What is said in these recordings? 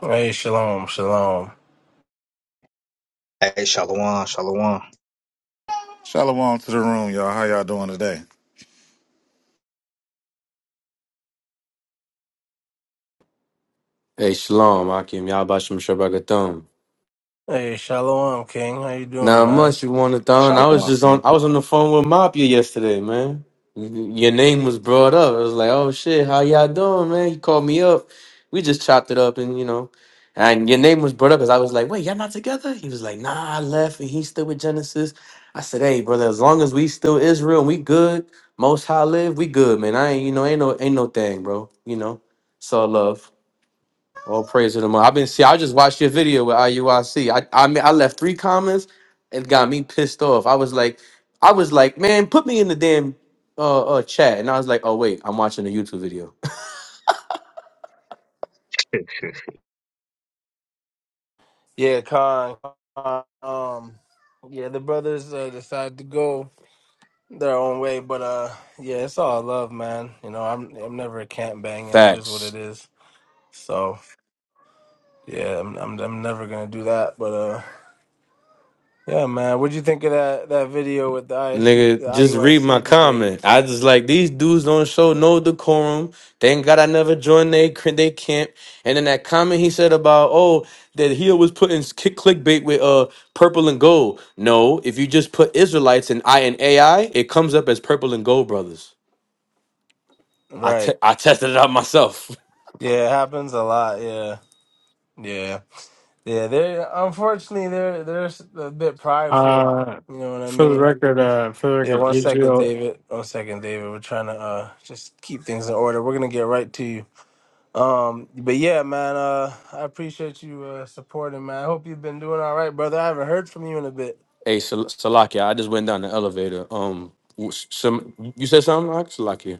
Hey, shalom, shalom. Hey, Shalom, Shalom, Shalom to the room, y'all. How y'all doing today? Hey, Shalom, Akim, Yabashim Shabakathum. Hey, shalom, King. How you doing, Now, man? much you want to thon. I was Shalom, just on, man. I was on the phone with Mafia yesterday, man. Your name was brought up. I was like, oh shit, how y'all doing, man? He called me up. We just chopped it up and, you know, and your name was brought up because I was like, wait, y'all not together? He was like, nah, I left and he's still with Genesis. I said, hey, brother, as long as we still Israel and we good, most high live, we good, man. I ain't, you know, ain't no, ain't no thing, bro. You know, it's all love. All praise to the Lord. I've been see. I just watched your video with IUIC. I C. I I mean, I left three comments. It got me pissed off. I was like, I was like, man, put me in the damn uh, uh chat. And I was like, oh wait, I'm watching a YouTube video. Yeah, Khan. Khan, Um, yeah, the brothers uh, decided to go their own way, but uh, yeah, it's all love, man. You know, I'm I'm never a camp banging. It is what Facts. it is. So yeah, I'm I'm, I'm never gonna do that. But uh, yeah, man. What'd you think of that that video with the ISU the Nigga, just read my IUIC debate? comment. I just like these dudes don't show no decorum. Thank God I never joined they cr- they camp. And then that comment he said about oh that he was putting kick clickbait with uh purple and gold. No, if you just put Israelites and I and AI, it comes up as purple and gold brothers. I te- Right. I tested it out myself. Yeah, it happens a lot. Yeah. Yeah. Yeah, they're unfortunately they're they're s- a bit prideful. Uh, You know what I for the mean? record, uh, for the Yeah, record, one second, Israel. David. One second, David. We're trying to uh just keep things in order. We're gonna get right to you. Um, but yeah, man. Uh, I appreciate you uh supporting, man. I hope you've been doing all right, brother. I haven't heard from you in a bit. Hey Sal- Salakia, I just went down the elevator. Um, w- some you said something like Salakia?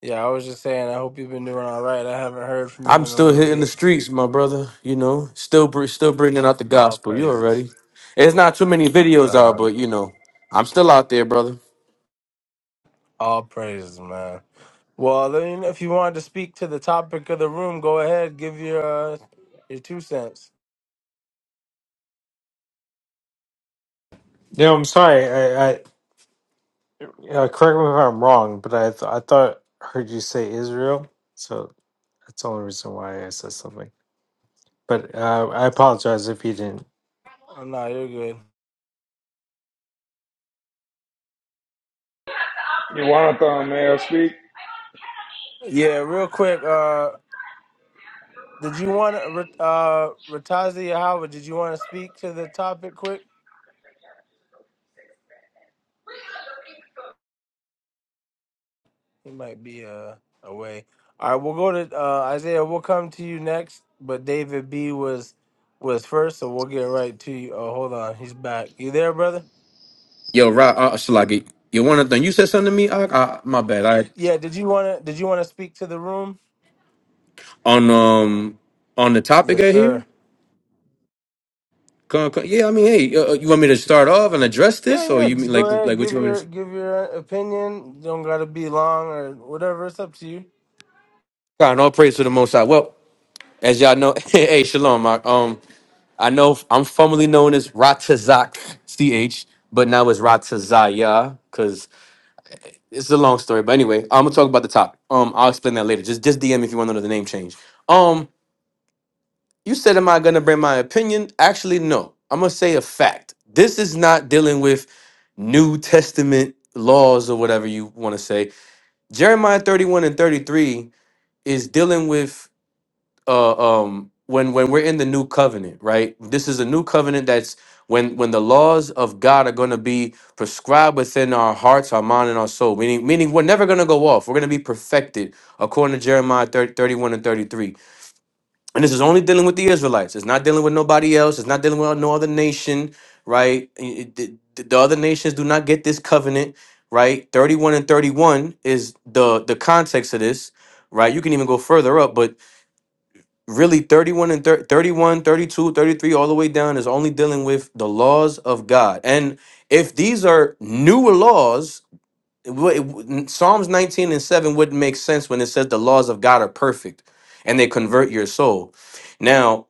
Yeah, I was just saying. I hope you've been doing all right. I haven't heard from you I'm in a still little hitting the bit. streets, my brother. You know, still br- still bringing out the All gospel. You praises. already. It's not too many videos out, Um, but you know, I'm still out there, brother. all praises, man. Well, I mean, if you wanted to speak to the topic of the room, go ahead. Give your uh, your two cents. No, I'm sorry. I, I uh, correct me if I'm wrong, but I, th- I thought I heard you say Israel, so that's the only reason why I said something. But uh, I apologize if you didn't. Oh, no, you're good. Jonathan, may I speak? Yeah, real quick. Uh, did you want to, uh, Ratazi Howard? Did you want to speak to the topic quick? He might be uh away. All right, we'll go to uh, Isaiah. We'll come to you next, but David B was was first, so we'll get right to you. Oh, hold on, he's back. You there, brother? Yo, right, uh, Shalagi. You want to thing? You said something to me. I, I my bad. I Yeah. Did you wanna Did you wanna speak to the room? on um on the topic Yes, right sir. here. Come, come, yeah, I mean, hey, uh, uh, you want me to start off and address this, Yeah, or yeah. you Just mean go like ahead, like what give you want me your to? give your uh, opinion. Don't gotta be long or whatever. It's up to you. God, all praise to the Most High. Well, as y'all know, hey, shalom. Mark. I know i I'm formerly known as Ratazak CH, but now it's Ratazaya because it's a long story. But anyway, I'm gonna talk about the topic. Um, I'll explain that later. Just just DM if you want to know the name change. Um, you said, am I gonna bring my opinion? Actually, no. I'm gonna say a fact. This is not dealing with New Testament laws or whatever you want to say. Jeremiah 31 and 33 is dealing with uh, um, when when we're in the new covenant, right? This is a new covenant that's when when the laws of God are going to be prescribed within our hearts, our mind, and our soul. Meaning, meaning we're never going to go off. We're going to be perfected according to Jeremiah 30, 31 and thirty three. And this is only dealing with the Israelites. It's not dealing with nobody else. It's not dealing with no other nation, right? It- it- the the other nations do not get this covenant, right? Thirty one and thirty one is the the context of this, right? You can even go further up, but really 31 and thir- 31 thirty-two, thirty-three, all the way down is only dealing with the laws of god and if these are newer laws it wou- it wou- psalms 19 and 7 wouldn't make sense when it says the laws of god are perfect and they convert your soul now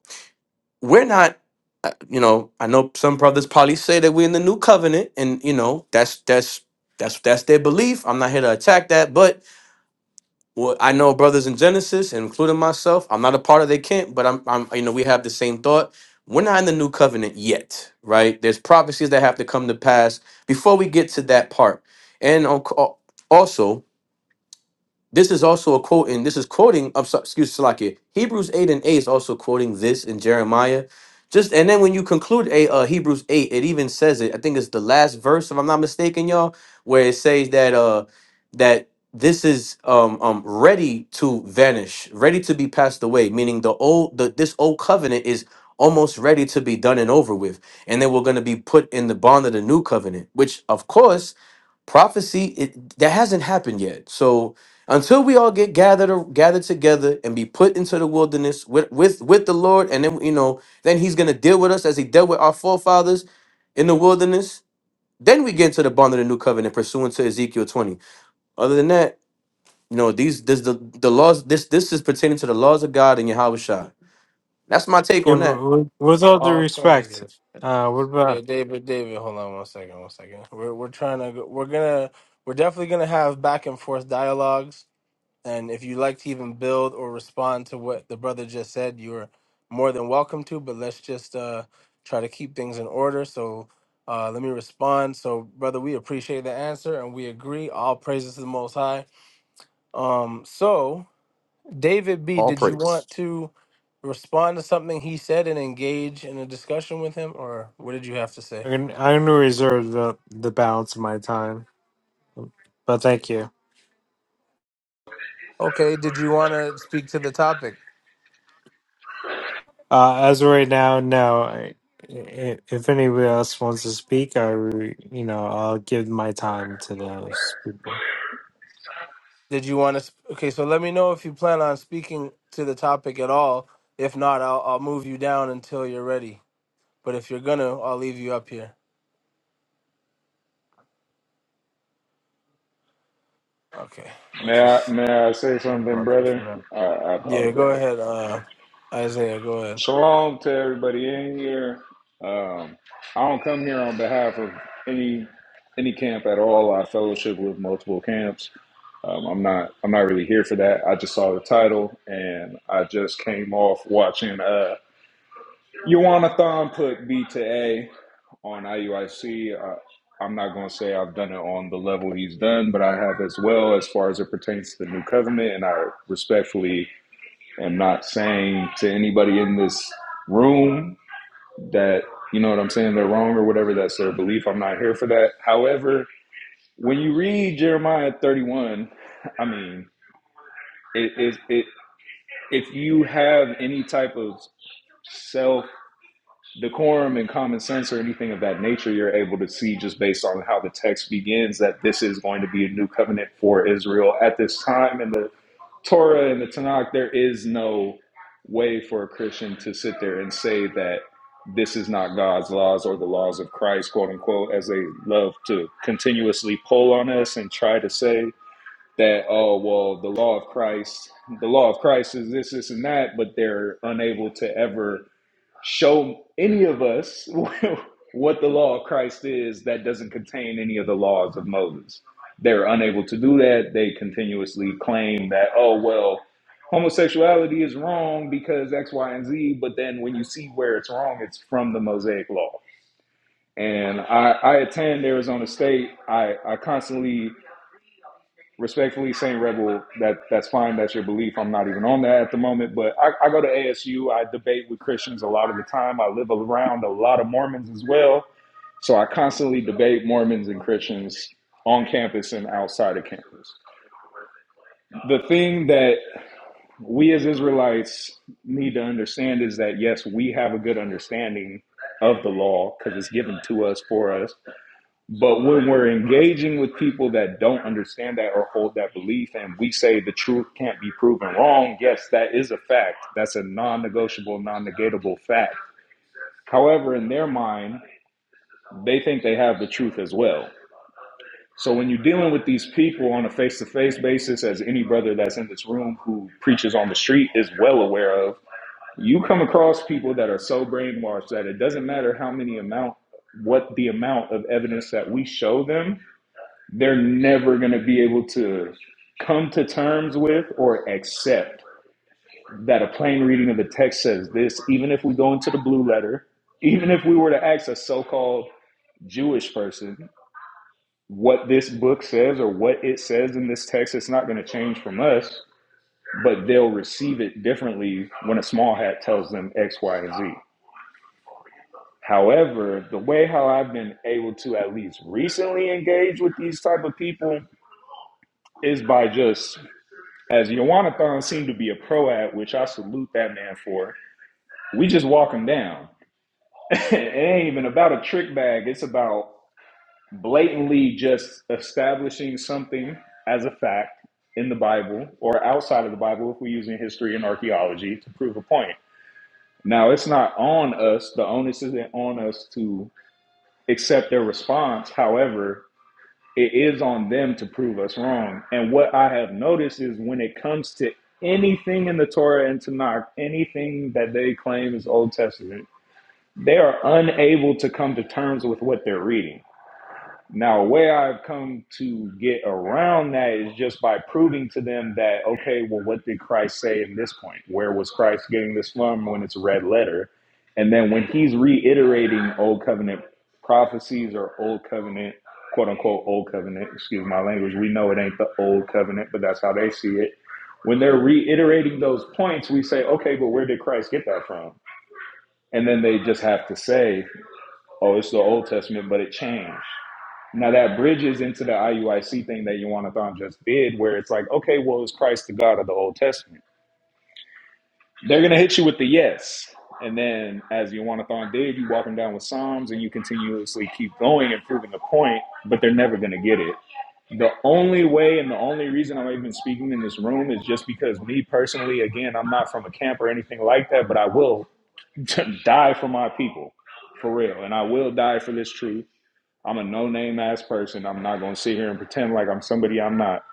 we're not uh, you know i know some brothers probably say that we're in the new covenant and you know that's that's that's that's their belief i'm not here to attack that but well, I know brothers in Genesis, including myself. I'm not a part of their camp, but I'm, I'm, you know, we have the same thought. We're not in the new covenant yet, right? There's prophecies that have to come to pass before we get to that part. And al- al- also, this is also a quote, and this is quoting, I'm sorry, excuse Salakia. Hebrews 8 and 8 is also quoting this in Jeremiah. Just and then when you conclude a uh, Hebrews 8, it even says it. I think it's the last verse, if I'm not mistaken, y'all, where it says that uh that this is um um ready to vanish, ready to be passed away, meaning the old the this old covenant is almost ready to be done and over with. And then we're going to be put in the bond of the new covenant, which of course prophecy it, that hasn't happened yet so until we all get gathered or gathered together and be put into the wilderness with with with the lord and then you know then he's going to deal with us as he dealt with our forefathers in the wilderness then we get into the bond of the new covenant pursuant to ezekiel 20 other than that you know these this the, the laws this this is pertaining to the laws of god and yahweh shai that's my take Yeah, on that with, with all due All respect, praises. uh, what Yeah, about? David, David. Hold on one second, one second. We're we're trying to go, we're gonna we're definitely gonna have back and forth dialogues. And if you like to even build or respond to what the brother just said, you're more than welcome to. But let's just uh try to keep things in order. So. Uh, let me respond. So, brother, we appreciate the answer and we agree. All praises to the Most High. Um, so David B, all did you want praise to respond to something he said and engage in a discussion with him, or what did you have to say? I'm gonna, I'm gonna reserve the the balance of my time, but thank you. Okay, did you want to speak to the topic? Uh, as of right now, no. I- i- If anybody else wants to speak, I, re- you know, I'll give my time to those people. Did you want to? Sp- okay, so let me know if you plan on speaking to the topic at all. If not, I'll, I'll move you down until you're ready. But if you're gonna, I'll leave you up here. Okay, I'll May I, just. may I say something, brother? I, I Yeah, go apologize. ahead, uh, Isaiah. Go ahead. Shalom to everybody in here. Um, I don't come here on behalf of any any camp at all. I fellowship with multiple camps. Um, I'm not I'm not really here for that. I just saw the title and I just came off watching. Uh, Yuana Thon put B to A on IUIC. Uh, I'm not going to say I've done it on the level he's done, but I have as well as far as it pertains to the new covenant. And I respectfully am not saying to anybody in this room that, you know what I'm saying, they're wrong or whatever. That's their belief. I'm not here for that. However, when you read Jeremiah 31, I mean, it, it, it, if you have any type of self decorum and common sense or anything of that nature, you're able to see just based on how the text begins that this is going to be a new covenant for Israel. At this time in the Torah and the Tanakh, there is no way for a Christian to sit there and say that this is not God's laws or the laws of Christ, quote unquote, as they love to continuously pull on us and try to say that, oh, well, the law of Christ, the law of Christ is this, this, and that, but they're unable to ever show any of us what the law of Christ is that doesn't contain any of the laws of Moses. They're unable to do that. They continuously claim that, oh, well, homosexuality is wrong because X, Y, and Z. But then when you see where it's wrong, it's from the Mosaic law. And I, I attend Arizona State. I, I constantly respectfully saying rebel that that's fine that's your belief i'm not even on that at the moment but I, I go to asu i debate with christians a lot of the time i live around a lot of mormons as well so i constantly debate mormons and christians on campus and outside of campus the thing that we as israelites need to understand is that yes we have a good understanding of the law because it's given to us for us but when we're engaging with people that don't understand that or hold that belief, and we say the truth can't be proven wrong, yes, that is a fact. That's a non negotiable, non negatable fact. However, in their mind, they think they have the truth as well. So when you're dealing with these people on a face to face basis, as any brother that's in this room who preaches on the street is well aware of, you come across people that are so brainwashed that it doesn't matter how many amount, what the amount of evidence that we show them, they're never going to be able to come to terms with or accept that a plain reading of the text says this, even if we go into the blue letter, even if we were to ask a so called Jewish person what this book says or what it says in this text, it's not going to change from us, but they'll receive it differently when a small hat tells them X, Y, and Z. However, the way how I've been able to at least recently engage with these type of people is by just As Yawanathan seemed to be a pro at, which I salute that man for, we just walk him down. it ain't even about a trick bag. It's about blatantly just establishing something as a fact in the Bible or outside of the Bible if we're using history and archaeology to prove a point. Now, it's not on us. The onus isn't on us to accept their response. However, it is on them to prove us wrong. And what I have noticed is when it comes to anything in the Torah and Tanakh, anything that they claim is Old Testament, they are unable to come to terms with what they're reading now, a way I've come to get around that is just by proving to them that, okay, well, what did Christ say in this point? Where was Christ getting this from when it's a red letter? And then when he's reiterating old covenant prophecies or old covenant, quote unquote, old covenant, excuse my language, we know it ain't the old covenant, but that's how they see it. When they're reiterating those points, we say, okay, but where did Christ get that from? And then they just have to say, oh, it's the Old Testament, but it changed. Now that bridges into the IUIC thing that Thon just did, where it's like, okay, well, is Christ the God of the Old Testament? They're gonna hit you with the yes, and then as Thon did, you walk them down with Psalms, and you continuously keep going and proving the point, but they're never gonna get it. The only way and the only reason I'm even speaking in this room is just because me personally, again, I'm not from a camp or anything like that, but I will die for my people, for real, and I will die for this truth I'm a no name ass person. I'm not going to sit here and pretend like I'm somebody I'm not.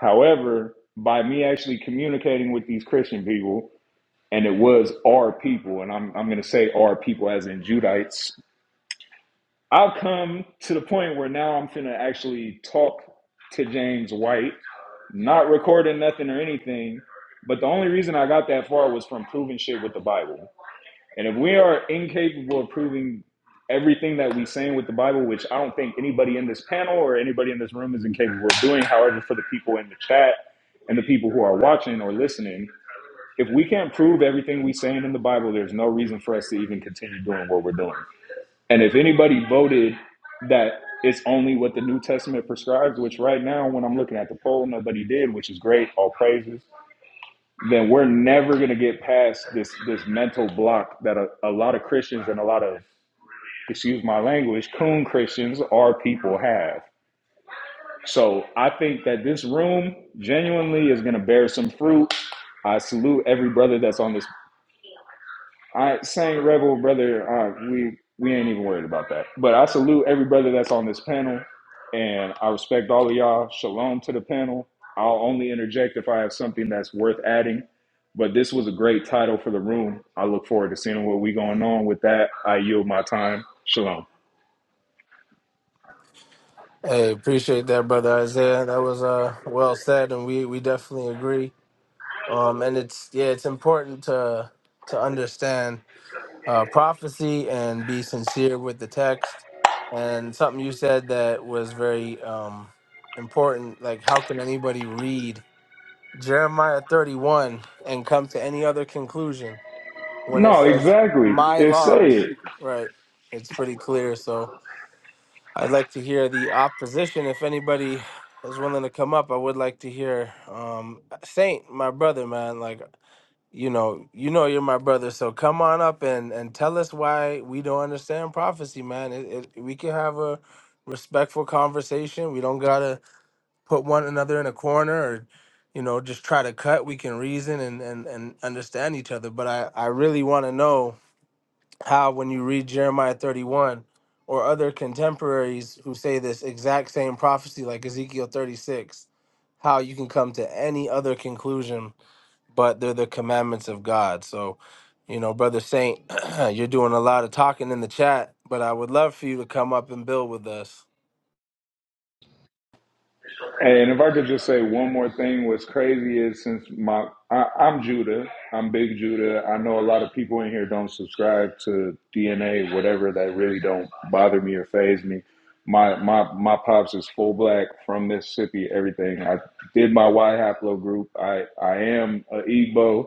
However, by me actually communicating with these Christian people, and it was our people, and I'm, I'm going to say our people as in Judites, I've come to the point where now I'm finna actually talk to James White, not recording nothing or anything. But the only reason I got that far was from proving shit with the Bible. And if we are incapable of proving everything that we saying with the Bible, which I don't think anybody in this panel or anybody in this room is incapable of doing, however, for the people in the chat and the people who are watching or listening, if we can't prove everything we saying in the Bible, there's no reason for us to even continue doing what we're doing. And if anybody voted that it's only what the New Testament prescribes, which right now when I'm looking at the poll, nobody did, which is great, all praises then we're never going to get past this this mental block that a, a lot of Christians and a lot of excuse my language coon Christians are people have. So I think that this room genuinely is going to bear some fruit. I salute every brother that's on this I same rebel brother. Uh, we we ain't even worried about that. But I salute every brother that's on this panel, and I respect all of y'all. Shalom to the panel. I'll only interject if I have something that's worth adding. But this was a great title for the room. I look forward to seeing what we going on with that. I yield my time. Shalom. Hey, appreciate that, brother Isaiah. That was uh well said, and we we definitely agree. um, and it's yeah, it's important to to understand uh, prophecy and be sincere with the text. And something you said that was very um, important, like how can anybody read Jeremiah thirty one and come to any other conclusion when it No, says exactly. my It's said. laws? Right, it's pretty clear. So I'd like to hear the opposition if anybody is willing to come up. I would like to hear um, Saint, my brother, man, like you know, you know you're my brother, so come on up and and tell us why we don't understand prophecy, man. It, it, we can have a respectful conversation. We don't gotta put one another in a corner or, you know, just try to cut. We can reason and and and understand each other. But I I really want to know how when you read Jeremiah 31 or other contemporaries who say this exact same prophecy like Ezekiel 36, how you can come to any other conclusion but they're the commandments of God. So, you know, Brother Saint, you're doing a lot of talking in the chat, but I would love for you to come up and build with us. Hey, and if I could just say one more thing, what's crazy is since my I, I'm Judah, I'm Big Judah. I know a lot of people in here don't subscribe to DNA, whatever that really don't bother me or faze me. My my my pops is full black from Mississippi. Everything I did my Y haplogroup. I I am a Igbo.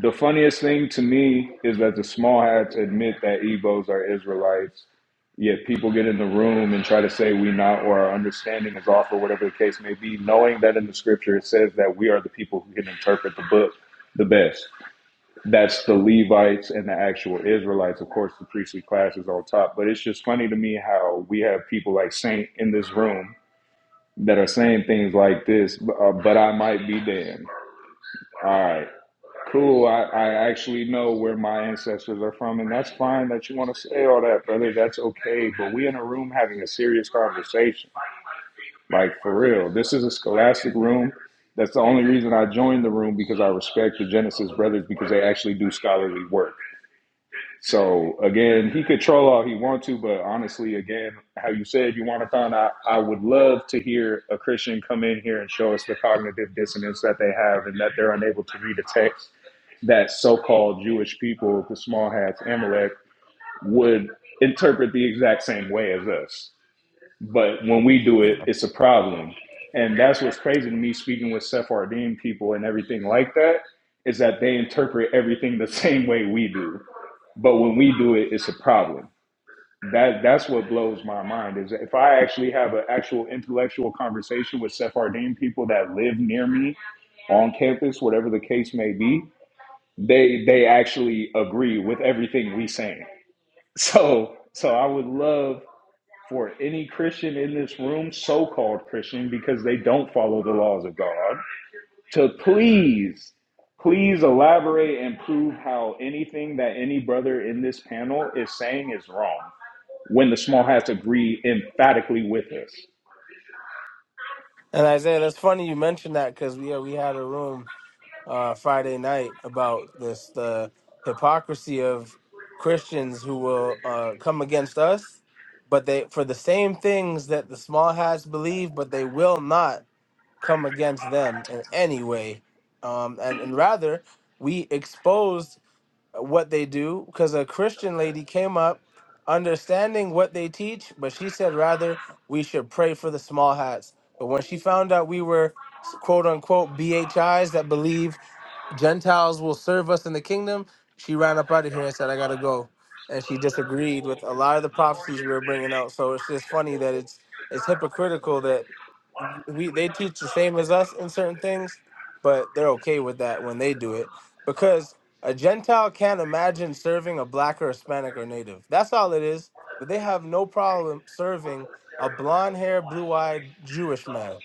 The funniest thing to me is that the small hats admit that Ebos are Israelites, yet people get in the room and try to say we not or our understanding is off or whatever the case may be, knowing that in the scripture it says that we are the people who can interpret the book the best. That's the Levites and the actual Israelites. Of course, the priestly class is on top, but it's just funny to me how we have people like Saint in this room that are saying things like this, uh, but I might be damned. All right. Cool. I, I actually know where my ancestors are from, and that's fine that you want to say all that, brother. That's okay. But we in a room having a serious conversation. Like for real. This is a scholastic room. That's the only reason I joined the room because I respect the Genesis brothers because they actually do scholarly work. So again, he could troll all he wants to, but honestly, again, how you said you want to find out, I would love to hear a Christian come in here and show us the cognitive dissonance that they have and that they're unable to read a text that so-called Jewish people, the small hats, Amalek, would interpret the exact same way as us. But when we do it, it's a problem. And that's what's crazy to me speaking with Sephardim people and everything like that, is that they interpret everything the same way we do but when we do it it's a problem that that's what blows my mind is if i actually have an actual intellectual conversation with sephardim people that live near me on campus whatever the case may be they they actually agree with everything we saying so so i would love for any christian in this room so-called christian because they don't follow the laws of god to please, please elaborate and prove how anything that any brother in this panel is saying is wrong when the small hats agree emphatically with us. And Isaiah, that's funny you mentioned that because we, yeah, we had a room uh, Friday night about this the hypocrisy of Christians who will uh, come against us, but they for the same things that the small hats believe, but they will not come against them in any way. Um, and, and rather, we exposed what they do because a Christian lady came up understanding what they teach, but she said rather we should pray for the small hats. But when she found out we were quote unquote BHIs that believe Gentiles will serve us in the kingdom. She ran up out of here and said, I got to go. And she disagreed with a lot of the prophecies we were bringing out. So it's just funny that it's it's hypocritical that we they teach the same as us in certain things, but they're okay with that when they do it because a Gentile can't imagine serving a black or Hispanic or Native. That's all it is. But they have no problem serving a blonde-haired, blue-eyed Jewish man.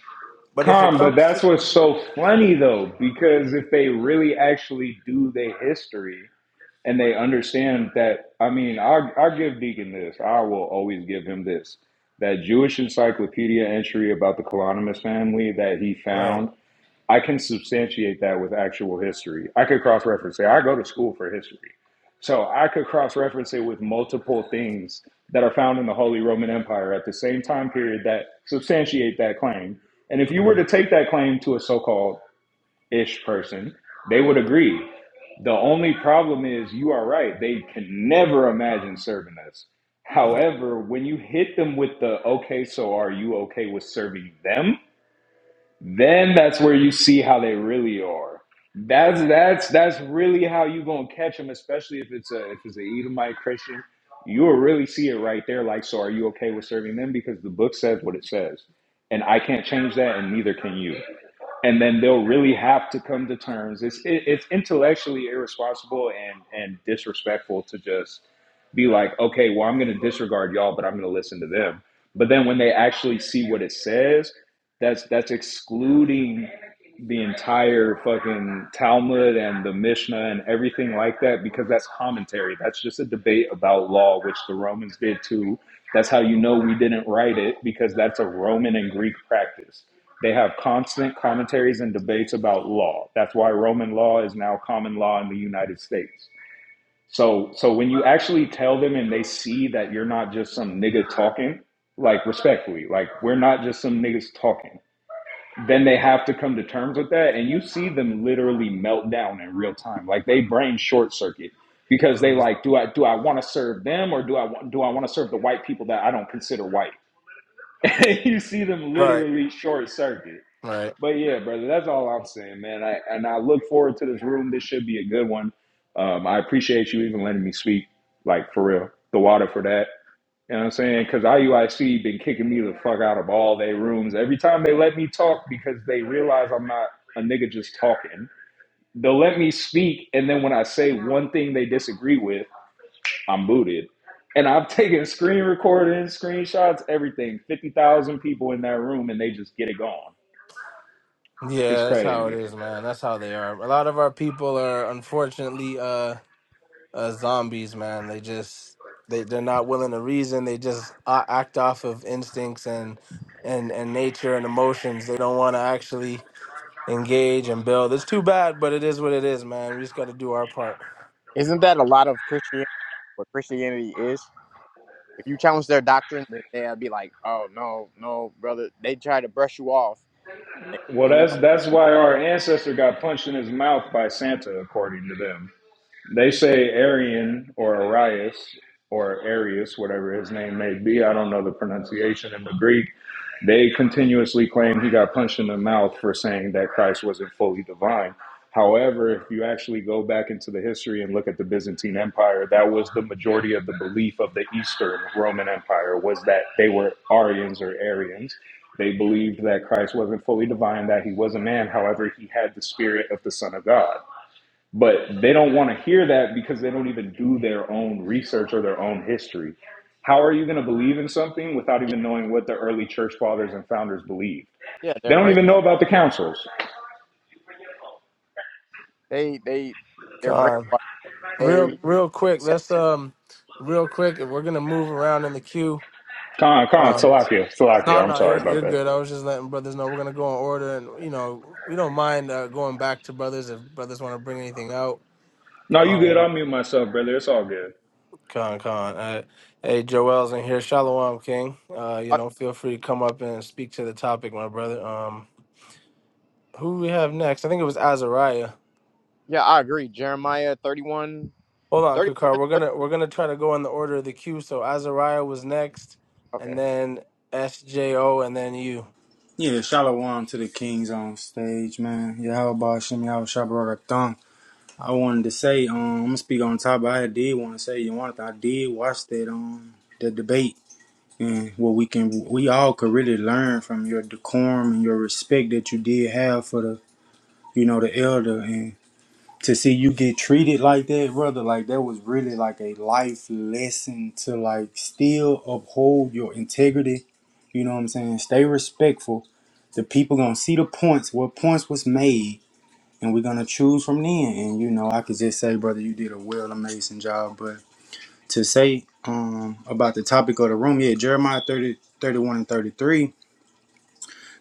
But if it calm. but comes to that's what's so funny though, because if they really actually do their history and they understand that, I mean, I'll, I'll give Deacon this, I will always give him this that Jewish encyclopedia entry about the Colonimus family that he right, found I can substantiate that with actual history. I could cross reference it. I go to school for history. So I could cross reference it with multiple things that are found in the Holy Roman Empire at the same time period that substantiate that claim. And if you were to Mhm. take that claim to a so called ish person, they would agree. The only problem is you are right. They can never imagine serving us. right, However, when you hit them with the okay, so are you okay with serving them? then that's where you see how they really are. That's that's that's really how you gonna catch them, especially if it's a if it's a Edomite Christian. You'll really see it right there. Like, so are you okay with serving them? Because the book says what it says, and I can't change that, and neither can you. And then they'll really have to come to terms. It's it, it's intellectually irresponsible and and disrespectful to just be like, okay, well, I'm going to disregard y'all, but I'm going to listen to them. But then when they actually see what it says, that's that's excluding the entire fucking Talmud and the Mishnah and everything like that because that's commentary. That's just a debate about law, which the Romans did too. That's how you know we didn't write it because that's a Roman and Greek practice. They have constant commentaries and debates about law. That's why Roman law is now common law in the United States. So so when you actually tell them and they see that you're not just some nigga talking, like respectfully, like we're not just some niggas talking then they have to come to terms with that. And you see them literally melt down in real time. Like they brain short circuit because they Mhm. like, do I do I want to serve them or do I want do I want to serve the white people that I don't consider white? you see them right, literally short circuit. Right. But yeah, brother, that's all I'm saying, man. I, and I look forward to this room. This should be a good one. Um, I appreciate you even letting me speak, like for real. The water for that. You know what I'm saying? Because IUIC been kicking me the fuck out of all their rooms. Every time they let me talk because they realize I'm not a nigga just talking. They'll let me speak, and then when I say one thing they disagree with, I'm booted. And I've taken screen recordings, screenshots, everything. 50,000 people in that room, and they just get it gone. It's Yeah, that's how it crazy. is, man. That's how they are. A lot of our people are unfortunately uh, uh zombies, man. They just they they're not willing to reason. They just a- act off of instincts and and and nature and emotions. They don't want to actually engage and build. It's too bad, but it is what it is, man. We just got to do our part. Isn't that a lot of Christianity? What Christianity is? If you challenge their doctrine, then they'll be like, "Oh no, no, brother." They try to brush you off, Well, and you that's know, that's why our ancestor got punched in his mouth by Santa, according to them. They say Arian or Arius or Arius, whatever his name may be. I don't know the pronunciation in the Greek. They continuously claim he got punched in the mouth for saying that Christ wasn't fully divine. However, if you actually go back into the history and look at the Byzantine Empire, that was the majority of the belief of the Eastern Roman Empire was that they were Arians or Arians. They believed that Christ wasn't fully divine, that he was a man. However, he had the spirit of the Son of God but they don't want to hear that because they don't even do their own research or their own history. How are you going to believe in something without yeah, even knowing what the early church fathers and founders believed? yeah They they're don't even know brainwashed. about the councils. They, they, they're God. brainwashed. Real They, real quick, let's um real quick, and we're going to move around in the queue. Khan, Khan, Um, Salakia, Salakia. No, I'm no, you're sorry about you're that. good. I was just letting brothers know we're gonna go in order, and you know we don't mind uh, going back to brothers if brothers want to bring anything out. No, you good. I'll Um, mute myself, brother. It's all good. con con. Uh, hey, Joel's in here. Shalom, King. Uh, you uh, know, feel free to come up and speak to the topic, my brother. Um, who we have next? I think it was Azariah. yeah, I agree. Jeremiah 31, Hold on, thirty-one, Kakar. We're thirty. gonna we're gonna try to go in the order of the queue. So Azariah was next, and Okay, then SJO, and then you. Yeah, shalom to the kings on stage, man. Yahweh Shem Yahweh Shabaratam. I wanted to say, um, I'm gonna speak on top. but I did want to say, you want I did watch that um the debate and what we can we all could really learn from your decorum and your respect that you did have for the you know the elder and to see you get treated like that, brother, like that was really like a life lesson to like still uphold your integrity. You know what I'm saying? Stay respectful. The people gonna see the points, what points was made, and we're gonna choose from then. And you know, I could just say, brother, you did a well amazing job. But to say um about the topic of the room, yeah, Jeremiah 30, 31, and 33,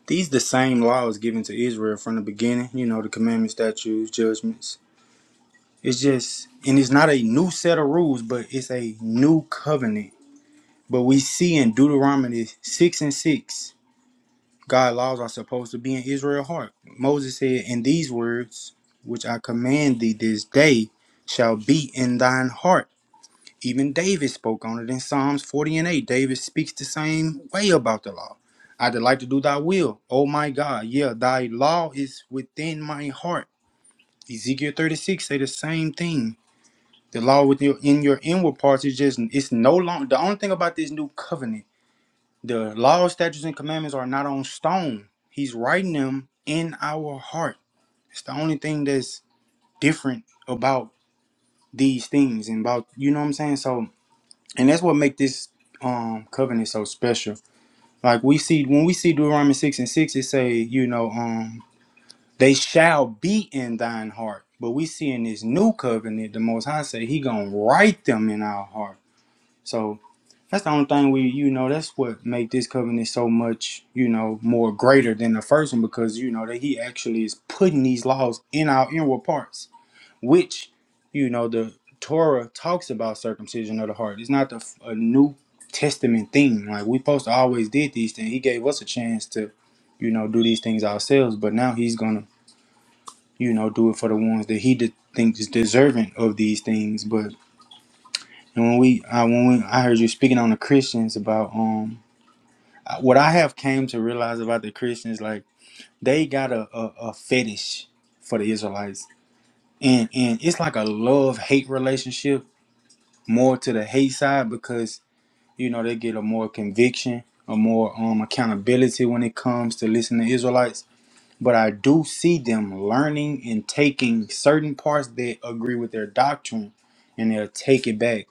these the same laws given to Israel from the beginning, you know, the commandments, statutes, judgments, it's just, and it's not a new set of rules, but it's a new covenant. But we see in Deuteronomy 6 and 6, God laws are supposed to be in Israel's heart. Moses said, "In these words, which I command thee this day, shall be in thine heart. Even David spoke on it in Psalms 40 and 8. David speaks the same way about the law. I delight to do thy will. Oh my God. Yeah, thy law is within my heart. Ezekiel 36 say the same thing the law with your in your inward parts is just it's no longer the only thing about this new covenant. The law, statutes, and commandments are not on stone. He's writing them in our heart. It's the only thing that's different about these things and about you know what I'm saying. So and that's what make this um covenant so special. Like we see when we see Deuteronomy six and six, it say you know um they shall be in thine heart. But we see in this new covenant, the Most High say He gonna write them in our heart. So That's the only thing we, you know, that's what make this covenant so much, you know, more greater than the first one because you know that he actually is putting these laws in our inward parts, which, you know, the Torah talks about circumcision of the heart. It's not the, a New Testament thing. Like we supposed to always did these things. He gave us a chance to, you know, do these things ourselves, but now he's gonna, you know, do it for the ones that he de- thinks is deserving of these things. But and when we, I when we, I heard you speaking on the Christians about um I- what I have came to realize about the Christians, like they got a, a, a fetish for the Israelites, and and it's like a love hate relationship more to the hate side because you know they get a more conviction, a more um accountability when it comes to listening to Israelites but I do see them learning and taking certain parts that agree with their doctrine and they'll take it back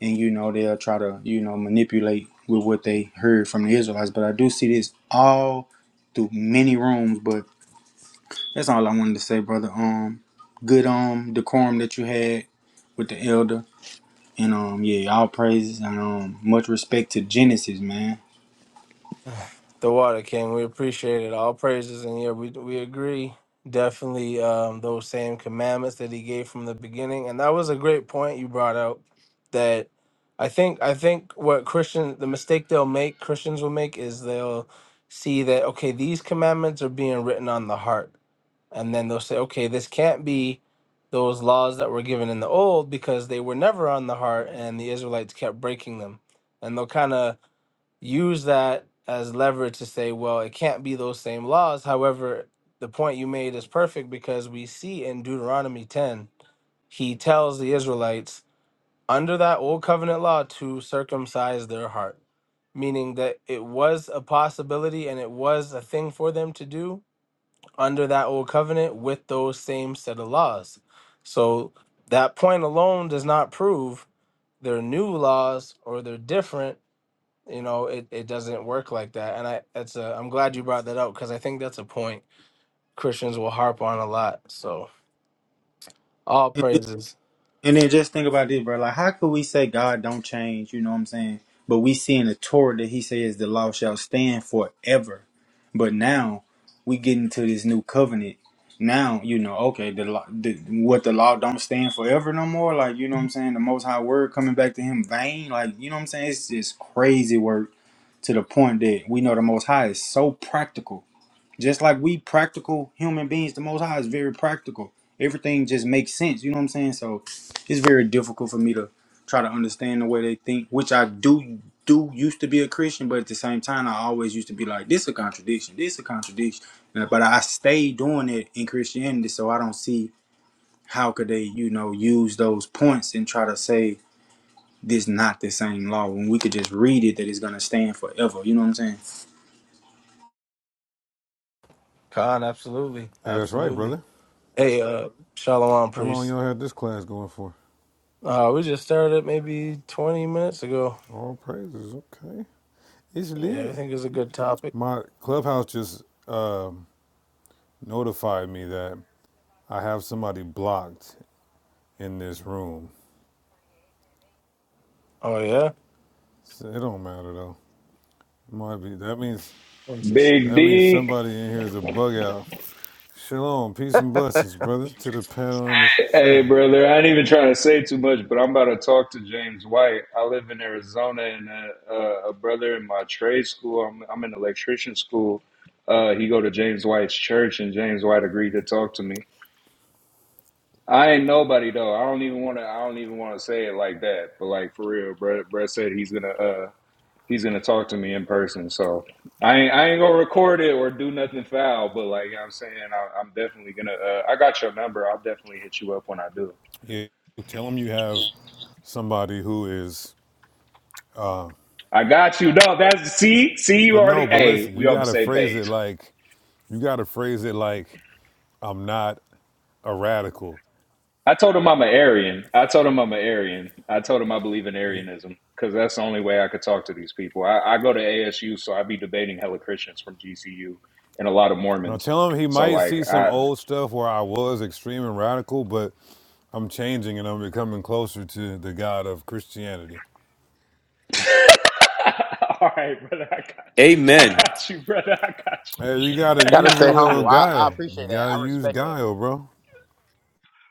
and you know they'll try to you know manipulate with what they heard from the Israelites but I do see this all through many rooms but that's all I wanted to say brother um good um decorum that you had with the elder and um yeah all praises and um much respect to Genesis man The Water King, we appreciate it. All praises, and yeah, we we agree definitely um, those same commandments that he gave from the beginning, and that was a great point you brought out. That I think I think what Christian the mistake they'll make Christians will make is they'll see that okay these commandments are being written on the heart, and then they'll say okay this can't be those laws that were given in the old because they were never on the heart, and the Israelites kept breaking them, and they'll kind of use that as leverage to say, well, it can't be those same laws. However, the point you made is perfect because we see in Deuteronomy 10, he tells the Israelites under that old covenant law to circumcise their heart, meaning that it was a possibility and it was a thing for them to do under that old covenant with those same set of laws. So that point alone does not prove their new laws or they're different you know it, it doesn't work like that and i that's a i'm glad you brought that up because i think that's a point christians will harp on a lot so all praises And then just think about this, bro. Like, how could we say God don't change? You know what I'm saying? But we see in the Torah that He says the law shall stand forever. But now we get into this new covenant. Now you know, okay, the, law, the what the law don't stand forever no more. Like you know what I'm saying? The Most High Word coming back to Him vain. Like you know what I'm saying? It's just crazy work to the point that we know the Most High is so practical. Just like we practical human beings, the Most High is very practical. Everything just makes sense. You know what I'm saying? So it's very difficult for me to try to understand the way they think, which I do do used to be a Christian, but at the same time, I always used to be like, this a contradiction. This a contradiction. And- But I stay doing it in Christianity, so I don't see how could they, you know, use those points and try to say this not the same law when we could just read it that it's gonna stand forever. You know what I'm khan absolutely Hey, that's right, absolutely brother. hey uh shalom How long priest y'all had this class going for? uh we just started maybe 20 minutes ago All praises, okay. It's yeah i lit. think it's a good topic My clubhouse just um, notified me that I have somebody blocked in this room. oh yeah So it don't matter though. Might be that means interesting Big that means D, somebody in here is a bug out. Shalom, peace and blessings, brother, to the panel in the Hey, chat. brother, I ain't even trying to say too much, but I'm about to talk to James White. I live in Arizona, and a, a, a brother in my trade school, I'm, I'm in electrician school. Uh, he go to James White's church, and James White agreed to talk to me. I ain't nobody though. I don't even want to. I don't even want to say it like that. But like for real, Brett, Brett said he's gonna uh, he's gonna talk to me in person. So I ain't, I ain't gonna record it or do nothing foul. But like you know what I'm saying, I, I'm definitely gonna. Uh, I got your number. I'll definitely hit you up when I do. Yeah, tell them you have somebody who is. I got you. No, that's see, see, you But already. no, but Hey, listen, we you on the gotta same phrase it page. like, you gotta phrase it like I'm not a radical. I told him I'm an Aryan. I told him I'm an Aryan. I told him I believe in Yeah. Aryanism because that's the only way I could talk to these people. I, I go to ASU, so I be debating hella Christians from GCU and a lot of Now Mormons. tell him he So might like, see some I. old stuff where I was extreme and radical, but I'm changing and I'm becoming closer to the God of Christianity. All right, brother, I got you. I Amen. got you, brother. I Hey, you gotta gotta use a stay got little humble. you. I, I guile. You appreciate that. gotta I use respect that. guile, bro.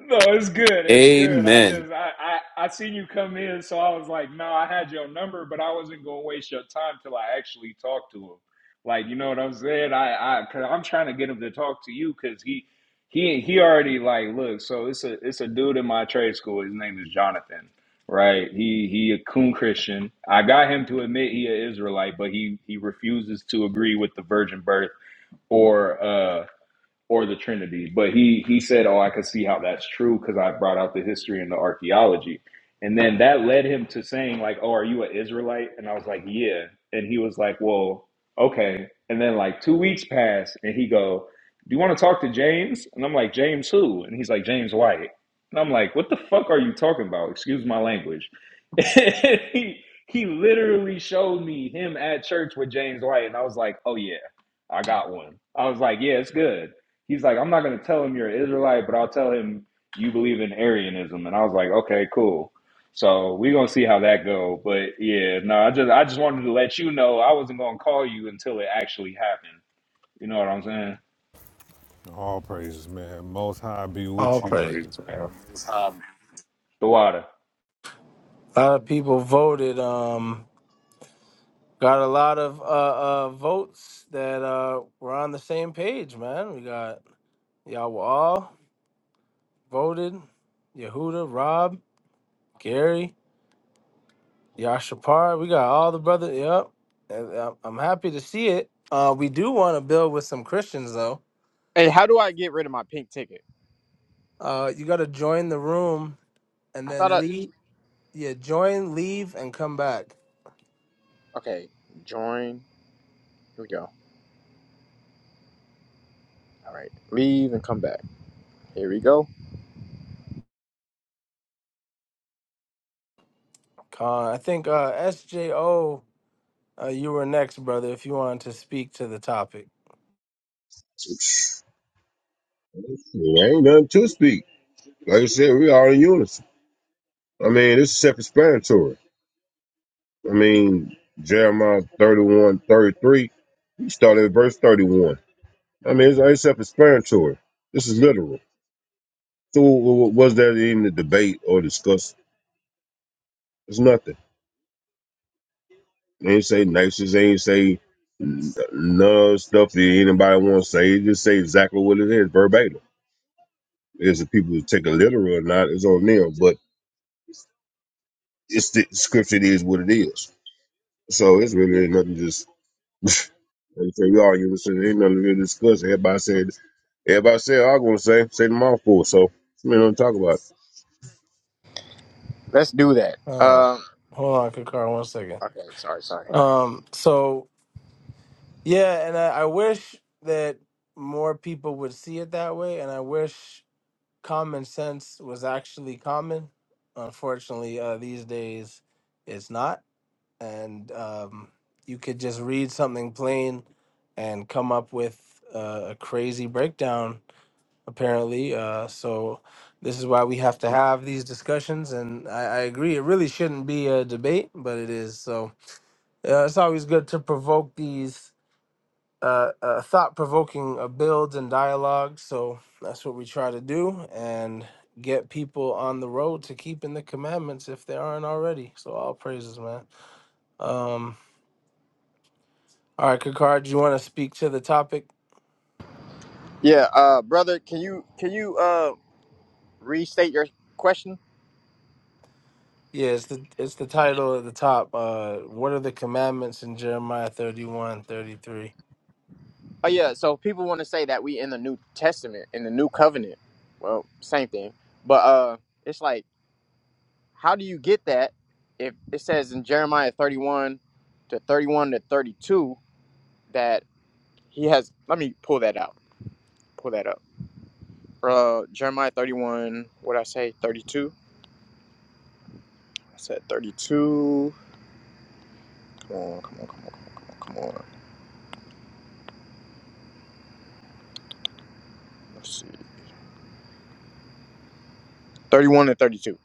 No, it's good. It's good. I Amen. just I, I I seen you come in, so I was like, no, I had your number, but I wasn't gonna waste your time till I actually talked to him. Like, you know what I'm saying? I I cause I'm trying to get him to talk to you because he he he already like look. So it's a it's a dude in my trade school. His name is Jonathan, right? He he a coon Christian. I got him to admit he a Israelite, but he he refuses to agree with the virgin birth or uh or the Trinity. But he he said, "Oh, I could see how that's true because I brought out the history and the archaeology." And then that led him to saying, "Like, oh, are you an Israelite?" And I was like, "Yeah." And he was like, "Well, okay." And then like two weeks passed, and he go, "Do you want to talk to James?" And I'm like, "James who?" And he's like, "James White." And I'm like, "What the fuck are you talking about?" Excuse my language. he he literally showed me him at church with James White, and I was like, "Oh yeah." I got one. I was like, yeah, it's good. He's like, I'm not going to tell him you're an Israelite, but I'll tell him you believe in Arianism. And I was like, okay, cool. So we're gonna see how that go. But yeah, no, I just I just wanted to let you know I wasn't gonna call you until it actually happened. You know what I'm saying? All praises, man. Most high be all with you. praises man. a The water. lot of people voted um got a lot of uh uh votes that uh were on the same page man we got Y'all voted. Yehuda, Rob, Gary, Yashapar. We got all the brother. Yep. And, uh, I'm happy to see it. Uh, we do want to build with some Christians though. Hey, how do I get rid of my pink ticket? Uh, you got to join the room and I thought then I leave. Yeah, join, leave, and come back. okay. Join. Here we go. All right, leave and come back. Here we go. Con, I think uh, SJO, uh, you were next, brother. If you wanted to speak to the topic. There ain't nothing to speak. Like I said, we all in unison. I mean, it's self-explanatory. I mean, Jeremiah 31, 33. we started at verse 31. I mean, it's, it's self-explanatory. This is literal. So w- w- was that even a debate or discuss? It's nothing. They ain't say nices, they ain't say n- none of the stuff that anybody want to say. They just say exactly what it is, verbatim. Is the people who take it literal or not, it's on them. But it's the scripture it is what it is. So it's really nothing just like you say, we all use it. Ain't nothing really discussed. Everybody said everybody said I'm gonna say, say them all for. So you know what I'm talking about. Let's do that. Uh, Um. hold on, Kakar, one second. Okay. Sorry. Sorry. Um, so Yeah, and I, I wish that more people would see it that way, and I wish common sense was actually common. Unfortunately, uh, these days it's not, and um, you could just read something plain and come up with uh, a crazy breakdown. Apparently, uh, so this is why we have to have these discussions, and I, I agree. It really shouldn't be a debate, but it is. So uh, it's always good to provoke these uh, uh, thought-provoking uh, builds and dialogue. So that's what we try to do and get people on the road to keeping the commandments if they aren't already. So all praises, man. Um, all right, Kakar, do you want to speak to the topic? Yeah, uh, brother, can you can you uh restate your question? Yeah, it's the it's the title at the top. Uh, what are the commandments in Jeremiah 31 33? Oh yeah, so people want to say that we in the New Testament, in the New Covenant. Well, same thing, but uh, it's like, how do you get that if it says in Jeremiah thirty-one to thirty-one to thirty-two that he has? Let me pull that out. Pull that up. Uh, Jeremiah thirty-one. What I say? Thirty-two. I said thirty-two. Come on, come on, come on, come on, come on. Let's see. Thirty-one to thirty-two.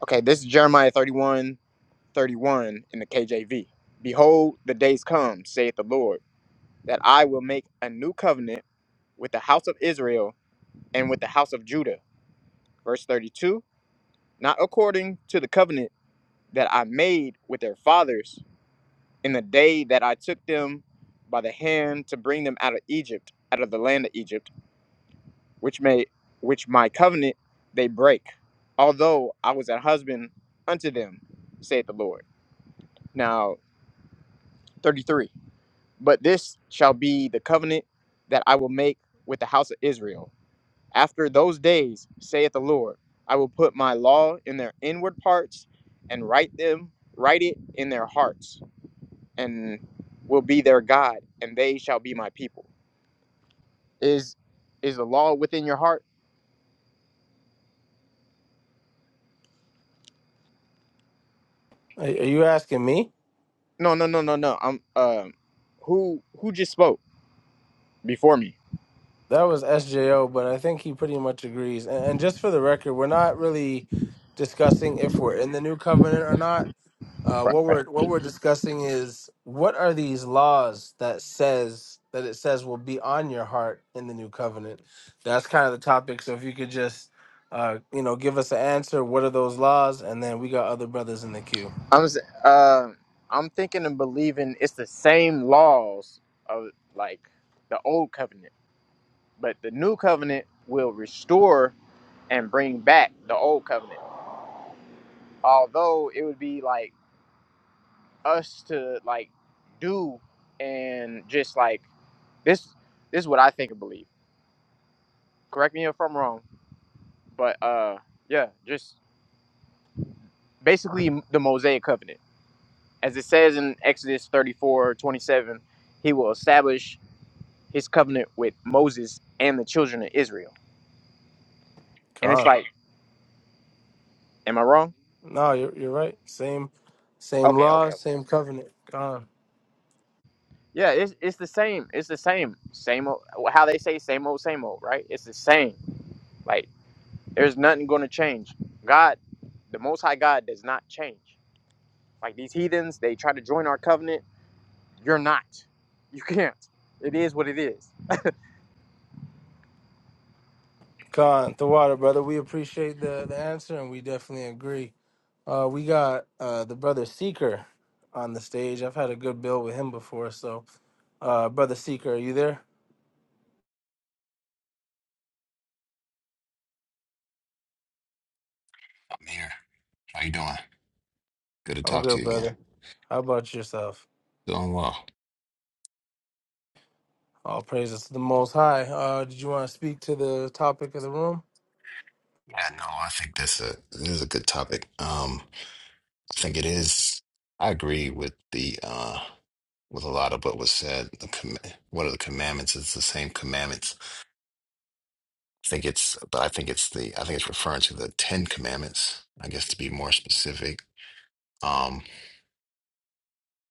Okay, this is Jeremiah 31, 31 in the KJV. Behold, the days come, saith the Lord, that I will make a new covenant with the house of Israel and with the house of Judah. Verse 32 Not according to the covenant that I made with their fathers in the day that I took them by the hand to bring them out of Egypt, out of the land of Egypt, which may which my covenant they break, although I was a husband unto them, saith the Lord. Now 33. But this shall be the covenant that I will make with the house of Israel. After those days, saith the Lord, I will put my law in their inward parts and write them, write it in their hearts, and will be their God, and they shall be my people. Is is the law within your heart? Are, are you asking me? No, no, no, no, no. I'm um who who just spoke before me? That was SJO, but I think he pretty much agrees. And, and just for the record, we're not really discussing if we're in the new covenant or not Uh, right? what we're what we're discussing is what are these laws that says that it says will be on your heart in the new covenant. That's kind of the topic. So if you could just uh, you know give us an answer, what are those laws? And then we got other brothers in the queue. I'm s- uh, I'm thinking and believing it's the same laws of like the old covenant, but the new covenant will restore and bring back the old covenant. Although it would be like us to like do and just like this this is what I think and believe. Correct me if I'm wrong, but uh yeah, just basically the Mosaic covenant. As it says in Exodus 34 27, he will establish his covenant with Moses and the children of Israel. And it's Con. like, am I wrong? No, you're you're right. Same same Okay, law, okay, okay. same covenant. Con. Yeah, it's it's the same. It's the same. Same old, how they say same old, same old, right? It's the same. Like there's nothing going to change. God, the Most High God, does not change. Like these heathens, they try to join our covenant. You're not. You can't. It is what it is. Con. The water, brother. We appreciate the the answer and we definitely agree. Uh, we got uh, the brother Seeker on the stage. I've had a good bill with him before, so Uh, brother Seeker, are you there? I'm here. How you doing? Good to I'm talk to good, you again. brother. How about yourself? Doing well. All praises to the Most High. Uh, did you want to speak to the topic of the room? Yeah, no, I think that's a this is a good topic. Um, I think it is. I agree with the uh with a lot of what was said. The com what are the commandments? It's the same commandments. I think it's, but I think it's the I think it's referring to the Ten Commandments. I guess to be more specific. Um,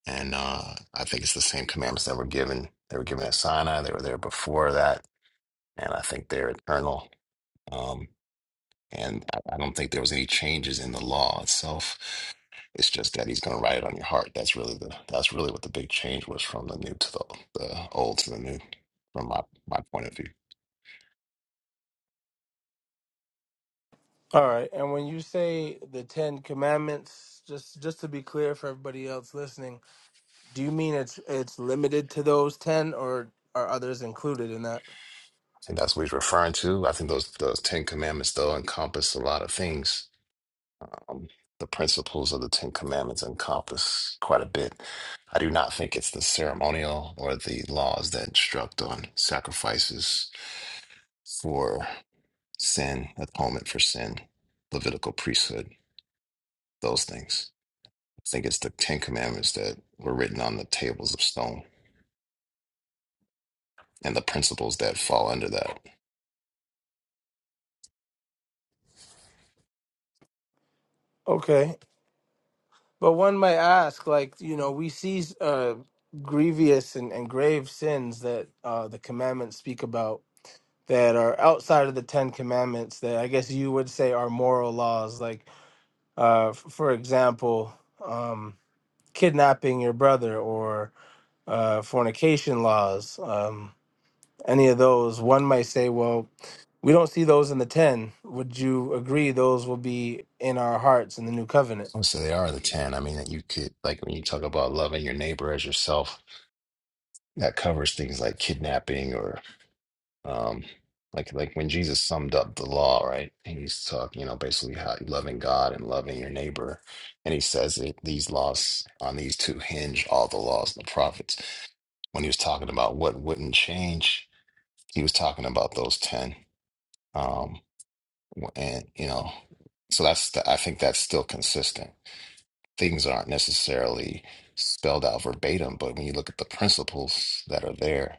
and uh, I think it's the same commandments that were given. They were given at Sinai. They were there before that, and I think they're eternal. Um. And I, I don't think there was any changes in the law itself. It's just that he's going to write it on your heart. That's really the that's really what the big change was from the new to the, the old to the new, from my my point of view. All right. And when you say the Ten Commandments, just just to be clear for everybody else listening, do you mean it's it's limited to those ten, or are others included in that? And that's what he's referring to. I think those those Ten Commandments though encompass a lot of things. Um, the principles of the Ten Commandments encompass quite a bit. I do not think it's the ceremonial or the laws that instruct on sacrifices for. sin, atonement for sin, Levitical priesthood, those things. I think it's the Ten Commandments that were written on the tables of stone and the principles that fall under that. Okay. But one might ask, like you know, we see uh, grievous and, and grave sins that uh, the commandments speak about that are outside of the Ten Commandments that I guess you would say are moral laws, like, uh, f- for example, um, kidnapping your brother or uh, fornication laws, um, any of those, one might say, well, we don't see those in the Ten. Would you agree those will be in our hearts in the new covenant? Oh, so they are the ten. I mean, that you could, like, when you talk about loving your neighbor as yourself, that covers things like kidnapping or, um, like, like when Jesus summed up the law, right? And he's talking, you know, basically how loving God and loving your neighbor. And he says that these laws on these two hinge all the laws and the prophets. when he was talking about what wouldn't change, he was talking about those 10. Um, and, you know, so that's, the, I think that's still consistent. Things aren't necessarily spelled out verbatim, but when you look at the principles that are there,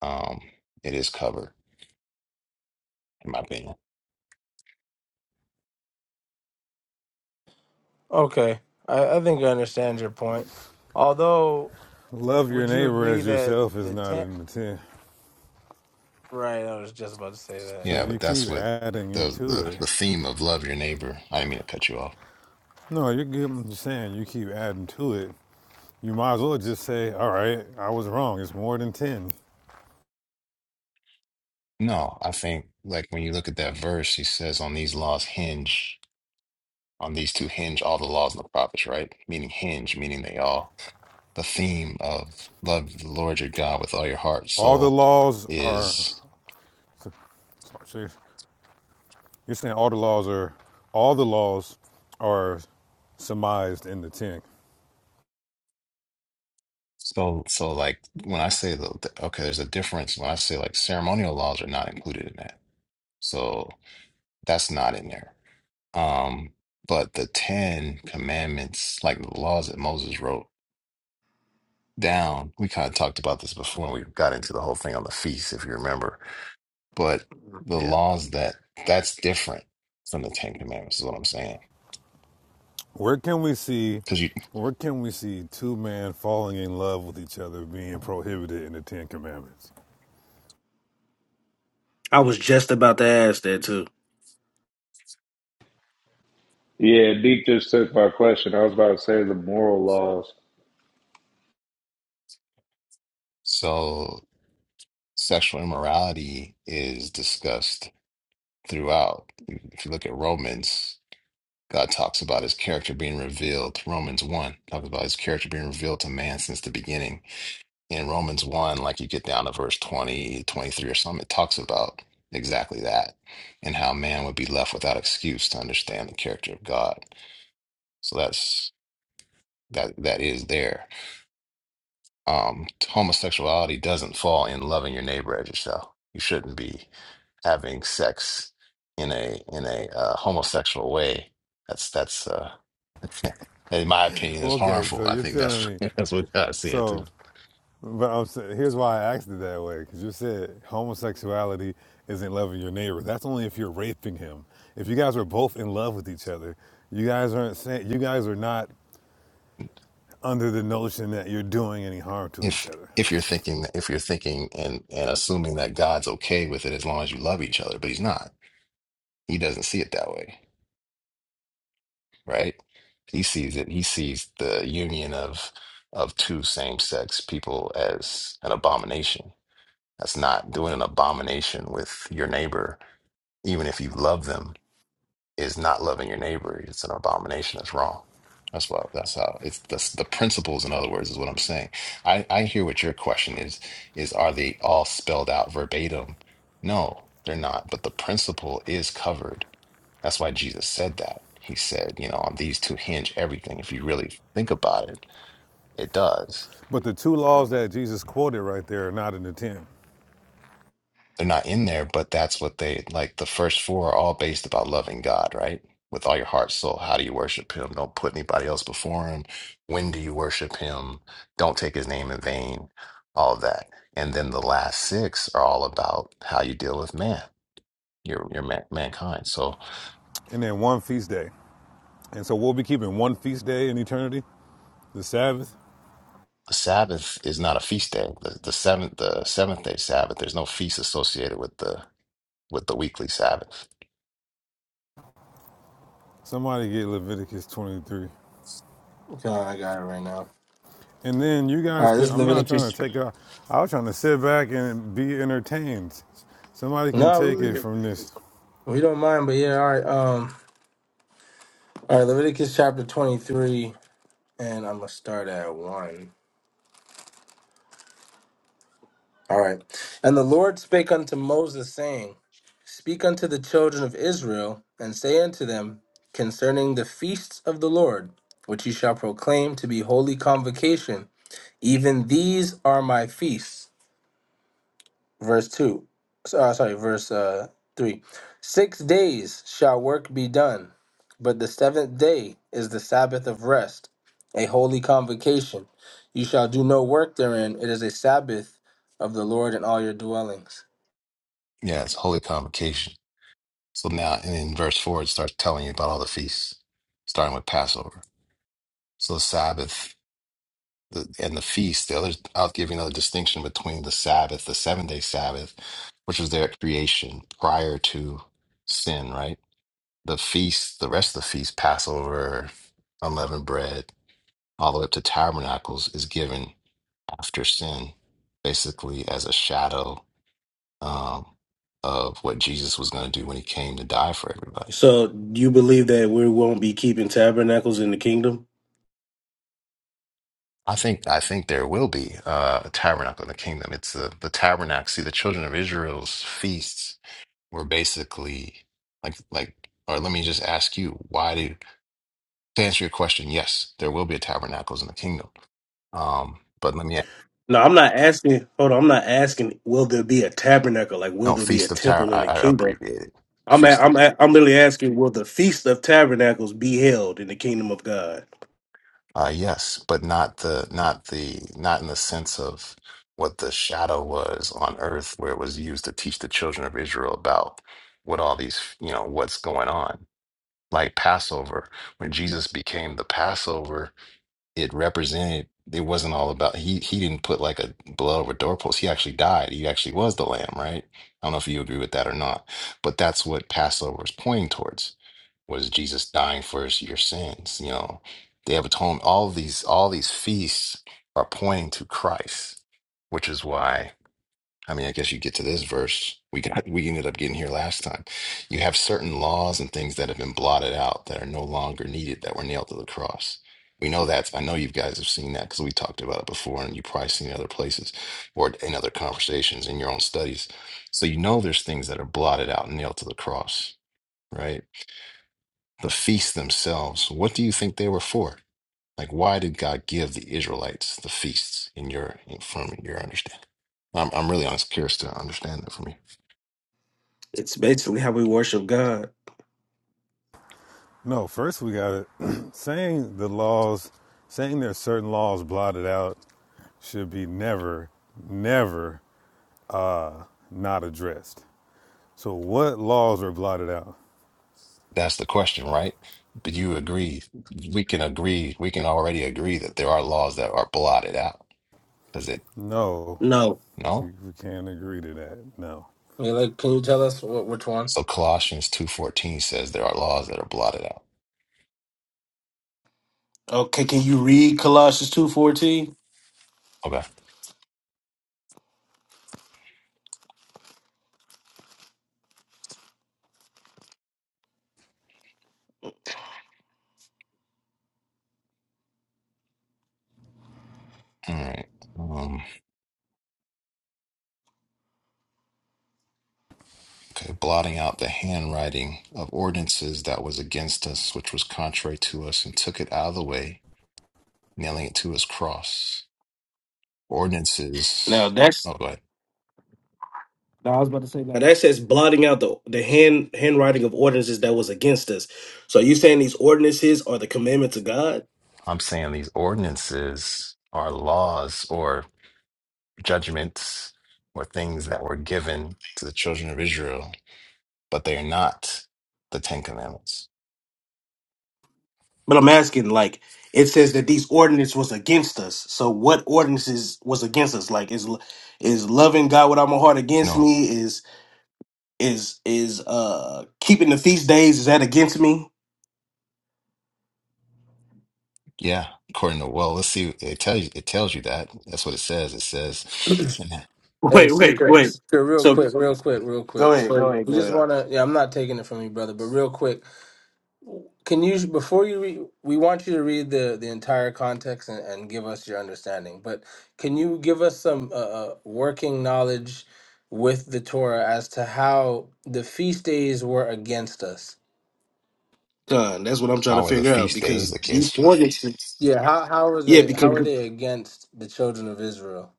um, it is covered, in my opinion. Okay, I, I think I understand your point. Although, Love your would you neighbor agree as that yourself is the not Ten? in the ten. Right, I was just about to say that, So Yeah, you but keep that's what adding it the, to the, it. the theme of love your neighbor. I didn't mean to cut you off. No, you're good. I'm just saying you keep adding to it. You might as well just say, all right, I was wrong. It's more than 10. No, I think like when you look at that verse, he says on these laws hinge, on these two hinge all the laws and the prophets, right? Meaning hinge, meaning they all the theme of love the Lord your God with all your heart, All the soul laws are. is so You're saying all the laws are. All the laws are surmised in the ten. so so like when I say the the- okay, there's a difference when I say like ceremonial laws are not included in that. So that's not in there. Um, but the Ten Commandments, like the laws that Moses wrote down, we kind of talked about this before when we got into the whole thing on the feast, if you remember. But yeah. Mhm. the Yeah. laws that that's different from the Ten Commandments is what I'm saying. Where can we see? Because you Where can we see two men falling in love with each other being prohibited in the Ten Commandments? I was just about to ask that too. Yeah, Deep just took my question. I was about to say the moral laws. so. sexual immorality is discussed throughout. If you look at Romans, God talks about his character being revealed. Romans 1 talks about his character being revealed to man since the beginning. In Romans 1, like you get down to verse 20, 23 or something, it talks about exactly that and how man would be left without excuse to understand the character of God. So that's that that is there. Um homosexuality doesn't fall in loving your neighbor as yourself. You shouldn't be. having sex in a in a uh, homosexual way. That's that's uh, in my opinion is Okay, so harmful. I you're think telling that's me. that's what God said So, too. but I'm saying, here's why I asked it that way because you said homosexuality isn't loving your neighbor. That's only if you're raping him. If you guys are both in love with each other, you guys aren't saying you guys are not under the notion that you're doing any harm to each If other. if you're thinking if you're thinking and and assuming that God's okay with it as long as you love each other, but He's not. He doesn't see it that way, right? He sees it. He sees the union of of two same sex people as an abomination. That's not doing an abomination with your neighbor, even if you love them is not loving your neighbor. It's an abomination. It's wrong. That's what. That's how. It's that's the principles. In other words, is what I'm saying. I I hear what your question is. Is are they all spelled out verbatim? No, they're not. But the principle is covered. That's why Jesus said that. He said, you know, on these two hinge everything. If you really think about it, it does But the two laws that Jesus quoted right there are not in the ten. They're not in there, but that's what they like. The first four are all based about loving God, right? With all your heart, soul. How do you worship Him? Don't put anybody else before Him. When do you worship Him? Don't take His name in vain. All of that, and then the last six are all about how you deal with man, your your man, mankind. So And then one feast day. And so we'll be keeping one feast day in eternity, the Sabbath. the Sabbath is not a feast day. The, the seventh the seventh day Sabbath. There's no feast associated with the with the weekly Sabbath. Somebody get Leviticus 23. Okay, I got it right now. And then you All guys right, this can, is I'm not trying Leviticus. to take out, I was trying to sit back and be entertained. Somebody can No, take it we, from this. we don't mind, but yeah, all right. Um, all right, Leviticus chapter 23, and I'm going to start at 1. All right. And the Lord spake unto Moses, saying, Speak unto the children of Israel, and say unto them concerning the feasts of the Lord, which ye shall proclaim to be holy convocation, even these are my feasts. verse 2 so- uh, sorry verse uh, 3 six days shall work be done but the seventh day is the sabbath of rest a holy convocation you shall do no work therein it is a sabbath of the lord in all your dwellings Yeah, it's holy convocation. So now and in verse 4, it starts telling you about all the feasts, starting with Passover. So the Sabbath the, and the feast, the other, I'll give you another distinction between the Sabbath, the seven day Sabbath, which was their creation prior to sin, right? The feast, the rest of the feast, Passover, unleavened bread, all the way up to tabernacles, is given after sin, basically as a shadow um, of what Jesus was going to do when he came to die for everybody So you believe that we won't be keeping tabernacles in the kingdom? I think I think there will be uh, a tabernacle in the kingdom. It's the the tabernacle. See, the children of Israel's feasts were basically like like. Or let me just ask you, why do to answer your question? Yes, there will be a tabernacles in the kingdom. Um, but let me No, I'm not asking. Hold on, I'm not asking. Will there be a tabernacle? Like, will no there be a feast of tab. temple I, in the I kingdom? abbreviated I'm a, feasted. I'm a, I'm literally asking. Will the feast of tabernacles be held in the kingdom of God? Uh, yes, but not the not the not in the sense of what the shadow was on earth, where it was used to teach the children of Israel about what all these you know what's going on like Passover. When Jesus became the Passover, it represented it wasn't all about he he didn't put like a blood over doorpost. He actually died. He actually was the lamb, right? I don't know if you agree with that or not, but that's what Passover is pointing towards was Jesus dying for his- your sins. You know, they have atonement. All these all these feasts are pointing to Christ, which is why. I mean, I guess you get to this verse. We got we ended up getting here last time. You have certain laws and things that have been blotted out that are no longer needed that were nailed to the cross. We know that. I know you guys have seen that because we talked about it before, and you probably seen it other places or in other conversations in your own studies. So you know there's things that are blotted out and nailed to the cross, right? The feasts themselves. What do you think they were for? Like, why did God give the Israelites the feasts? In your, in, from your understanding, I'm I'm really honest, curious to understand that from you. It's basically how we worship God. No, first we got it. saying the laws, saying there's certain laws blotted out should be never, never uh, not addressed. So, what laws are blotted out? That's the question, right? But you agree, we can agree, we can already agree that there are laws that are blotted out. Does it? No, No. we, No? we can't agree to that. No, I like, can you tell us what, which one So Colossians 2:14 says there are laws that are blotted out. Okay. Can you read Colossians two fourteen? Okay. All right. Um, okay, blotting out the handwriting of ordinances that was against us, which was contrary to us, and took it out of the way, nailing it to his cross. Now Ordinances. that's Oh, go ahead. Now, I was about to say, Now like, that says blotting out the the hand handwriting of ordinances that was against us. So you saying these ordinances are the commandments of God? I'm saying these ordinances are laws or judgments or things that were given to the children of Israel, but they are not the Ten Commandments. But I'm asking, like, it says that these ordinances was against us. So what ordinances was against us? Like, is is loving God with all my heart against No, me? Is is is uh keeping the feast days? Is that against me? yeah, according to well, let's see. It tells you. It tells you that. That's what it says. It says, Wait, wait, wait. Sure, real So quick real quick real go quick ahead, go so ahead, we go just ahead. want to yeah i'm not taking it from you brother but real quick Can you before you read? We want you to read the the entire context and, and give us your understanding. But can you give us some uh, uh, working knowledge with the Torah as to how the feast days were against us? Done. That's what I'm trying to "How are the figure out feast days because these against you?" ordinances. Yeah how how were Yeah, they how were because they against the children of Israel?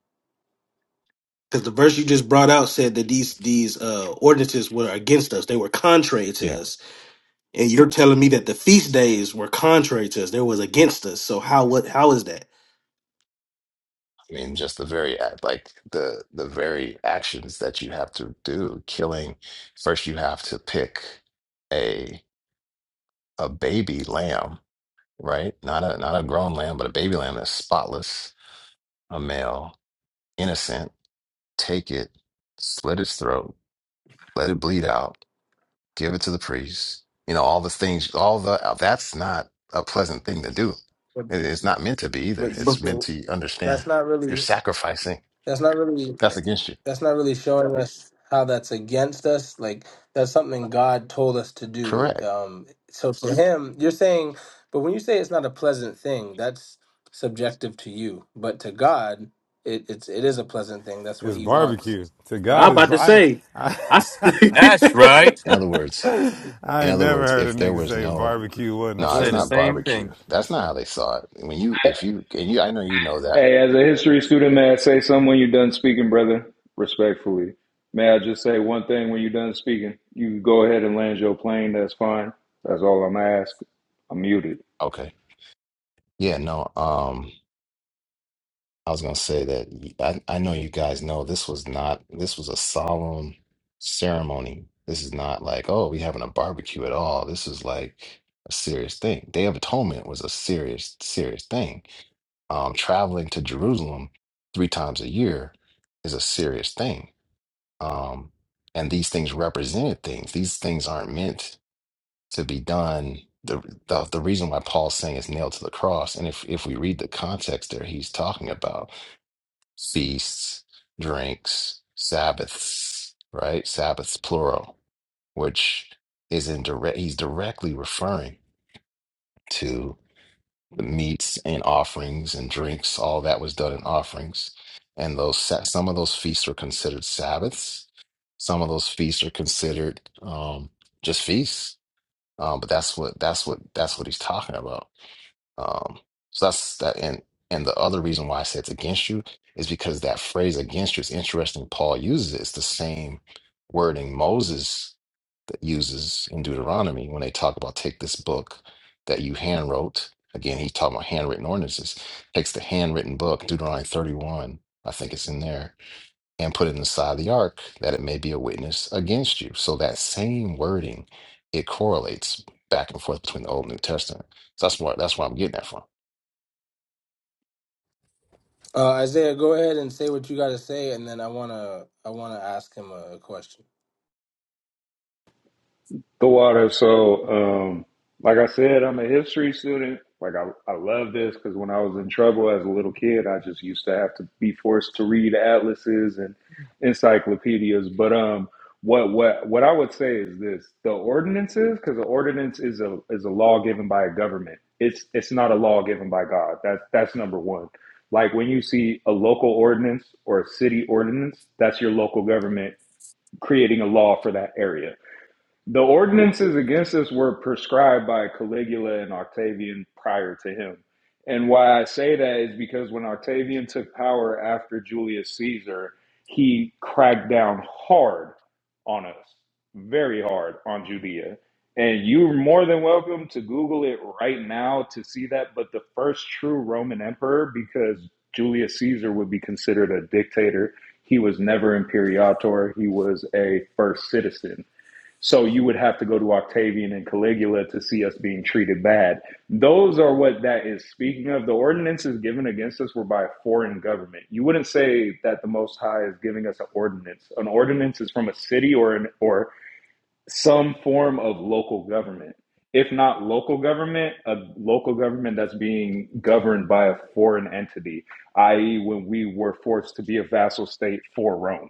Because the verse you just brought out said that these these uh, ordinances were against us; they were contrary to Yeah, us. And you're telling me that the feast days were contrary to us; they was against us. So how what how is that? I mean, just the very act, like the the very actions that you have to do. Killing first, you have to pick a a baby lamb, right? Not a not a grown lamb, but a baby lamb that's spotless, a male, innocent take it, slit its throat, let it bleed out, give it to the priest. You know, all the things, all the, uh, that's not a pleasant thing to do. But It- It's not meant to be either. but see, But It's meant well, to understand that's not you're really sacrificing. that's not really That's against you. that's not really showing us how that's against us. Like that's something God told us to do. Correct. Um, so for him, you're saying, but when you say it's not a pleasant thing, that's subjective to you. But to God, it, it's it is a pleasant thing. That's what it's He wants, barbecue. To God I'm right? is about to I, say, I I s- I That's right. In other words, I in ain't other never words, heard a if there nigga was say no, barbecue I wasn't no, it's said the pleasant. not same barbecue. thing. That's not how they saw it. When you, if you, and you, I know you know that. Hey, as a history student, may I say something when you're done speaking, brother? Respectfully. May I just say one thing when you're done speaking? You can go ahead and land your plane. That's fine. That's all I'm asking. I'm muted. Okay. Yeah, no. Um, I was gonna say that y- I, I know you guys know this was not this was a solemn ceremony. This is not like, oh, we having a barbecue at all. This is like a serious thing. Day of Atonement was a serious, serious thing. Um, traveling to Jerusalem three times a year is a serious thing. Um, and these things represented things. These things aren't meant to be done. The, the the reason why Paul's saying it's nailed to the cross, and if if we read the context there, he's talking about feasts, drinks, Sabbaths, right? Sabbaths, plural, which is in direct, he's directly referring to the meats and offerings and drinks, all that was done in offerings. And those, sa- some of those feasts are considered Sabbaths. Some of those feasts are considered um, just feasts. Um, but that's what, that's what, that's what he's talking about. Um, so that's that. And and the other reason why I say it's against you is because that phrase against you is interesting. Paul uses it. It's the same wording Moses that uses in Deuteronomy when they talk about take this book that you hand wrote. Again, he's talking about handwritten ordinances. Takes the handwritten book, Deuteronomy 31, I think it's in there, and put it inside the ark that it may be a witness against you. So that same wording, it correlates back and forth between the Old and New Testament. So that's where that's where I'm getting that from. Uh, Isaiah, go ahead and say what you got to say, and then I wanna I wanna ask him a, question. The water. So, um, like I said, I'm a history student. Like I, I love this because when I was in trouble as a little kid, I just used to have to be forced to read atlases and encyclopedias. But um, what what what I would say is this: the ordinances, because the ordinance is a is a law given by a government. It's it's not a law given by God. That's that's number one. Like when you see a local ordinance or a city ordinance, that's your local government creating a law for that area the ordinances against us were prescribed by Caligula and Octavian prior to him. And why I say that is because when Octavian took power after Julius Caesar, he cracked down hard on us, very hard on Judea. And you're more than welcome to Google it right now to see that. But the first true Roman emperor, because Julius Caesar would be considered a dictator, he was never imperator, he was a first citizen so you would have to go to Octavian and Caligula to see us being treated bad. Those are what that is speaking of. The ordinances given against us were by a foreign government. You wouldn't say that the Most High is giving us an ordinance. An ordinance is from a city or an, or some form of local government. If not local government, a local government that's being governed by a foreign entity, i.e., when we were forced to be a vassal state for Rome.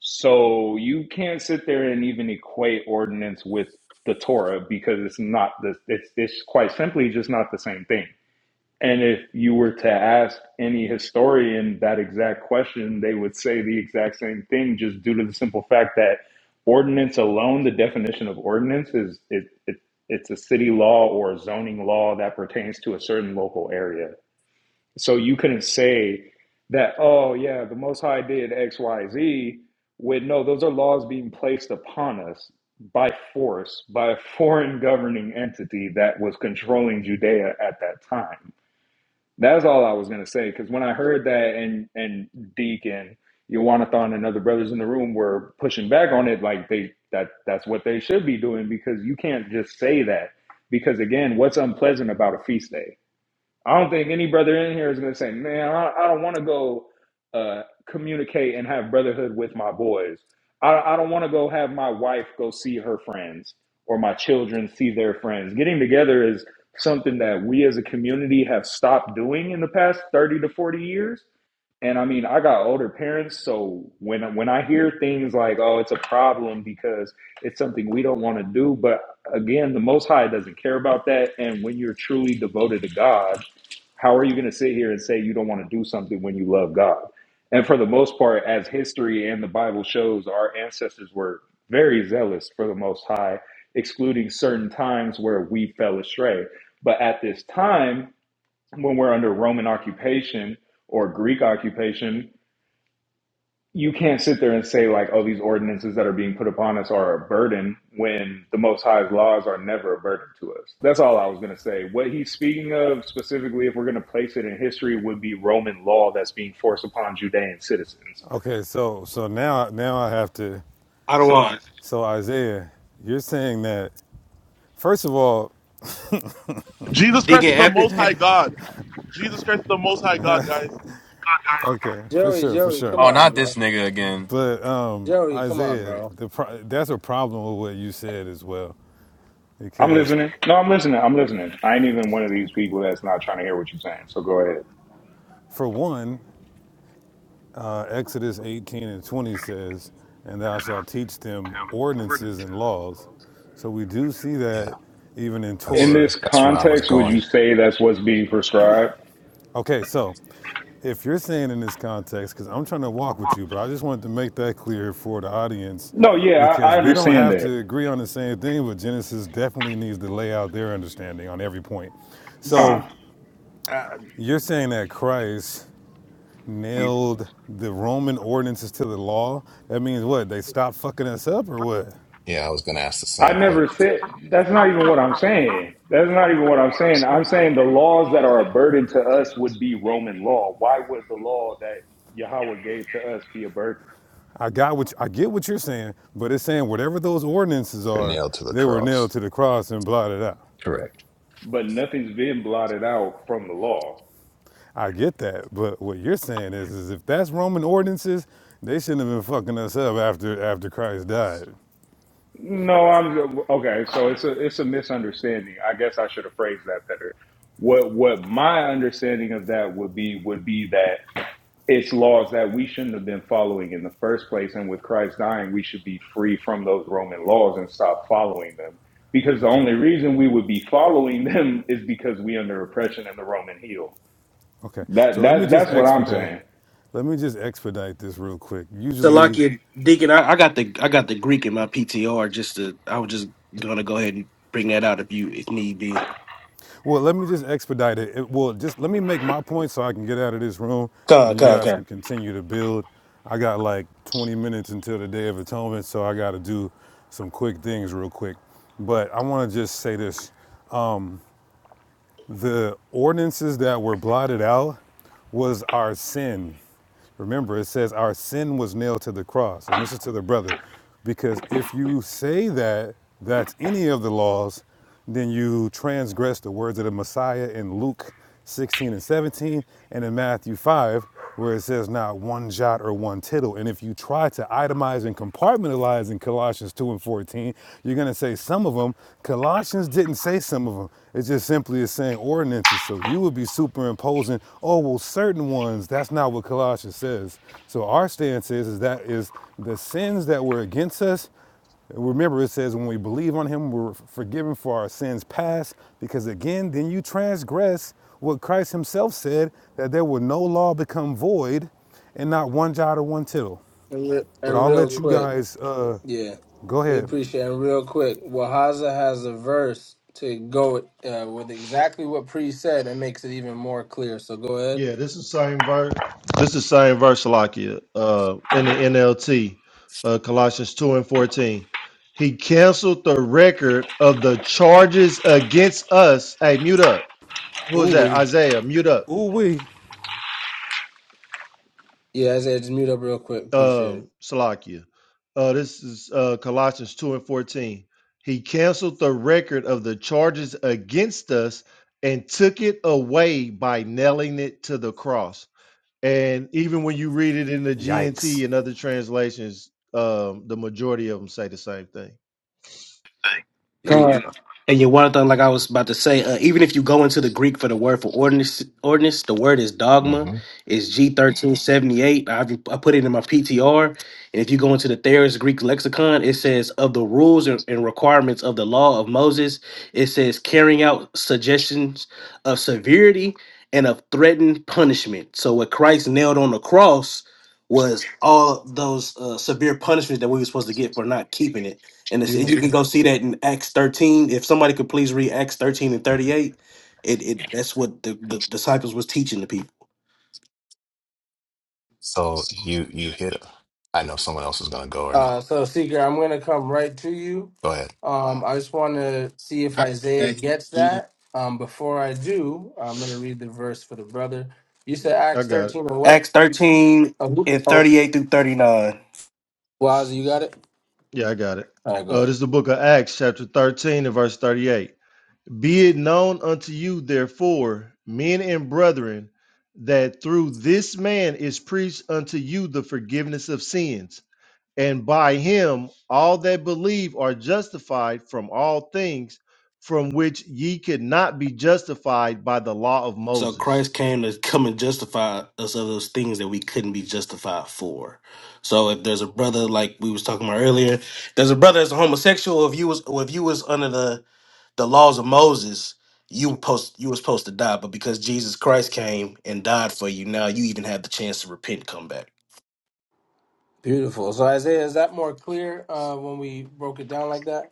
So you can't sit there and even equate ordinance with the Torah because it's not the it's it's quite simply just not the same thing. And if you were to ask any historian that exact question, they would say the exact same thing just due to the simple fact that ordinance alone, the definition of ordinance is it, it it's a city law or a zoning law that pertains to a certain local area so you couldn't say that, oh, yeah, the Most High did X, Y, Z, with no, those are laws being placed upon us by force, by a foreign governing entity that was controlling Judea at that time. That's all I was going to say. Because when I heard that and, and Deacon, Yawanathan and other brothers in the room were pushing back on it, like they that that's what they should be doing because you can't just say that. Because again, what's unpleasant about a feast day? I don't think any brother in here is going to say, man, I, I don't want to go uh, communicate and have brotherhood with my boys. I, I don't want to go have my wife go see her friends or my children see their friends. Getting together is something that we as a community have stopped doing in the past 30 to 40 years. And I mean, I got older parents, so when when I hear things like, "Oh, it's a problem because it's something we don't want to do," but again, the Most High doesn't care about that. And when you're truly devoted to God, how are you going to sit here and say you don't want to do something when you love God? And for the most part, as history and the Bible shows, our ancestors were very zealous for the Most High, excluding certain times where we fell astray. But at this time, when we're under Roman occupation or Greek occupation, you can't sit there and say like, oh, these ordinances that are being put upon us are a burden when the Most High's laws are never a burden to us. That's all I was going to say. What he's speaking of specifically, if we're going to place it in history, would be Roman law that's being forced upon Judean citizens. Okay, so so now now I have to. don't want So Isaiah, you're saying that first of all, Jesus Christ Deacon is the Epic most high God. Jesus Christ is the most high God, guys. okay, for Joey, sure, for Joey, sure. come Oh, on, not this bro. nigga again. But um, Joey, come on, Isaiah, bro. the pro- that's a problem with what you said as well, I'm because listening. No, I'm listening. I'm listening. I ain't even one of these people that's not trying to hear what you're saying. So go ahead. for one, Uh, Exodus 18 and 20 says, And thou shalt teach them ordinances and laws. So we do see Yeah, that even in In that's Torah. this that's where I was context, would you going. say that's what's being prescribed? Okay, so if you're saying in this context, because I'm trying to walk with you, but I just wanted to make that clear for the audience No, yeah, I, I because we don't understand have that. to agree on the same thing, but Genesis definitely needs to lay out their understanding on every point. Huh. So you're saying that Christ nailed the Roman ordinances to the law? That means what? They stopped fucking us up or what? Yeah, I was going to ask the I same question. never said that's not even what I'm saying. That's not even what I'm saying. I'm saying the laws that are a burden to us would be Roman law. Why would the law that Yahweh gave to us be a burden? I got what I get what you're saying, but it's saying whatever those ordinances They're are, nailed to the they were nailed cross. to the cross and blotted out. Correct. But nothing's been blotted out from the law. I get that, but what you're saying is, is if that's Roman ordinances, they shouldn't have been fucking us up after after Christ died. No, I'm okay. So it's a it's a misunderstanding. I guess I should have phrased that better. What what my understanding of that would be would be that it's laws that we shouldn't have been following in the first place. And with Christ dying, we should be free from those Roman laws and stop following them. Because the Okay, only reason we would be following them is because we under oppression and the Roman heel. okay. So That let me that just that's what I'm expedite. saying. Let me just expedite this real quick. Usually, Salakia Deacon. I, I got the I got the Greek in my PTR. Just to I was just gonna go ahead and bring that out if you if need be. Well, let me just expedite it. it. Well, just let me make my point so I can get out of this room Come and you guys on, can continue to build. I got like 20 minutes until the Day of Atonement, so I got to do some quick things real quick. But I want to just say this. The ordinances that were blotted out was our sin. Remember, it says our sin was nailed to the cross. And this is to the brother. Because if you say that that's any of the laws, then you transgress the words of the Messiah in Luke 16 and 17 and in Matthew 5 where it says not one jot or one tittle. And if you try to itemize and compartmentalize in Colossians 2 and 14, you're going to say some of them. Colossians didn't say some of them. It just simply is saying ordinances. So you would be superimposing, oh, well, certain ones. That's not what Colossians says. So our stance is, is that is the sins that were against us Remember, it says, when we believe on him, we're forgiven for our sins past, because again, then you transgress what Christ himself said, that there will no law become void, and not one jot or one tittle. And, re- But and I'll real let you quick. guys uh, Yeah, go we ahead. appreciate it. And real quick, Wahaza has a verse to go uh, with exactly what Pre said and makes it even more clear. So go ahead. Yeah, this is same verse. This is same verse, Salakia, uh, in the NLT, uh, Colossians two and fourteen. He canceled the record of the charges against us. Hey, mute up. Who is Ooh that? wee, Isaiah, mute up. ooh wee, Yeah, Isaiah, just mute up real quick. Appreciate it. Um, Salakia. Uh, this is uh, Colossians two and fourteen. He canceled the record of the charges against us and took it away by nailing it to the cross. And even when you read it in the yikes. GNT and other translations, um, the majority of them say the same thing. God. Beautiful. And you one thing, like I was about to say, uh, even if you go into the Greek for the word for ordinance, ordinance, the word is dogma, hmm is G thirteen seventy eight. I I put it in my PTR, and if you go into the Thayer's Greek lexicon, it says of the rules and, and requirements of the law of Moses. It says carrying out suggestions of severity and of threatened punishment. So what Christ nailed on the cross was all those uh, severe punishments that we were supposed to get for not keeping it. And, it's, you can Beautiful. go see that in Acts 13. If somebody could please read Acts 13 and 38, it, it that's what the, the disciples was teaching the people. So you you hit. I know someone else is going to go or Uh, not. so, Seeker, I'm going to come right to you. Go ahead. Um, I just want to see if Isaiah saying? gets I, that. Um, before I do, I'm going to read the verse for the brother. You said I Acts got it. 13 and what? Acts 13 Oh, who- and oh 38 through 39. Wahaza, you got it? Yeah, I got it. All right, go Uh, ahead. this is the book of Acts, chapter 13, and verse 38. Be it known unto you, therefore, men and brethren, that through this man is preached unto you the forgiveness of sins, and by him all that believe are justified from all things from which ye could not be justified by the law of So Moses. Christ came to come and justify us of those things that we couldn't be justified for. So if there's a brother like we was talking about earlier, there's a brother that's a homosexual. If you was or if you was under the the laws of Moses, you were post you were supposed to die. But because Jesus Christ came and died for you, now you even have the chance to repent, and come back. Beautiful. So Isaiah, is that more clear uh, when we broke it down like that?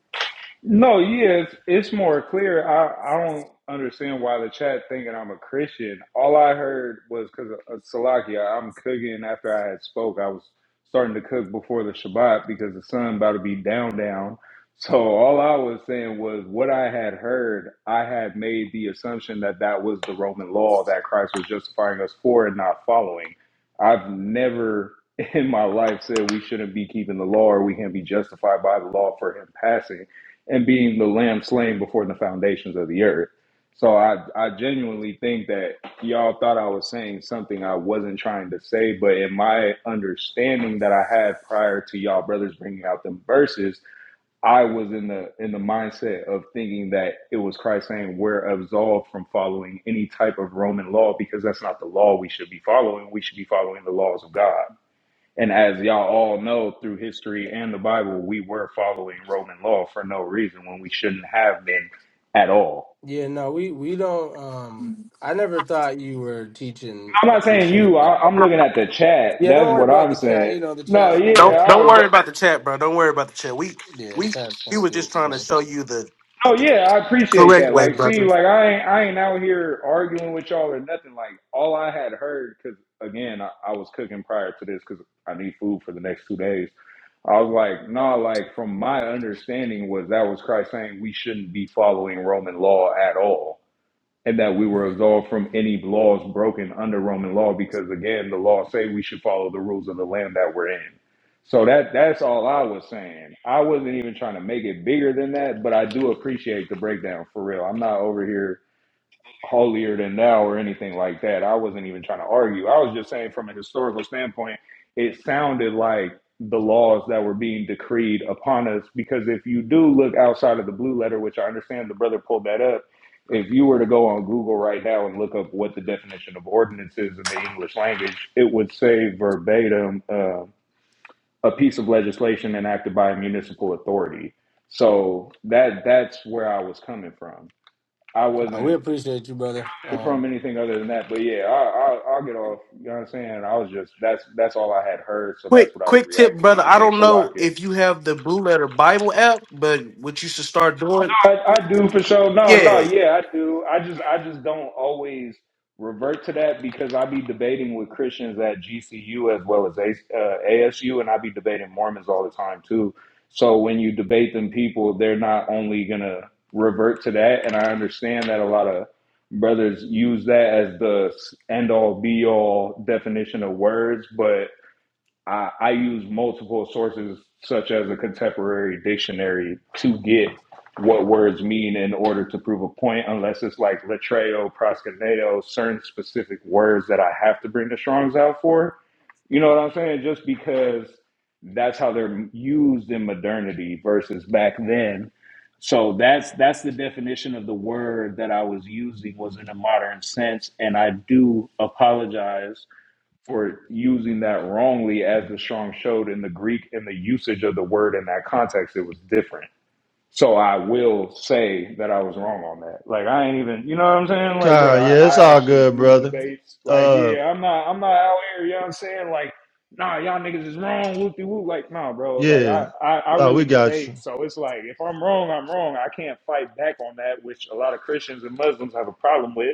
No, yeah, it's, it's more clear. I, I don't understand why the chat thinking I'm a Christian. All I heard was because of of Salakia, I'm cooking after I had spoke. I was starting to cook before the Shabbat because the sun about to be down, down. So all I was saying was what I had heard. I had made the assumption that that was the Roman law that Christ was justifying us for and not following. I've never in my life said we shouldn't be keeping the law or we can't be justified by the law for him passing and being the lamb slain before the foundations of the earth. So I, I genuinely think that y'all thought I was saying something I wasn't trying to say, but in my understanding that I had prior to y'all brothers bringing out them verses, I was in the in the mindset of thinking that it was Christ saying we're absolved from following any type of Roman law because that's not the law we should be following. We should be following the laws of God. And as y'all all know through history and the Bible, we were following Roman law for no reason when we shouldn't have been at all. Yeah, no, we we don't. Um, I never thought you were teaching. I'm what not you saying you. shouldn't be. I, I'm looking at the chat. Yeah, don't That's worry what about I'm the chat. saying. You know, the No, chat's yeah, gonna. Don't I don't was, worry about the chat, bro. Don't worry about the chat. We Yeah, the we chat's we gonna were do just its trying to thing. show you the, the, Oh the yeah, I appreciate correct that. way, Like, see, brother. like I ain't I ain't out here arguing with y'all or nothing. Like, all I had heard, because again, I, I was cooking prior to this because I need food for the next two days. I was like, no, nah, like from my understanding was that was Christ saying we shouldn't be following Roman law at all and that we were Mhm. absolved from any laws broken under Roman law, because again, the law say we should follow the rules of the land that we're in. So that that's all I was saying. I wasn't even trying to make it bigger than that, but I do appreciate the breakdown for real. I'm not over here holier than thou or anything like that. I wasn't even trying to argue. I was just saying from a historical standpoint, it sounded like the laws that were being decreed upon us. Because if you do look outside of the blue letter, which I understand the brother pulled that up, if you were to go on Google right now and look up what the definition of ordinance is in the English language, it would say verbatim uh, a piece of legislation enacted by a municipal authority. So that that's where I was coming from. I Uh, we wasn't appreciate you, brother. from Um, anything other than that. But yeah, I, I, I'll get off. You know what I'm saying? I was just that's that's all I had heard, so that's Quick what I was quick tip, reacting brother. to. I So don't know Salak, if you have the Blue Letter Bible app, but what you should start doing, I, I do for sure. No, no, yeah. yeah, I do. I just I just don't always revert to that because I be debating with Christians at GCU as well as A- uh, ASU, and I be debating Mormons all the time too. So when you debate them people, they're not only gonna revert to that, and I understand that a lot of brothers use that as the end all be all definition of words, but I, I use multiple sources, such as a contemporary dictionary, to get what words mean in order to prove a point, unless it's like latreo, proskuneo, certain specific words that I have to bring the Strongs out for. You know what I'm saying? Just because that's how they're used in modernity versus back then. So that's that's the definition of the word that I was using was in a modern sense, and I do apologize for using that wrongly as the strong showed in the Greek and the usage of the word in that context, it was different. So I will say that I was wrong on that. Like I ain't even, you know what I'm saying? Like, bro, Kyle, I, yeah, it's I all actually good, do brother. debates. Like, Uh, yeah, I'm not, I'm not out here. You know what I'm saying? Like, nah, y'all niggas is wrong. Whoop de whoop. Like, nah, bro. Like, yeah, I, I, I no, we really got you. debate. So it's like, if I'm wrong, I'm wrong. I can't fight back on that, which a lot of Christians and Muslims have a problem with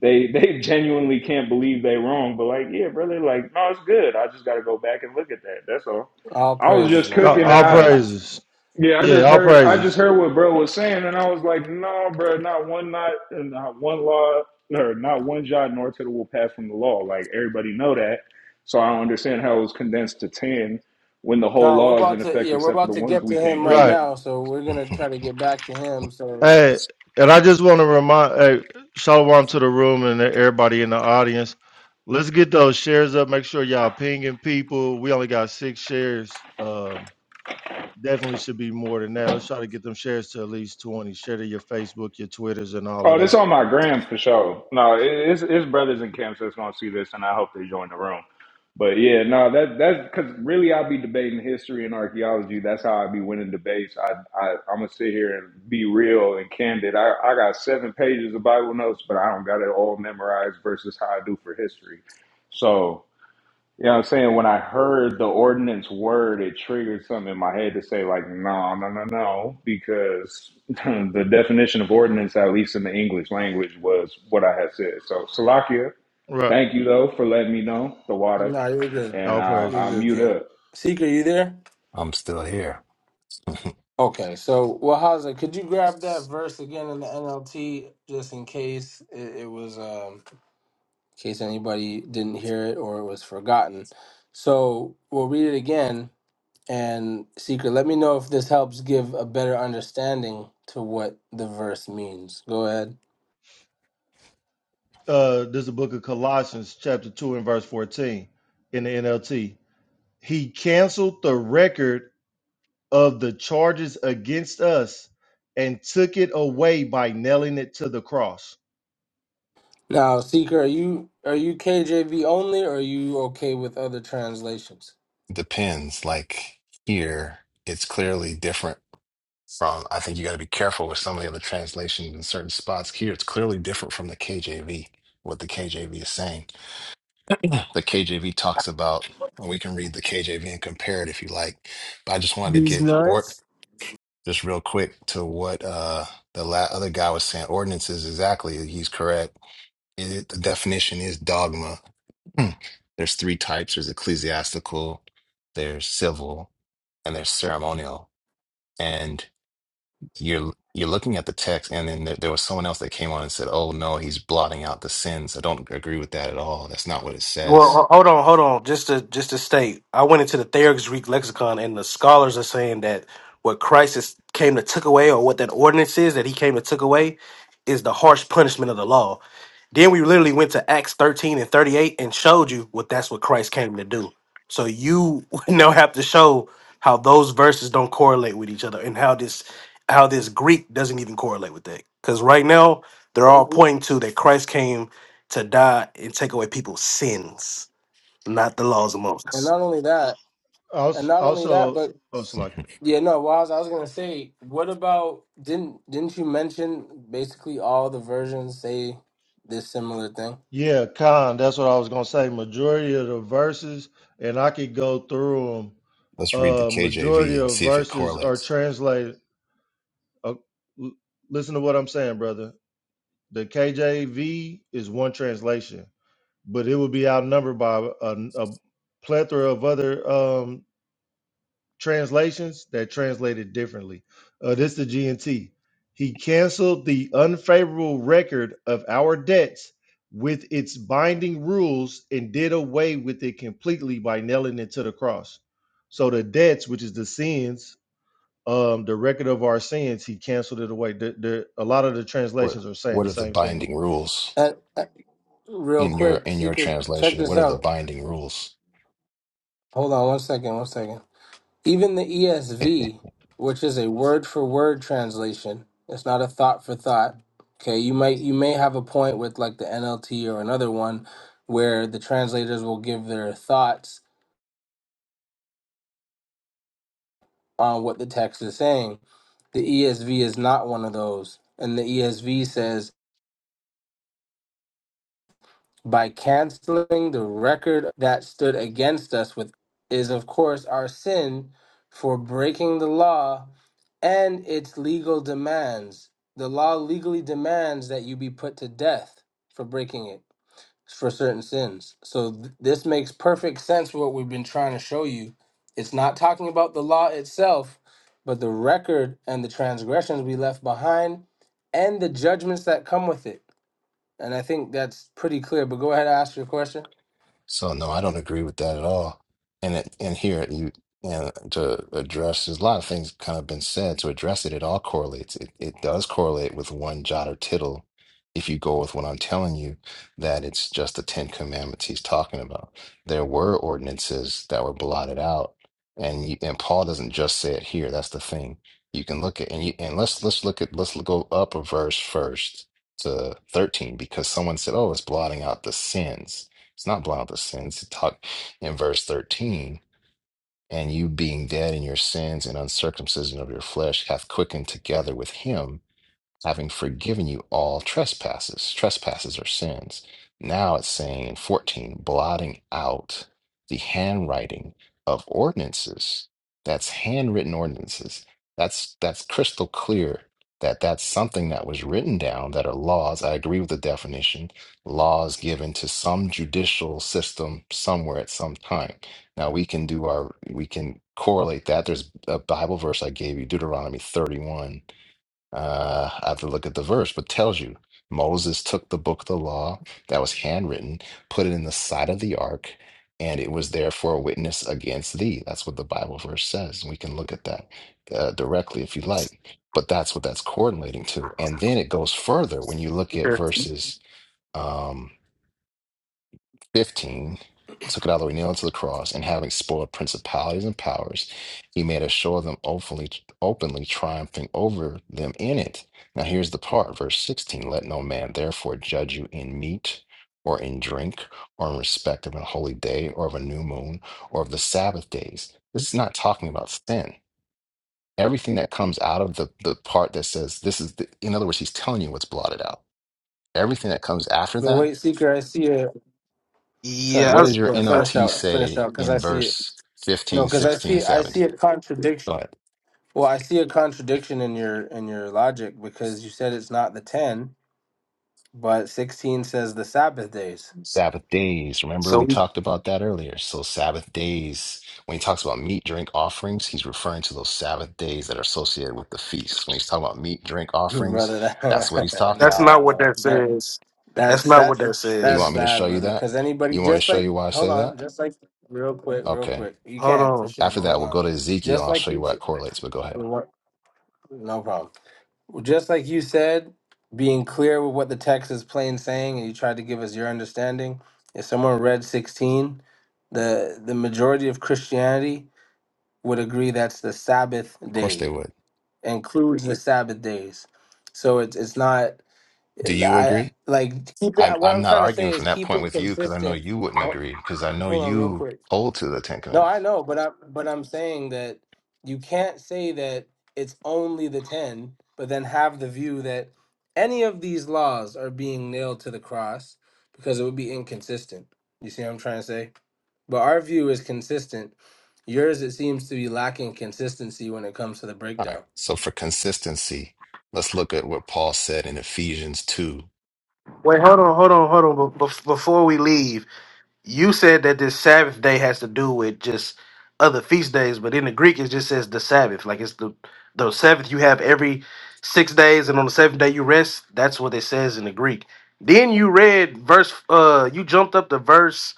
they they genuinely can't believe they wrong, but like, yeah, brother, like, no, it's good. I just gotta go back and look at that. That's all. all I was praises, just man. All, cooking All and all I praises. praises. yeah, I Yeah, just all heard I praises. just heard what bro was saying and I was like, no, bro, not one not and not one law or not one jot nor tittle will pass from the law. Like everybody know that. So I don't understand how it was condensed to ten when the whole Kyle, we're law is in about to. effect Yeah, we're except for the about to ones get we to can't him right keep. Right. now. So we're gonna try to get back to him. So Hey, and I just want to remind, hey, shalom to the room and everybody in the audience. Let's get those shares up. Make sure y'all pinging people. We only got six shares. Um, definitely should be more than that. Let's try to get them shares to at least 20. Share to your Facebook, your Twitters, and all Oh, of this that. on my gram for sure. No, it- it's it's brothers in camps that's gonna see this, and I hope they join the room. But yeah, no, that that's because really I'll be debating history and archaeology. That's how I be winning debates. I, I I'm gonna sit here and be real and candid. I, I got seven pages of Bible notes, but I don't got it all memorized versus how I do for history. So you know what I'm saying? When I heard the ordinance word, it triggered something in my head to say, like, no, no, no, no, because the definition of ordinance, at least in the English language, was what I had said. So, Salakia, Right. thank you, though, for letting me know the water, no, you're good. and All I'll, You're I'll praises. good, mute King. up. Seeker, you there? I'm still here. Okay, so well, Haza, could you grab that verse again in the NLT just in case it, it was, um, in case anybody didn't hear it or it was forgotten? So we'll read it again. And Secret, let me know if this helps give a better understanding to what the verse means. Go ahead. uh this is the book of Colossians chapter 2 and verse 14 in the NLT. He canceled the record of the charges against us and took it away by nailing it to the cross. Now, Seeker, are you are you KJV only, or are you okay with other translations? Depends. Like here, it's clearly different from. I think you got to be careful with some of the other translations in certain spots. Here, it's clearly different from the KJV. What the KJV is saying. Yeah. The KJV talks about. And We can read the KJV and compare it if you like. But I just wanted to These get or nuts. just real quick to what uh the la- other guy was saying ordinances exactly he's correct it, the definition is dogma Hmm. there's three types there's ecclesiastical there's civil and there's ceremonial and you're you're looking at the text and then there, there was someone else that came on and said oh no he's blotting out the sins i don't agree with that at all that's not what it Well, says ho- hold on, hold on. Just to just to state, I went into the Thayer's Greek lexicon, and the scholars are saying that what Christ is, came to took away, or what that ordinance is that he came to took away, is the harsh punishment of the law. Then we literally went to Acts thirteen and thirty eight and showed you what that's what Christ came to do. So you now have to show how those verses don't correlate with each other, and how this how this Greek doesn't even correlate with that. Because right now they're all pointing to that Christ came to die and take away people's sins, not the laws of And Moses. not only that, and Also, not only that, also but oh, Salaki. Yeah, no, well, I Was I was gonna say, what about didn't didn't you mention basically all the versions say this similar thing? Yeah, Khan, that's what I was going to say. Majority of the verses, and I could go through them. let's read the Uh, majority kjv and of see if it verses are correlates translated. Uh, l- listen to what I'm saying, brother. The KJV is one translation but it would be outnumbered by a, a plethora of other um, translations that translated differently. Uh, this is the GNT. He canceled the unfavorable record of our debts with its binding rules and did away with it completely by nailing it to the cross. So the debts, which is the sins, um, the record of our sins, he canceled it away. The, the, a lot of the translations what are saying what the are the same thing. binding rules Uh, uh, real in your quick, in your secret, check translation? this What are the out. binding rules? Hold on one second, one second. Even the ESV, which is a word for word translation, it's not a thought for thought. Okay, you might you may have a point with like the NLT or another one where the translators will give their thoughts on what the text is saying. The ESV is not one of those. And the ESV says, by canceling the record that stood against us with is of course our sin for breaking the law and its legal demands. The law legally demands that you be put to death for breaking it. for certain sins. So th- this makes perfect sense for what we've been trying to show you. It's not talking about the law itself, but the record and the transgressions we left behind and the judgments that come with it. And I think that's pretty clear. But go ahead and ask your question. So no, I don't agree with that at all. And it, and here you and to address there's a lot of things kind of been said to address it. It all correlates. It it does correlate with one jot or tittle. If you go with what I'm telling you, that it's just the Ten Commandments he's talking about. There were ordinances that were blotted out, and you, and Paul doesn't just say it here. That's the thing. You can look at and you and let's let's look at let's go up a verse first to 13 because someone said, "Oh, it's blotting out the sins." It's not blind with sins. It talk in verse 13, and you being dead in your sins and uncircumcision of your flesh hath quickened together with him having forgiven you all trespasses. Trespasses are sins. Now it's saying in 14, blotting out the handwriting of ordinances. That's handwritten ordinances. That's that's crystal clear that that's something that was written down that are laws. I agree with the definition. Laws given to some judicial system somewhere at some time. Now we can do our we can correlate that. There's a Bible verse I gave you, Deuteronomy 31 uh, I have to look at the verse, but tells you Moses took the book of the law that was handwritten, put it in the side of the ark, and it was there for a witness against thee. That's what the Bible verse says. We can look at that uh, directly if you like, but that's what that's coordinating to. And then it goes further when you look at Okay. verses. Um, 15 took it out of the way, nailed it to the cross, and having spoiled principalities and powers, he made a show of them openly, openly triumphing over them in it. Now here's the part, verse 16 Let no man therefore judge you in meat or in drink or in respect of a holy day or of a new moon or of the Sabbath days. This is not talking about sin. Everything that comes out of the, the part that says this is, the, in other words, he's telling you what's blotted out. Everything that comes after But that wait, seeker, I see it. Yeah. Sorry, What fin- does that's- your well, uh, finish NLT out, finish say out, because I in see it. verse No, 15, because I 16, see, I see a 17? Go contradiction. ahead. Well, I see a contradiction in your in your logic because you said it's not the ten, but sixteen says the Sabbath days. Sabbath days. Remember, so we we, talked about that earlier. So, Sabbath days, when he talks about meat, drink offerings, he's referring to those Sabbath days that are associated with the feast. When he's talking about meat, drink offerings, brother. that's what he's That, no, talking that's about. not what no, that that says. That's that's not what that's that You that's want says. me to show bad, you brother. that? Because anybody, You want me to just show like, you why I hold say on, that? just like, real quick, real Okay. quick, you Hold can for on. sure, After but that, hold we'll on, go to Ezekiel. just I'll like show you, you why ch- it correlates, but go ahead. what- no problem. Just like you said, being clear with what the text is plain saying, and you tried to give us your understanding. If someone read sixteen, the the majority of Christianity would agree that's the Sabbath Of course, they day, would. includes the Sabbath days. So it's it's not Do you I agree? like keep I'm it. What I'm I'm not trying to arguing say is from that keep point it with you because I know consistent. you wouldn't agree because I know Hold on, real you quick. hold to the Ten No, I Commandments. know, but I but I'm saying that you can't say that it's only the ten, but then have the view that any of these laws are being nailed to the cross because it would be inconsistent. You see what I'm trying to say? But our view is consistent. Yours, it seems to be lacking consistency when it comes to the All right. breakdown. So for consistency, let's look at what Paul said in Ephesians two. Wait, hold on, hold on, hold on. Be- bef- before we leave, you said that this Sabbath day has to do with just other feast days, but in the Greek it just says the Sabbath. Like it's the the Sabbath you have every six days, and on the seventh day you rest. That's what it says in the Greek. Then you read verse. Uh, you jumped up to verse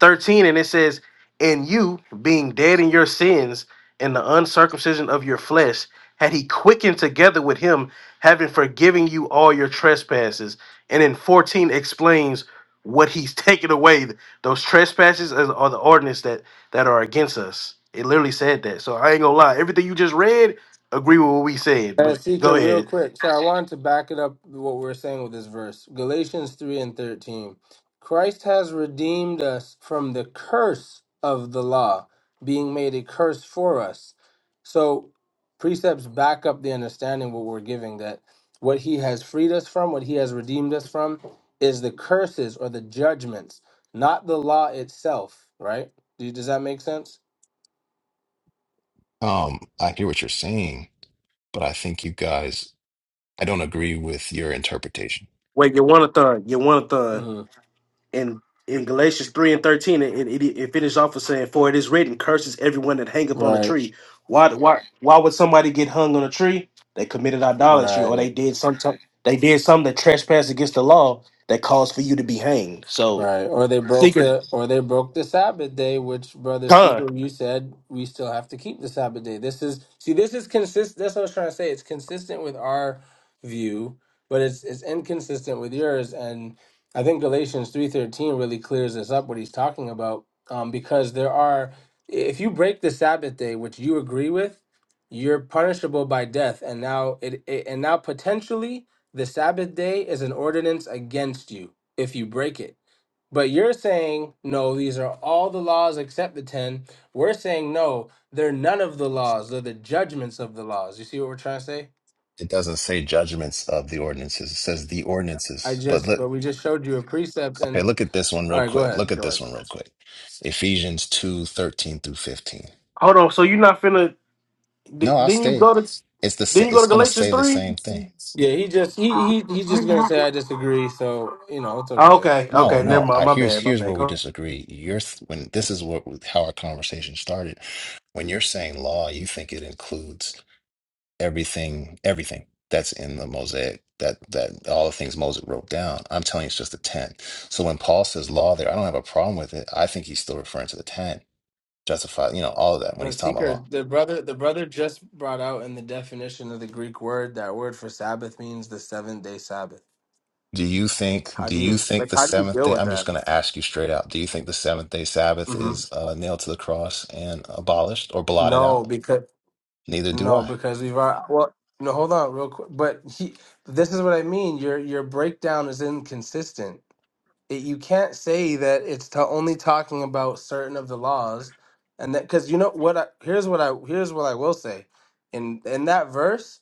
13 and it says and you being dead in your sins and the uncircumcision of your flesh had he quickened together with him having forgiven you all your trespasses and then 14 explains what he's taken away those trespasses are are the ordinance that that are against us it literally said that so i ain't gonna lie everything you just read agree with what we said Uh, but go Seeker, real ahead quick. So I wanted to back it up what we're saying with this verse. Galatians 3 and 13. Christ has redeemed us from the curse of the law, being made a curse for us. So precepts back up the understanding what we're giving that what he has freed us from, what he has redeemed us from, is the curses or the judgments, not the law itself, right? Do- Does that make sense? Um, I hear what you're saying, but I think you guys I don't agree with your interpretation. wait you want a thon you want a thon hmm in in Galatians three and thirteen, it, it, it finished off with saying, "For it is written, curses everyone that hangeth on a Right, tree." Why why why would somebody get hung on a tree? They committed idolatry, or right. they did something. They did something that trespassed against the law that caused for you to be hanged. So Right. Or they broke secret the or they broke the Sabbath day, which brother con. Seeker, you said we still have to keep the Sabbath day. This is see, this is consist that's what I was trying to say. It's consistent with our view, but it's it's inconsistent with yours. And I think Galatians three thirteen really clears this up what he's talking about. Um, because there are if you break the Sabbath day, which you agree with, you're punishable by death. And now it, it and now potentially the Sabbath day is an ordinance against you if you break it but you're saying, no, these are all the laws except the 10. We're saying, no, they're none of the laws. They're the judgments of the laws. You see what we're trying to say? It doesn't say judgments of the ordinances. It says the I ordinances. But just, look, but we just showed you a precept okay, and, look at this one all real right, go quick. ahead. Look at this one real quick. Ephesians 2 13 through 15. Hold on. So you're not finna? di- No, I'll did you stay. go to? It's the sa- then you go to it's gonna Galatians say the three? same thing. Yeah, he just, he, he, he's just going to say, I disagree. So, you know, it's okay. Okay. No, Okay. Never no. mind. I My here's bad. My here's bad. where we Go disagree. You're th- when this is what how our conversation started. When you're saying law, you think it includes everything, everything that's in the mosaic, that that all the things Moses wrote down. I'm telling you, it's just the ten. So when Paul says law there, I don't have a problem with it. I think he's still referring to the ten, justify, you know, all of that when But he's talking about seeker, law. the brother, the brother just brought out in the definition of the Greek word, that word for Sabbath means the seventh day Sabbath. Do you think? How Do do you, you ex- like, think the how do you seventh deal day? with I'm just that? going to ask you straight out. Do you think the seventh day Sabbath hmm is uh, nailed to the cross and abolished or blotted No, out? because Neither do No, I. because we've already, well, no, hold on real quick. But he, this is what I mean. Your your breakdown is inconsistent. It, you can't say that it's to only talking about certain of the laws, and that because you know what? I, here's what I here's what I will say. In in that verse,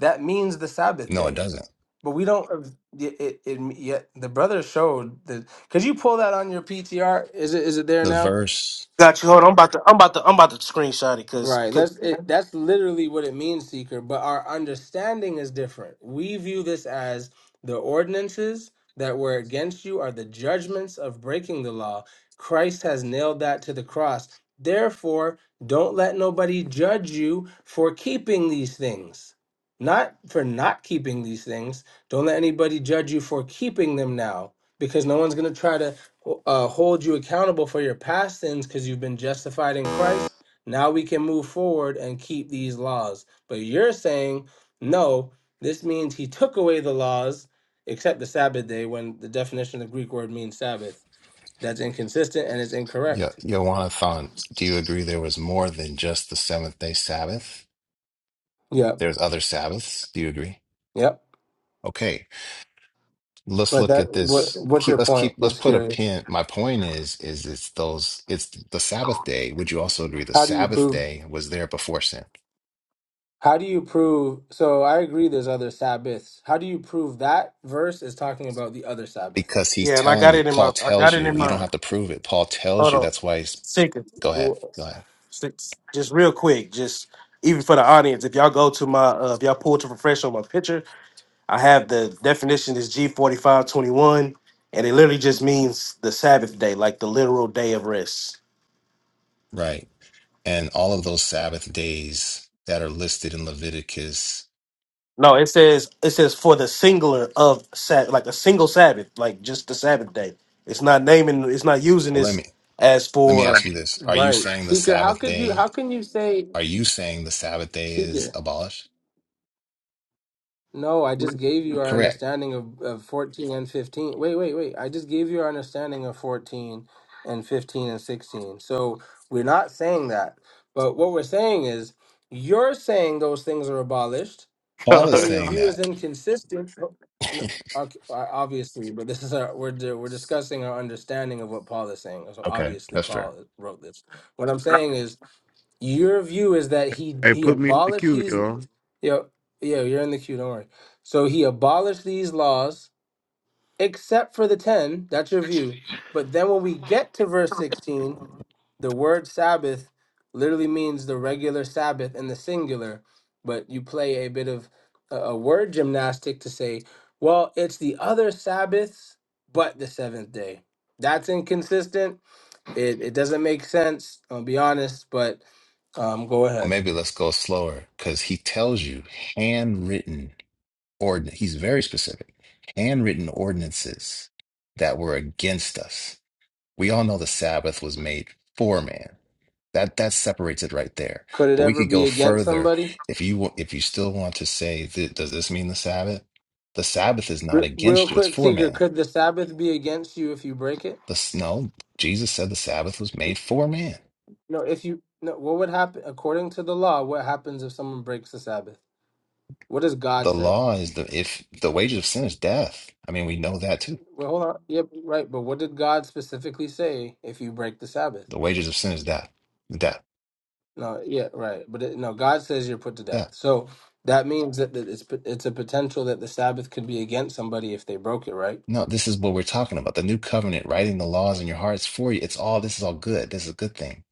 that means the Sabbath No, it day. doesn't. But we don't. of- It, it, it yet the brother showed that. Could you pull that on your PTR? Is it is it there The now? verse, Got you. Hold on. I'm about to. I'm about to. I'm about to screenshot it because Right. That's it, that's literally what it means, seeker. But our understanding is different. We view this as the ordinances that were against you are the judgments of breaking the law. Christ has nailed that to the cross. Therefore, don't let nobody judge you for keeping these things. Not for not keeping these things. Don't let anybody judge you for keeping them now, because no one's going to try to uh, hold you accountable for your past sins because you've been justified in Christ now we can move forward and keep these laws. But you're saying, no, this means he took away the laws, except the Sabbath day, when the definition of the Greek word means Sabbath. That's inconsistent and it's Yo- incorrect. Yohanathan, do you agree there was more than just the seventh day Sabbath? Yep. There's other Sabbaths. Do you agree? Yep. Okay. Let's But look that at what this. what's Keep your let's point? keep I'm let's just put a curious. pin. My point is is it's those it's the Sabbath day. Would you also agree the How do you Sabbath prove day was there before sin? how do you prove so I agree there's other Sabbaths. How do you prove that verse is talking about the other Sabbath? Because he's Yeah, and I telling got you, it in my Paul I got tells it you, in you my don't have to prove it. Paul tells hold you on. that's why he's go ahead. Go ahead. Just real quick, just even for the audience, if y'all go to my uh, if y'all pull to refresh on my picture, I have the definition is G forty five twenty one, and it literally just means the Sabbath day, like the literal day of rest. Right. And all of those Sabbath days that are listed in Leviticus. No, it says it says for the singular of Sabbath, like a single Sabbath, like just the Sabbath day. It's not naming, it's not using Well, let this me as let me for. ask you this. Are you Right. saying the Seeker, how Sabbath could you day? how can you say Are you saying the Sabbath day Seeker? is abolished? No, I just gave you our Correct. understanding of, of 14 and 15. Wait, wait, wait. I just gave you our understanding of 14 and 15 and 16. So we're not saying that. But what we're saying is you're saying those things are abolished, but Paul is then God. your saying view that. is inconsistent. Oh, no, okay, uh, Obviously, but this is our we're di- we're discussing our understanding of what Paul is saying. So Okay, obviously, that's fair. Paul wrote this. What I'm saying is your view is that he Hey, he put me in the abolished queue, these y'all. Yo, yo, you're in the queue. Don't worry. So he abolished these laws, except for the ten. That's your view. But then when we get to verse sixteen, the word Sabbath literally means the regular Sabbath in the singular. But you play a bit of a, a word gymnastic to say, well, it's the other Sabbaths, but the seventh day. That's inconsistent. It it doesn't make sense. I'll be honest, but um, go Or ahead. maybe let's go slower because he tells you handwritten ord. He's very specific. Handwritten ordinances that were against us. We all know the Sabbath was made for man. That that separates it right there. Could it But we ever could be go against further somebody? if you wa- if you still want to say, th- does this mean the Sabbath? The Sabbath is not Re- real against you. It's quick, for Seeker, man. could the Sabbath be against you if you break it? The, s- no, Jesus said the Sabbath was made for man. No, if you no, what would happen according to the law? What happens if someone breaks the Sabbath? What does God The say? law is the if the wages of sin is death. I mean, we know that too. Well, hold on. Yep, right. But what did God specifically say if you break the Sabbath? The wages of sin is death, death, No, yeah, right. But it, no, God says you're put to death. death. So that means that that it's p- it's a potential that the Sabbath could be against somebody if they broke it, right? No, this is what we're talking about. The new covenant, writing the laws in your hearts for you. It's all this is all good. This is a good thing.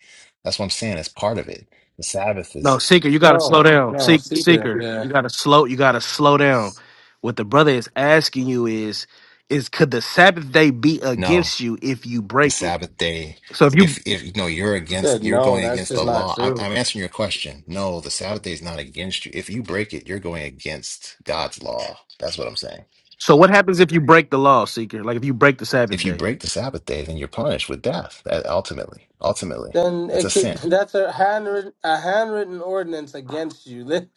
That's what I'm saying. It's part of it. The Sabbath No, is seeker, you gotta slow No, down. no, Seek, Seeker. seeker, you Yeah, gotta slow. You gotta slow down. What the brother is asking you is, is could the Sabbath day be no, against you if you the break it? Sabbath day. So if you, If if you know you're said against, you're no. going That's against just the not law. I'm, true. I'm answering your question. No, the Sabbath day is not against you. If you break it, you're going against God's law. That's what I'm saying. so what happens if you break the law, seeker? Like if you break the Sabbath If you day? break the Sabbath day, then you're punished with death. That Ultimately, ultimately, then it's a it could sin. that's a handwritten a handwritten ordinance against you Li-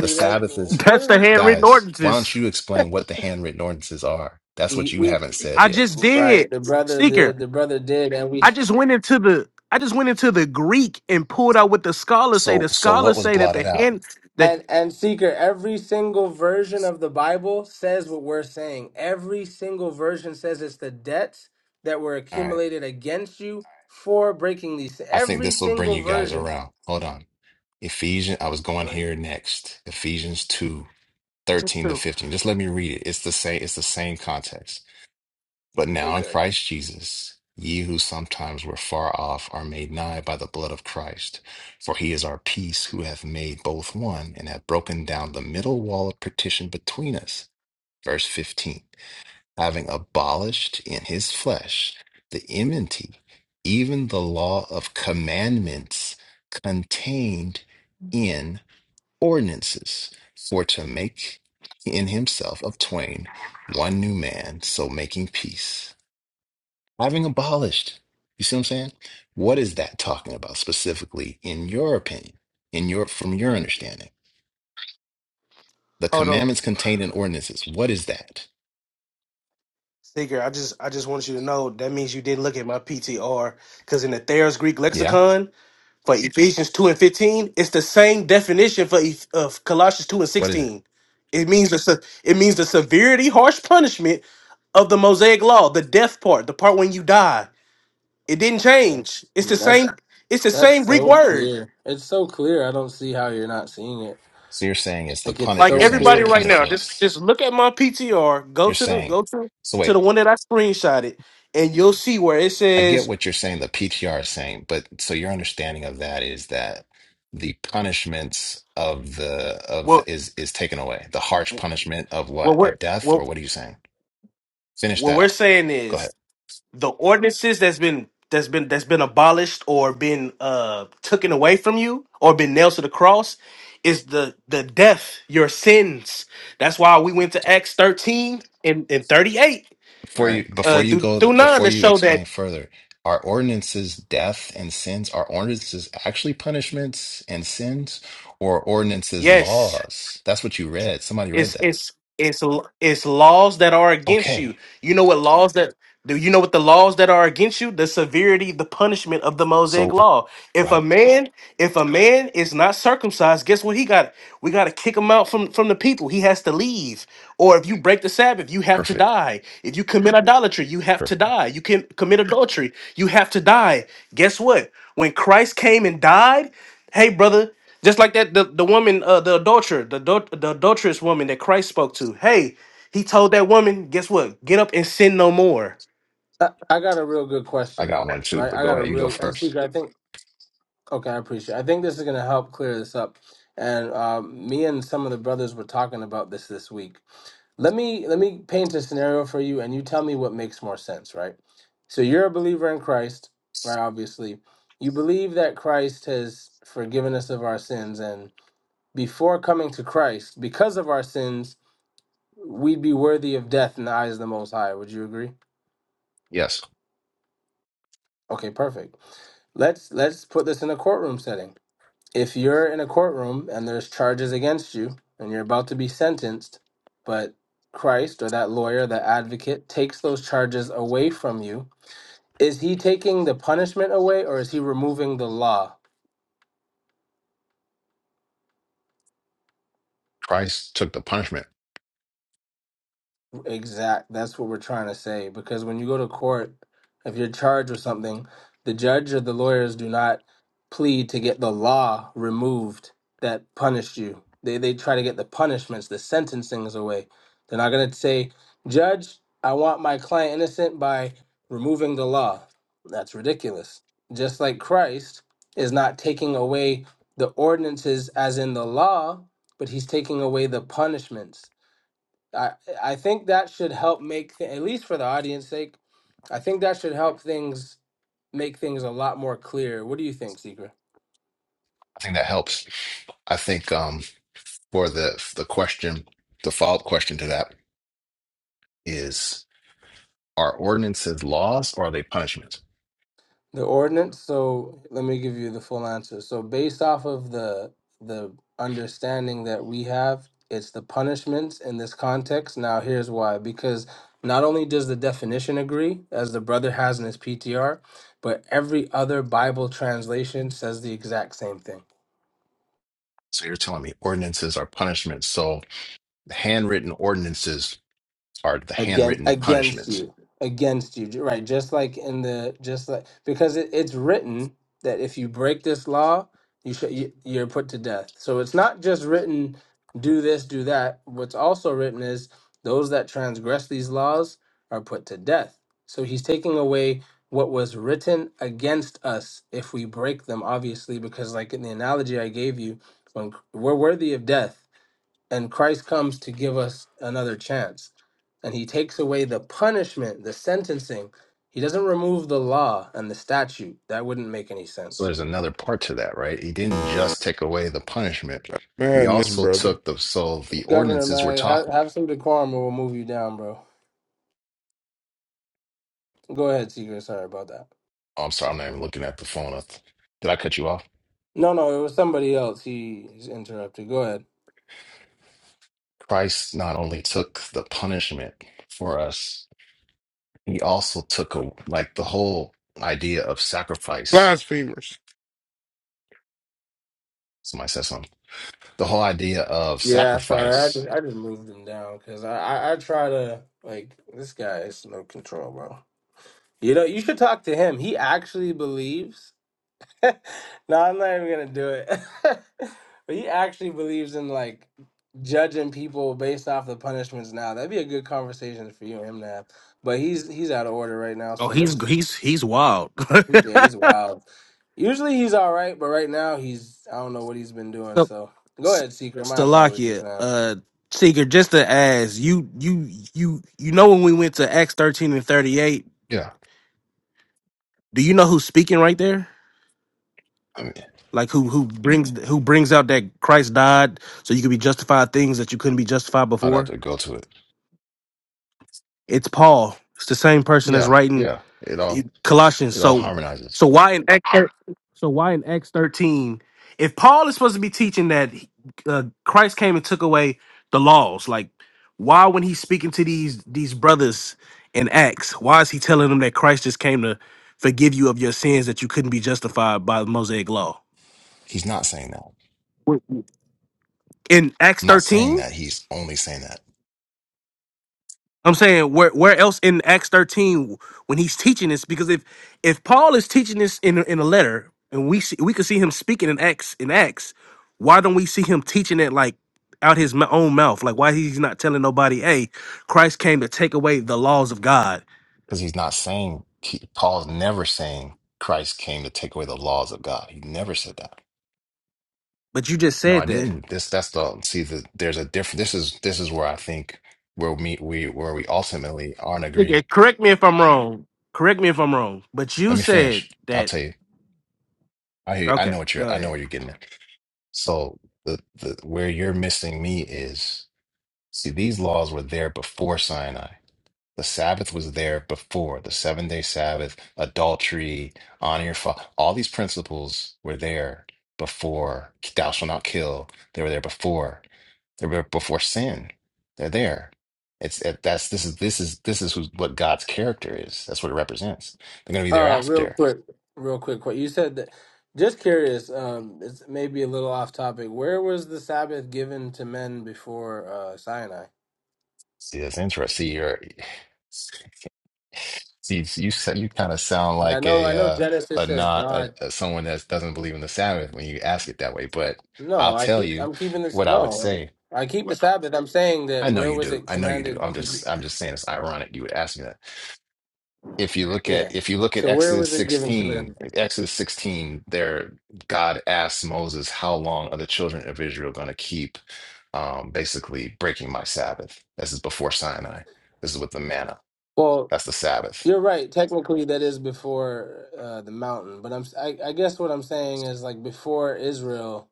The like Sabbath is, what that's are the handwritten guys. Why don't ordinances. you explain what the handwritten ordinances are? That's we, we what you we haven't said I yet. just did, right the brother seeker. the the brother did and we I just went into the I just went into the Greek and pulled out what the scholars say. So, The so what scholars was say that blotted the out? hand the and and seeker every single version of the bible says what we're saying every single version says it's the debts that were All right. accumulated against you for breaking these I think every this will bring single you guys version around. Hold on. Ephesians. I was Go going ahead. here next. Ephesians two Just thirteen to do. fifteen. Just let me read it. It's the same. It's the same context. But now in Okay. Christ Jesus, ye who sometimes were far off are made nigh by the blood of Christ. For he is our peace, who hath made both one, and hath broken down the middle wall of partition between us. Verse 15, having abolished in his flesh the enmity, even the law of commandments contained in ordinances, for to make in himself of twain one new man, so making peace having abolished. You see what I'm saying? What is that talking about specifically, in your opinion, in your from your understanding? The Hold on. commandments contained in ordinances. What is that? Seeker, I just I just want you to know that means you didn't look at my PTR because in the Thayer's Greek Yeah. lexicon for Ephesians two and fifteen, it's the same definition for Eph- of Colossians two and What is it? sixteen. It means the se- it means the severity, harsh punishment of the Mosaic law, the death part, the part when you die. It didn't yeah, change. It's the yeah that's same. It's the same that's Greek so word. clear it's so clear i don't see how you're not seeing it So you're saying it's the like it's pun. Like You're so saying it's the everybody clear right now, just punishments. just look at my PTR. Go You're to the saying. go to So to wait, the one that I screenshotted, and you'll see where it I get says what you're saying. The PTR is saying, but so your understanding of that is that the punishments of the of what is is taken away. The harsh punishment of what what we're of death or what what are you saying? Finish what that we're up. saying Go ahead. is the ordinances that's been that's been that's been abolished or been uh taken away from you or been nailed to the cross is the the death your sins. That's why we went to Acts thirteen and and thirty eight Before you before uh you through go through nine before to you show that explain further, are ordinances death and sins? Are ordinances actually punishments and sins, or ordinances yes laws? That's what you read. Somebody read It's that. it's it's it's laws that are against Okay, you. You know what laws that do you know what the laws that are against you? The severity, the punishment of the Mosaic so law. go If a ahead. man, if a man is not circumcised, guess what he got? We got to kick him out from from the people. He has to leave. Or if you break the Sabbath, you have to Perfect, die. If you commit idolatry, you have to perfect. die. You can commit adultery, you have to die. Guess what? When Christ came and died. Hey, brother, just like that, the, the woman, uh, the adulterer, the, adul- the adulterous woman that Christ spoke to. Hey, he told that woman, guess what? Get up and sin no more. I, I got a real good I question, got one too, right? but I go got a ahead. You go real and first. secret. I think okay, I appreciate. It. I think this is gonna help clear this up. And um, me and some of the brothers were talking about this this week. Let me let me paint a scenario for you, and you tell me what makes more sense, right? So you're a believer in Christ, right? Obviously, you believe that Christ has forgiven us of our sins, and before coming to Christ, because of our sins, we'd be worthy of death in the eyes of the Most High. Would you agree? Yes, Okay, perfect. Let's let's put this in a courtroom setting. If you're in a courtroom and there's charges against you and you're about to be sentenced, but Christ or that lawyer, that advocate takes those charges away from you, is he taking the punishment away or is he removing the law? Christ took the punishment. Exact. That's what we're trying to say. Because when you go to court, if you're charged with something, the judge or the lawyers do not plead to get the law removed that punished you. They they try to get the punishments, the sentencings away. They're not gonna say, Judge, I want my client innocent by removing the law. That's ridiculous. Just like Christ is not taking away the ordinances as in the law, but he's taking away the punishments I I think that should help make th- at least for the audience sake, I think that should help things make things a lot more clear. What do you think, Secret? I think that helps. I think um, for the the question, the follow up question to that is: Are ordinances laws or are they punishments? The ordinance, so let me give you the full answer. So based off of the the understanding that we have, it's the punishments in this context. Now here's why. Because not only does the definition agree, as the brother has in his PTR, but every other Bible translation says the exact same thing. So you're telling me ordinances are punishments. So the handwritten ordinances are the again handwritten against punishments. you against you Ju- right just like in the just like because it, it's written that if you break this law you sh- you- you're put to death so it's not just written do this do that what's also written is those that transgress these laws are put to death so he's taking away what was written against us if we break them obviously because like in the analogy i gave you when we're worthy of death and Christ comes to give us another chance. And he takes away the punishment, the sentencing. He doesn't remove the law and the statute. That wouldn't make any So sense. there's another part to that, right? He didn't just take away the punishment. He Madness, also brother. took the so the Governor, ordinances we're man, have, talking. have some decorum or we'll move you down, bro. Go ahead, Seeker. Sorry about that. Oh, I'm sorry, I'm not even looking at the phone. Did I cut you off? No, no, it was somebody else. He he's interrupted. Go ahead. Christ not only took the punishment for us, he also took a, like the whole idea of sacrifice. Blasphemers. Somebody said something. The whole idea of Yeah, sorry. I sacrifice. just, I just moved him down because I, I, I try to, like, this guy is no control, bro. You know, you should talk to him. He actually believes no, I'm not even gonna do it. but he actually believes in like judging people based off the punishments now. That'd be a good conversation for you and him to have. But he's he's out of order right now, Oh, so he's let's he's he's wild. yeah, he's wild. Usually he's all right, but right now he's I don't know what he's been doing. so, So go S- ahead, Secret. My apologies, Stalakia, man. uh, Seeker, just to ask you, you, you, you know when we went to Acts thirteen and thirty eight, Yeah, do you know who's speaking right there? I mean, Like who who brings who brings out that Christ died so you could be justified things that you couldn't be justified I'd have before? to go to it. It's Paul. It's the same person that's Yeah, writing yeah. It all Colossians. it all So harmonizes. so why in Acts, so why in Acts thirteen, if Paul is supposed to be teaching that uh, Christ came and took away the laws, like why when he's speaking to these these brothers in Acts, why is he telling them that Christ just came to forgive you of your sins that you couldn't be justified by the Mosaic law He's not saying that. in Acts I'm not thirteen? saying that. He's only saying that I'm saying where where else in Acts 13 when he's teaching this? Because if if Paul is teaching this in in a letter and we see we could see him speaking in Acts in Acts, why don't we see him teaching it like out his m- own mouth? Like why he's not telling nobody, hey, Christ came to take away the laws of God. because he's not saying he, Paul's never saying Christ came to take away the laws of God. He never said that. But you just No, said I that. didn't. This that's the see the there's a different this is this is where I think where we we where we ultimately aren't agreeing. Nigga, Correct me if I'm wrong. Correct me if I'm wrong. But you Let me said finish. I'll that. tell you. I hear you. I Okay, know what you're go I ahead. know what you're getting at. So the the where you're missing me is see these laws were there before Sinai. The Sabbath was there before the seven day Sabbath, adultery, honor your father. All these principles were there before. Thou shalt not kill. They were there before. They were before sin. They're there. It's it, that's this is this is this is who- what God's character is. That's what it represents. They're going to be there Uh, real after. quick, real quick. What you said that? Just curious. Um, it's maybe a little off topic. Where was the Sabbath given to men before uh, Sinai? See, that's interesting. See, you're You you sa- you kind of sound Like, I like know, I a know. uh, Genesis a says not a, God. a someone that doesn't believe in the Sabbath when you ask it that way. But I'll No, I tell keep. you I'm keeping this. what I would No, say. I keep the Sabbath. I'm saying I that know where you was do. it I know you do. commanded I'm to? just I'm just saying it's ironic you would ask me that. If you look Yeah. at if you look at So where Exodus was it given to them? 16, Exodus 16, there God asks Moses, "How long are the children of Israel going to keep um, basically breaking my Sabbath?" This is before Sinai. This is with the manna. Well, That's the Sabbath you're right. Technically, that is before uh, the mountain. But I'm. I, I guess what I'm saying is like before Israel.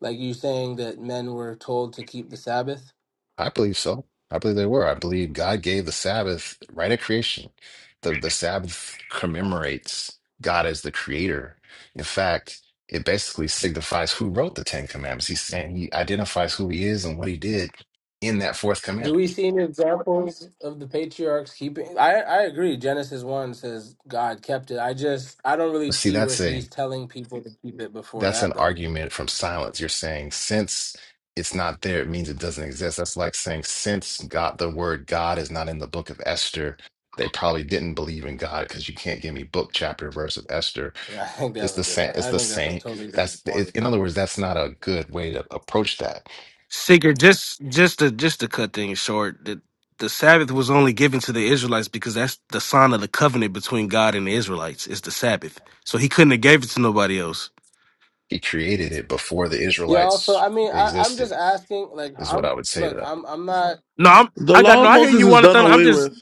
Like you saying that men were told to keep the Sabbath. I believe so. I believe they were. I believe God gave the Sabbath right at creation. The the Sabbath commemorates God as the creator. In fact, it basically signifies who wrote the Ten Commandments. He's saying he identifies who he is and what he did in that fourth Do we commandment. see any examples of the patriarchs keeping? I I agree. Genesis one says God kept it. I just I don't really But see, see where that's a he's telling people to keep it before That's an that though. argument from silence. You're saying since it's not there, it means it doesn't exist. That's like saying since God, the word God is not in the book of Esther, they probably didn't believe in God because you can't give me book, chapter, verse of Esther. I think It's that's a the same. different. It's I the think that's a same. totally different That's it, point. in other words, that's not a good way to approach that. Sigurd, just just to just to cut things short, the, the Sabbath was only given to the Israelites because that's the sign of the covenant between God and the Israelites. It's the Sabbath, so He couldn't have gave it to nobody else. He created it before the Yeah. Also, Israelites I mean, I I'm existed, just asking. Like, is I'm what I would say to look. that. I'm I'm not. No, I'm The I But got law no. of I secret. hear Moses you, is done Jonathan. I'm away just with.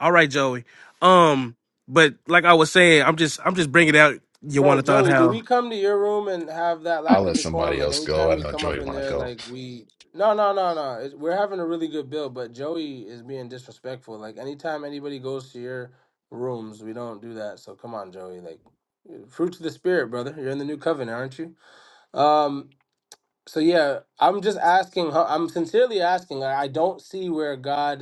all right, Joey. Um, but like I was saying, I'm just I'm just bringing out Bro, Jonathan. Joey, do How? we come to your room and have that I'll lack of let decorum? somebody Like else go. anytime I we know come up Joy in want to there, go, like we no, no, no, no. It's, we're having a really good build, but Joey is being disrespectful. Like anytime anybody goes to your rooms, we don't do that. So come on, Joey. Like fruits of the spirit, brother. You're in the new covenant, aren't you? Um. So yeah, I'm just asking. huh, I'm sincerely asking. I I don't see where God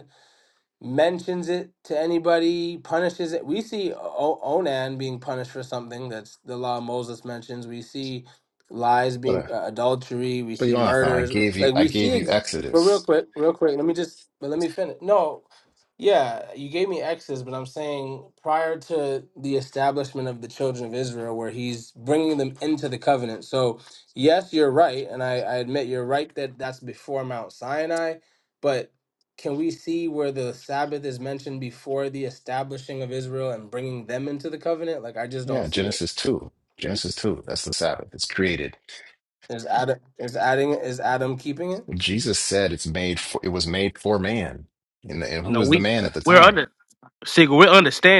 mentions it to anybody, punishes it. We see o- Onan being punished for something that's the law of Moses mentions. We see lies but being uh, uh, adultery. We but see Jonathan, I murders. gave you Like I we see. gave you Ex- but real Exodus. quick, real quick. Let me just. But let me finish. No, yeah, you gave me Exodus, but I'm saying prior to the establishment of the children of Israel, where he's bringing them into the covenant. So yes, you're right, and I, I admit you're right that that's before Mount Sinai, but can we see where the Sabbath is mentioned before the establishing of Israel and bringing them into the covenant? Like I just don't Yeah, see it. Genesis two. Genesis two. That's the Sabbath. It's created. Is Adam is adding is Adam keeping it? Jesus said it's made. For, it was made for man. And, and who No, was the we man at the we're time? under Sigel, we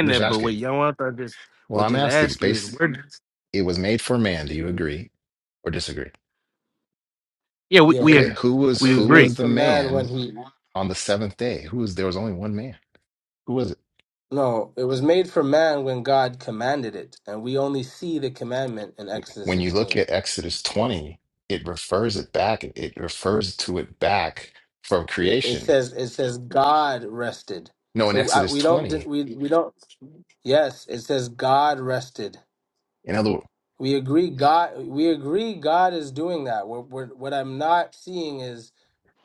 I'm just that, but what asking. young Arthur just Well, would I'm just asking. ask you is Based, we're just- it was made for man. Do you agree or disagree? yeah, we Yeah, it we was Okay. ag- Who was it we was who agree. made was the for man when man he on the seventh day? Who was there was only one man. Who was it? No, it was made for man when God commanded it, and we only see the commandment in Exodus when you look 16. at Exodus 20, it refers it back, it refers to it back from It it creation. says it says God rested. No, in So I, Exodus we don't di- 20, we we don't Yes, it says God rested. in other words, We agree God we agree God is doing that. What what what I'm not seeing is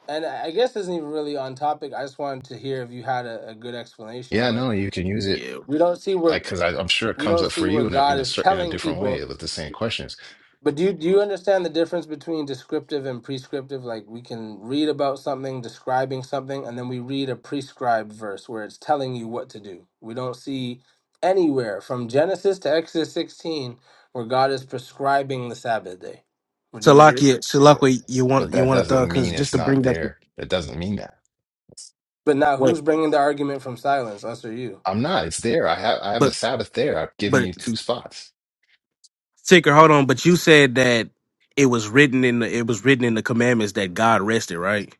and I I guess this isn't even really on topic. I just wanted to hear if you had a, a good explanation, yeah, but no, you can use it Yeah. we don't see where like because I'm sure it we comes don't up for see where you in a God in a is certain in a telling different people. way with the same questions. But do you do you understand the difference between descriptive and prescriptive? Like we can read about something, describing something, and then we read a prescribed verse where it's telling you what to do. We don't see anywhere from Genesis to Exodus 16 where God is prescribing the Sabbath day. Would So you like agree? you so like But you want but you that want to thought doesn't because mean just it's to not bring back the there. It doesn't mean that. But now point, who's bringing the argument from silence, us or you? I'm not. It's there. I have I have the but Sabbath there. I've given but you two spots. Ticker, hold on, but you said that it was written in the it was written in the commandments that God rested, right?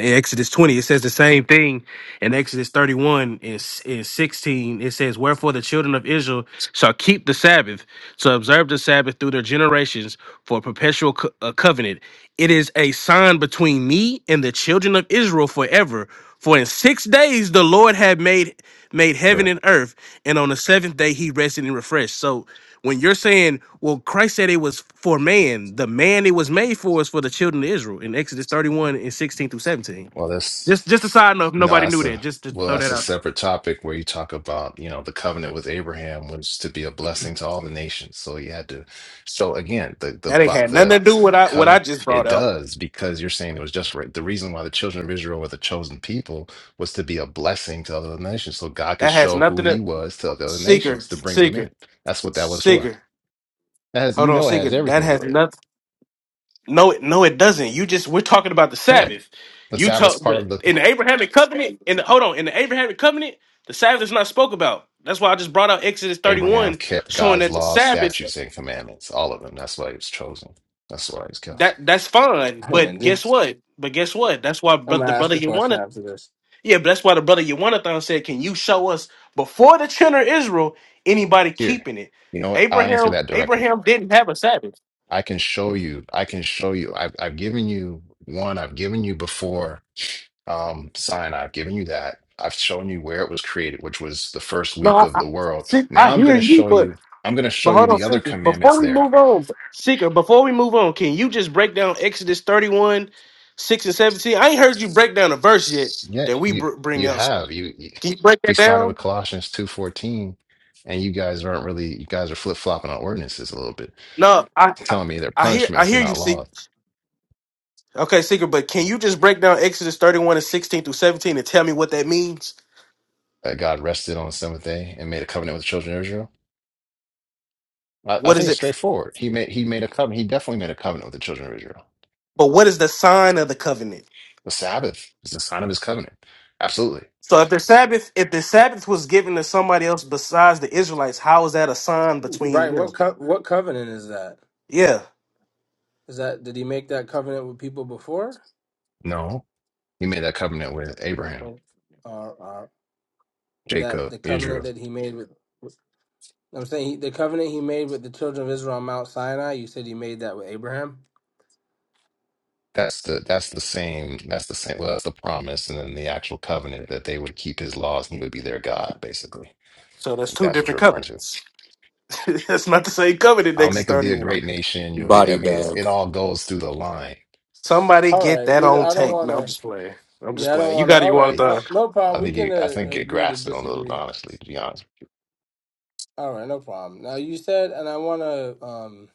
in Exodus 20, it says the same thing. In Exodus 31 and, s- and 16, it says, Wherefore the children of Israel shall keep the Sabbath to observe the Sabbath through their generations for a perpetual co- uh, covenant. It is a sign between me and the children of Israel forever. For in six days the Lord had made made heaven Correct. and earth, and on the seventh day he rested and refreshed. So when you're saying, well, Christ said it was for man, the man it was made for is for the children of Israel in Exodus 31 and 16 through 17. Well, that's Just just a side note, if No, nobody that's knew that. a Just to well, throw that's that a out. separate topic where you talk about, you know, the covenant with Abraham was to be a blessing to all the nations. So he had to, so again, the the That ain't bo- had nothing the to do with what I what I covenant just brought it out. does because you're saying it was just right. The reason why the children of Israel were the chosen people was to be a blessing to other nations, so God could That has show who nothing He to was to other seeker, nations to bring them seeker, in. That's what that was for. seeker. That has, Hold you on, know, it seeker. has That everything to do has with it. nothing. No, it- no, it doesn't. You just we're talking about the Correct. Sabbath. The You Sabbath's talk part the of the in the Abrahamic covenant. In the hold on, in the Abrahamic covenant, the Sabbath is not spoke about. That's why I just brought out Exodus Abraham 31, kept showing God's that the laws, Sabbath. statutes, and commandments, all of them. That's why he was chosen. That's why he's called. That that's fine, but And did- guess what? But guess what? That's why bro- I'm the gonna ask brother a you question wanted, after this. yeah, but that's why the brother Yawanathan said, "Can you show us before the children of Israel anybody Here, keeping it?" you know what? I'll answer Abraham that directly. Abraham didn't have a Sabbath. I can show you. I can show you. I've, I've given you one. I've given you before um, Sinai. I've given you that. I've shown you where it was created, which was the first No, week I, of I, the world. see, I Now I'm going hear to you, show but you. I'm going to but show you hold on, the other Seeker. commandments Before we there. move on, Seeker, before we move on, can you just break down Exodus thirty one, six and seventeen? I ain't heard you break down a verse yet Yeah, that we you br- bring you up. So have you. you can you break we that started down? with Colossians two fourteen and you guys aren't really you guys are flip flopping on ordinances a little bit. No, I telling me they're I hear I punishments and hear you, not Seeker. laws. Okay, Secret, but can you just break down Exodus 31 and 16 through 17 and tell me what that means? That God rested on the seventh day and made a covenant with the children of Israel. I, I What is think it's it? straightforward. He made he made a covenant. He definitely made a covenant with the children of Israel. But what is the sign of the covenant? The Sabbath is the sign of his covenant. Absolutely. So if the Sabbath, if the Sabbath was given to somebody else besides the Israelites, how is that a sign between Right? them? What co- what covenant is that? Yeah. Is that did he make that covenant with people before? No, he made that covenant with Abraham, Oh. that Jacob, the covenant Israel. that he made with I'm saying he, the covenant he made with the children of Israel on Mount Sinai. You said he made that with Abraham. That's the that's the same. That's the same. Well, that's the promise, and then the actual covenant that they would keep his laws and he would be their God, basically. So that's If two That's what you're different referring to. covenants. that's not the same covenant, I'll Exodus make of thee a 31. great nation. You'll be. I Body mean, it's, bag. it all goes through the line Somebody All get right, that we on I don't tape. want No, I'm to. just playing. I'm just Yeah, I don't playing. You want to. got it, you All want right, no to no problem. I We think can you, I uh, think you agree to grasped it a little, disagree. honestly, to be honest. All right, no problem. Now you said, and I want to. Um,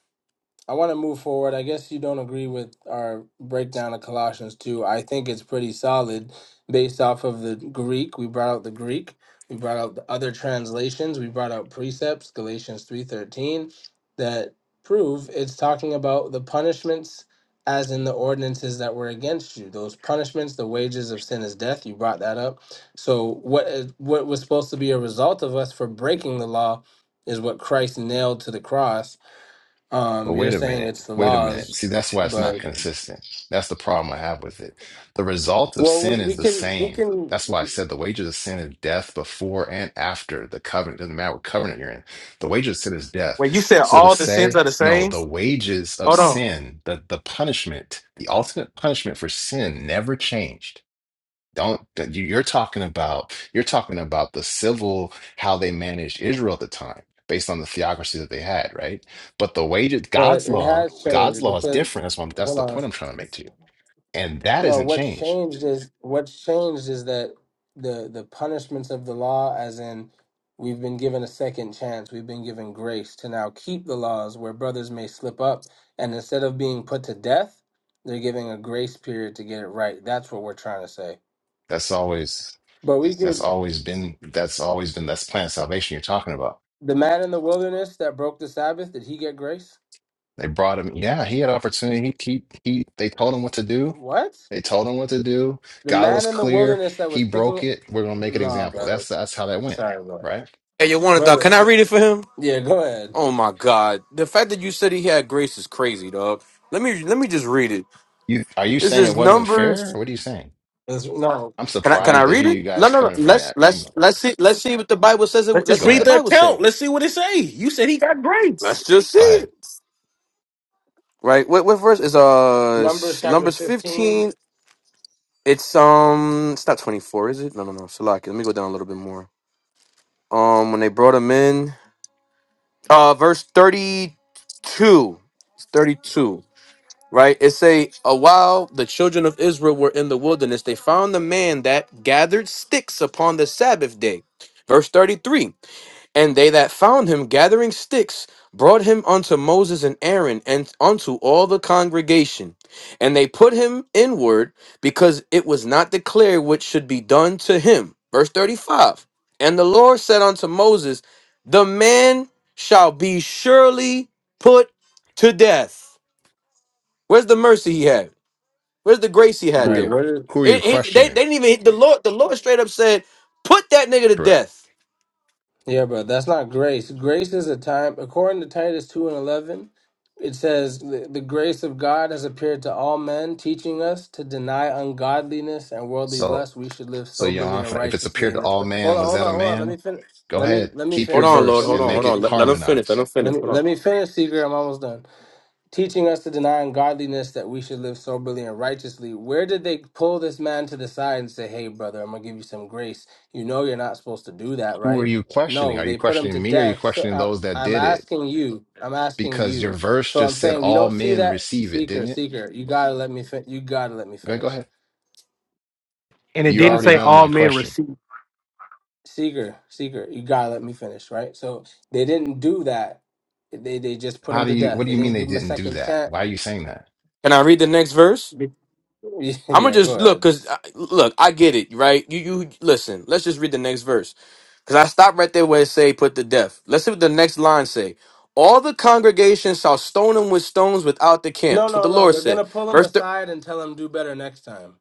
I want to move forward. I guess you don't agree with our breakdown of Colossians 2. I think it's pretty solid based off of the Greek. We brought out the Greek. We brought out the other translations. We brought out precepts, Galatians 3:13, that prove it's talking about the punishments as in the ordinances that were against you. Those punishments, the wages of sin is death. You brought that up. So what is, what was supposed to be a result of us for breaking the law is what Christ nailed to the cross But um, you're wait a saying minute, it's the wait a laws, minute. See, that's why it's not but consistent. That's the problem I have with it. The result of well, we, sin is we the can we same. can. That's why I said the wages of sin is death before and after the covenant. doesn't matter what covenant you're in. The wages of sin is death. When you said So to all the sins say, are the no, same, the wages of hold on. sin, the, the punishment, the ultimate punishment for sin never changed Don't that you- you're talking about you're talking about the civil how they managed Israel at the time based on the theocracy that they had, right? But the way that No, it, God's it law, has God's changed law is because different. That's one that's hold the on. point I'm trying to make to you. And that No, isn't what's changed. changed is what's changed is that the the punishments of the law, as in we've been given a second chance, we've been given grace to now keep the laws where brothers may slip up, and instead of being put to death, they're giving a grace period to get it right. That's what we're trying to say. That's always But we that's could always been that's always been that's plan of salvation you're talking about. the man in the wilderness that broke the Sabbath, did he get grace? They brought him, yeah, he had opportunity. He he, he they told him what to do. What? They told him what to do. The God man was in the clear. wilderness that He was broke picking. it. We're gonna make an Nah, example. brother. That's that's how that went, right? Hey, yo, one thought. Brother. Can I read it for him? Yeah, go ahead. Oh my God! The fact that you said he had grace is crazy, dog. Let me let me just read it. You are you This saying it is wasn't fair? Numbers. What are you saying? That's- no, I'm Can I can I surprised no. to read hear it? you No, guys no, no. coming from Let's that let's angle. let's see let's see what the Bible says. It, Let's just let's Go see what read the ahead. the Bible say. account. Let's see what it say. You said he got grace. Let's just see Go it. ahead. Right. What what verse is uh Numbers s- chapter Numbers 15. fifteen? It's um it's not twenty four, is it? No, no, no. Salaki. Let me go down a little bit more. Um, when they brought him in, uh, verse thirty two. It's thirty two. right? It say, a while the children of Israel were in the wilderness, they found the man that gathered sticks upon the Sabbath day. Verse 33, and they that found him gathering sticks brought him unto Moses and Aaron and unto all the congregation. And they put him inward because it was not declared what should be done to him. Verse 35, and the Lord said unto Moses, The man shall be surely put to death. Where's the mercy he had? Where's the grace he Who had are Right. you there? What is. who are you It, it- they, they questioning? didn't even hit the Lord. The Lord straight up said, "Put that nigga to Correct. death." Yeah, but that's not grace. Grace is a time, according to Titus 2 and 11, it says, the, the grace of God has appeared to all men, teaching us to deny ungodliness and worldly So lust. We should live so soberly Johan, and if it's righteously appeared in to this. all Hold man, on, was hold that a on, hold on. Let me man? finish. Go Let me, ahead. let me Keep Hold your finish. on, Lord. Let verse me Hold and on. make Hold finish, on. it Let, Seeker. let him finish. Let him harmonize. Let finish. me, Hold on. let me finish, Seeker. I'm almost done. teaching us to deny ungodliness that we should live soberly and righteously. Where did they pull this man to the side and say, Hey, brother, I'm going to give you some grace? You know you're not supposed to do that, Who are right? you questioning? No, Are you they put him to questioning me? Or are you death. So questioning I, those that I'm did it? asking you, I'm asking Because your you. verse So I'm just said saying we all don't see men that. receive it, Seeker, didn't it? seeker, you gotta let me. Fin- you gotta let me Go, go finish. ahead. And it You You didn't gotta let already say me know all my finish. men question. received. Seeker, seeker, you gotta let me finish. Right. So they didn't do that. They they just put How him do to you death. what do They you mean didn't they give him a didn't do second that? chance. Why are you saying that? Can I read the next verse? I'm gonna yeah, go just look, ahead. cause uh, look, I get it, right? You, you listen. Let's just read the next verse, cause I stopped right there where it say put to death. Let's see what the next line say. All the congregation shall stone him with stones without the camp. No, That's what no, the no. Lord They're gonna said. pull him Verse aside and tell him do better next time.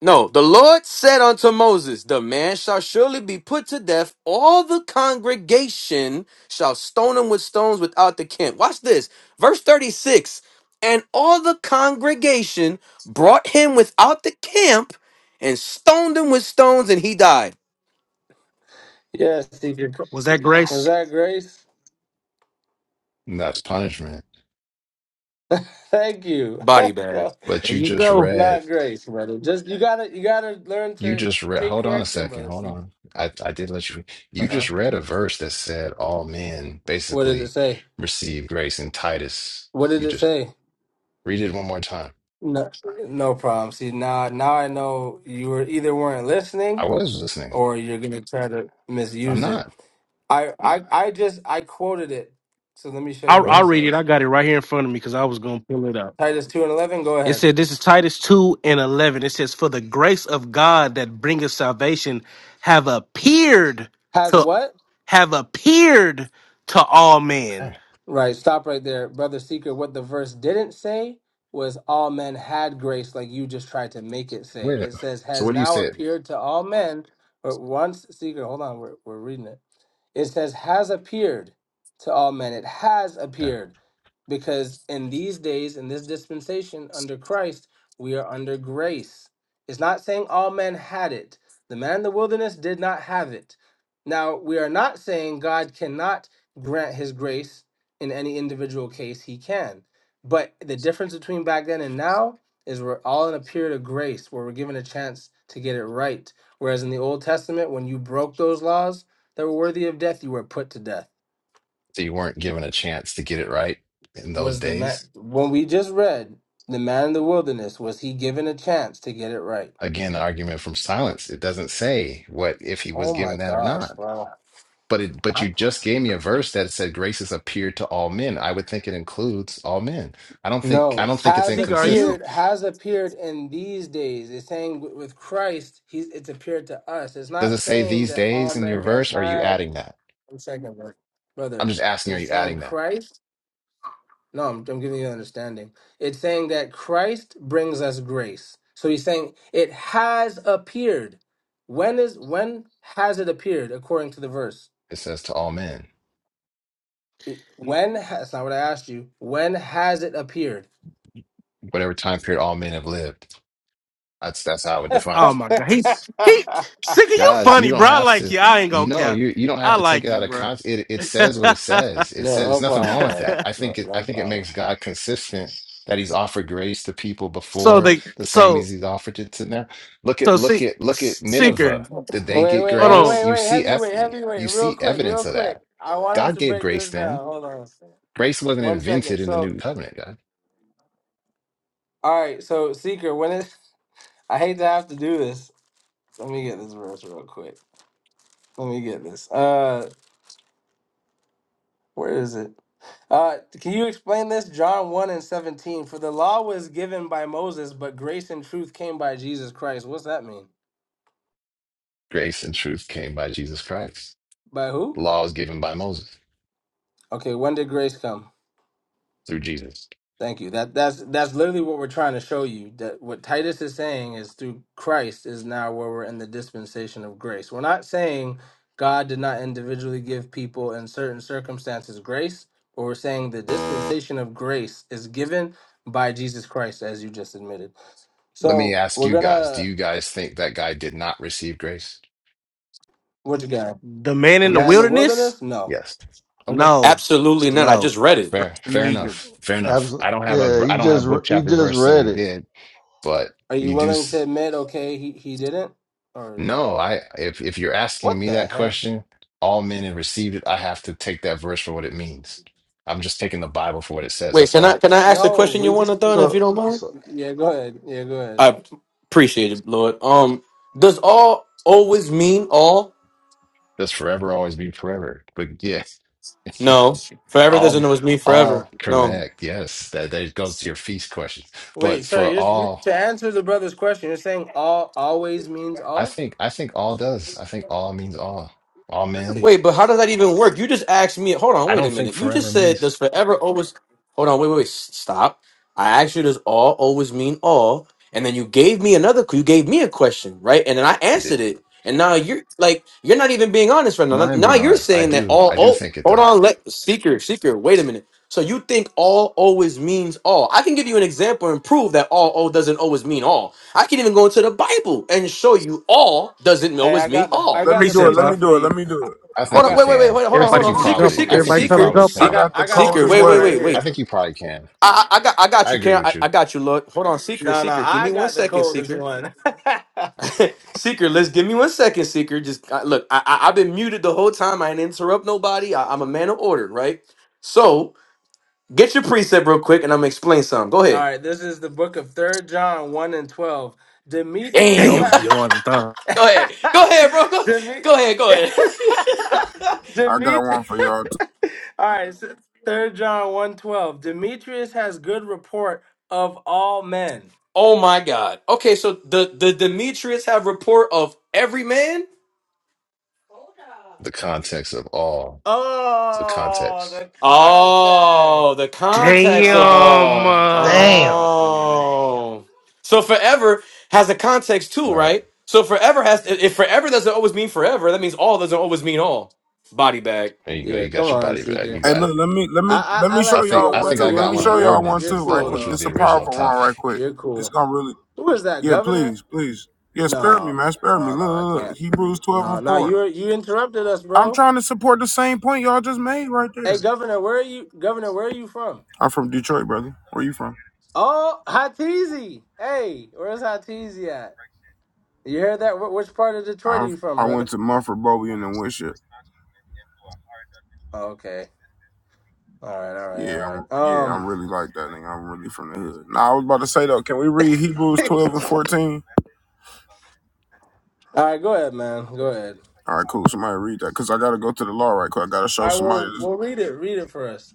No, the Lord said unto Moses, The man shall surely be put to death. All the congregation shall stone him with stones without the camp. Watch this. Verse 36 And all the congregation brought him without the camp and stoned him with stones, and he died. Yes, see, you're Was that was grace? that Grace? That's punishment. Thank you. Body bag. Well, But There you you just go. read, not Grace, brother. Just you gotta you gotta learn you to just read, take hold on a correction, second, brother. hold on. I, I did let you, Uh you huh. just read a verse that said all men What did it basically say? receive grace in Titus. What did You it just say? read it one more time. No, no problem. See now, now I know you were either weren't I listening was listening. or you're gonna try to I'm misuse it. not. I I I just I quoted it. So let me show you I'll, Go what I'll it ahead. read it. I says. got it right here in front of me because I was going to pull it up. Titus two and eleven. Go It ahead. said, This is Titus 2 and 11. It says, For the grace of God that bringeth salvation have appeared Has to what? have appeared to all men. Okay. Right, stop right there, brother seeker. What the verse didn't say was all men had grace, like you just tried to make it say. Wait. It says So has what do you now say? appeared to all men, but once seeker. Hold on, we're we're reading it. It says, has appeared to all men. It has Okay. appeared because in these days, in this dispensation under Christ, we are under grace. It's not saying all men had it. The man in the wilderness did not have it. Now, we are not saying God cannot grant his grace in any individual case. He can. But the difference between back then and now is we're all in a period of grace where we're given a chance to get it right. Whereas in the Old Testament, when you broke those laws, that were worthy of death, you were put to death. So you weren't given a chance to get it right in those Was the man days? when we just read the man in the wilderness? Was he given a chance to get it right? Again, the argument from silence. It doesn't say what if he was Oh my given that or not. gosh, bro! But it, but you just gave me a verse that said grace has appeared to all men. I would think it includes all men. I don't think I No, don't think it's has Seeker, are you? inconsistent. appeared has appeared in these days. It's saying with with Christ, he's it's appeared to us. It's Does not it say saying these that all days in your men has verse? Or are you had. adding that? One second, bro. I'm brother. just asking, are It's you saying adding that? Christ. No, I'm, I'm giving you understanding. It's saying that Christ brings us grace. So he's saying it has appeared. When is when has it appeared according to the verse? It says to all men, It- When ha- that's not what I asked you. When has it appeared? whatever time period all men have lived. That's that's how I would define Oh it. my God. He, he, Seeker, you Guys, you funny, don't bro. I have like to, you. I ain't you going to know, cap. you you don't have I to take like it you, out of bro. context. It it says what it says. It No, says no there's nothing problem, wrong with brother. that. I No, think it no I think it problem. makes God consistent that He's offered grace to people So before they the same so as He's offered it to now. Look so at look see, at look at seeker. Nineveh. Hold Did they Wait, get wait, hey, grace? wait, on. You wait, see ep heavyweight, heavyweight, you real see quick, real evidence of quick. that. I want him God to gave break grace this then. down. Hold on, Grace wasn't one second. invented in the So, new covenant, God. all right, so Seeker, when is I hate to have to do this. Let me get this verse real quick. Let me get this. Uh, where is it? Uh, can you explain this? John 1 and 17. For the law was given by Moses, but grace and truth came by Jesus Christ. What's that mean? Grace and truth came by Jesus Christ. By The who? law was given by Moses Okay, when did grace come? through Jesus. Thank you. That that's that's literally what we're trying to show you. That what Titus is saying is through Christ is now where we're in the dispensation of grace. We're not saying God did not individually give people in certain circumstances grace, but we're saying the dispensation of grace is given by Jesus Christ, as you just admitted. Let me So ask we're you guys, do gonna you guys think that guy did not receive grace? what you got? The man The in the man in the Yes. wilderness? wilderness? No. Yes. Okay. No, Absolutely not. I no. just read it. Fair. In Fair Egypt. enough. Fair enough. I Absolutely. don't have a Yeah, I he don't just have re- book he chapter just verse that read he it. did, but Are you you do willing to s- admit okay he, he didn't? Or no, I if if you're asking what me the that heck? question, all men have received it, I have to take that verse for what it means. I'm just taking the Bible for what it says. Wait, That's can I all. can I ask a No, question, you we want to just throw in, if you So, don't so mind? yeah, go ahead. Yeah, go ahead. I appreciate it, Lord. Um, does all always mean all? That's forever always be forever. But yes. No, forever doesn't All know it's me forever. all No. correct. Yes. That that goes to your feast question. Wait, But for sorry. Just all to answer the brother's question, you're saying all always means I all? think I think all does. I think all means all. All men. Really? Wait, but how does that even work? You just asked me. Hold on, I wait a don't think minute. You forever just said means does forever always. Hold on, wait, wait, wait. s- Stop. I asked you does all always mean all, and then you gave me another. You gave me a question, right? And then I you answered did. it, and now you're like you're not even being honest right No, now. I am Now being you're honest. I saying that do. all. I do Oh, think it hold does. on. Let seeker, seeker. Wait a minute. So you think all always means all? I can give you an example and prove that all all doesn't always mean all. I can even go into the Bible and show you all doesn't Hey, always I mean got the I all. Let got me the do it. Precept. Let me huh? precept for do it. Let you. me I, do it. I I think Hold on, you got wait, wait, the wait, can. wait, hold I on, everybody hold think you on. trying to Seeker, jump probably him. I seeker, think Everybody you trying to seeker, probably jump him. I I can. seek, got got the I got the seeker. coldest Wait, precept wait, right one. wait, wait. I here. think you probably can. I, I, I got, I got I you, agree Cam. I, with I you. got you. Look, hold on, seeker, No, no, seeker. Give I me one got the second, coldest seeker, one. all seeker. Let's give me one second, seeker. Just uh, look. I, I, I've been muted the whole time. I didn't interrupt nobody. I, I'm a man of order, right? So get your preset real quick, and I'm gonna explain something. Go ahead. right, this is the book of Third John one and twelve. Demetrius Damn. Damn, has Giovanni Thon. go ahead. Go ahead, bro. Go, Deme- go ahead. Go ahead. I got Demetrius. one for y'all too. All right, so Third John one twelve. Demetrius has good report of all men. oh my God. Okay, so the the Demetrius have report of every man. The context of all. The Oh, context. the Oh, the context. context of Damn. all. Oh, Uh, Damn. damn, Seeker. Oh. So forever has a context too, Right. right? So forever has if forever doesn't always mean forever, that means all doesn't always mean all. Body bag. There you go. Yeah, You come got your on, body back. You Seeker. Hey, got look. it. Let me let me I, let I I me I show like you think y'all though, I one think brother. too. I You're Let got me one you're on show you're y'all one you're too, ordinances right though, cool which quick. was though. This is the a original powerful one, right topic. quick. You're This cool. gonna really. Who is that, Yeah, Governor? please, please. Yeah, spare me, No, man. Spare me. no, no. Look, I look, look. can't. Hebrews twelve No, and no. You four. were- you interrupted us, I'm bro. trying to support the same point y'all just made right Hey, there. Governor, where are you? Governor, where are you from? I'm from Detroit, brother. Where you from? Oh, Hatizi. Hey, where's Hatizi at? You heard that? Wh- Which part of Detroit are i you from, I went brother? to Mumford Bowie and then Winship. Okay. All right. All right. All Yeah, I'm right. yeah, Um. I'm really like that nigga. I'm really from the hood. Nah, I was about to say though, can we read Hebrews All twelve and fourteen? right, go ahead, man. Go ahead. All right, cool. Somebody read that because I gotta go to the law right quick. I gotta All show right, somebody well, this. well, read it. Read it for us.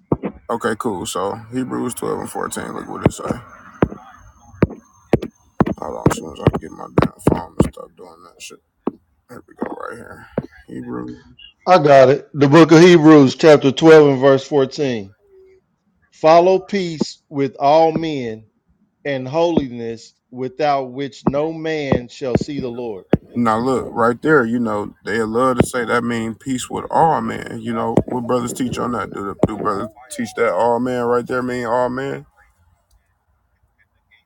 Okay, cool. So Hebrews twelve and fourteen. Look what it say. Hold on, as soon as I get my damn phone and stop doing that shit. Here we go, right here. Hebrew. I got it. The book of Hebrews, chapter 12 and verse 14. Follow peace with all men and holiness without which no man shall see the Lord. Now look, right there. You know they love to say that mean peace with all men. You know what brothers teach on that? Do, do brothers teach that all men right there mean all men?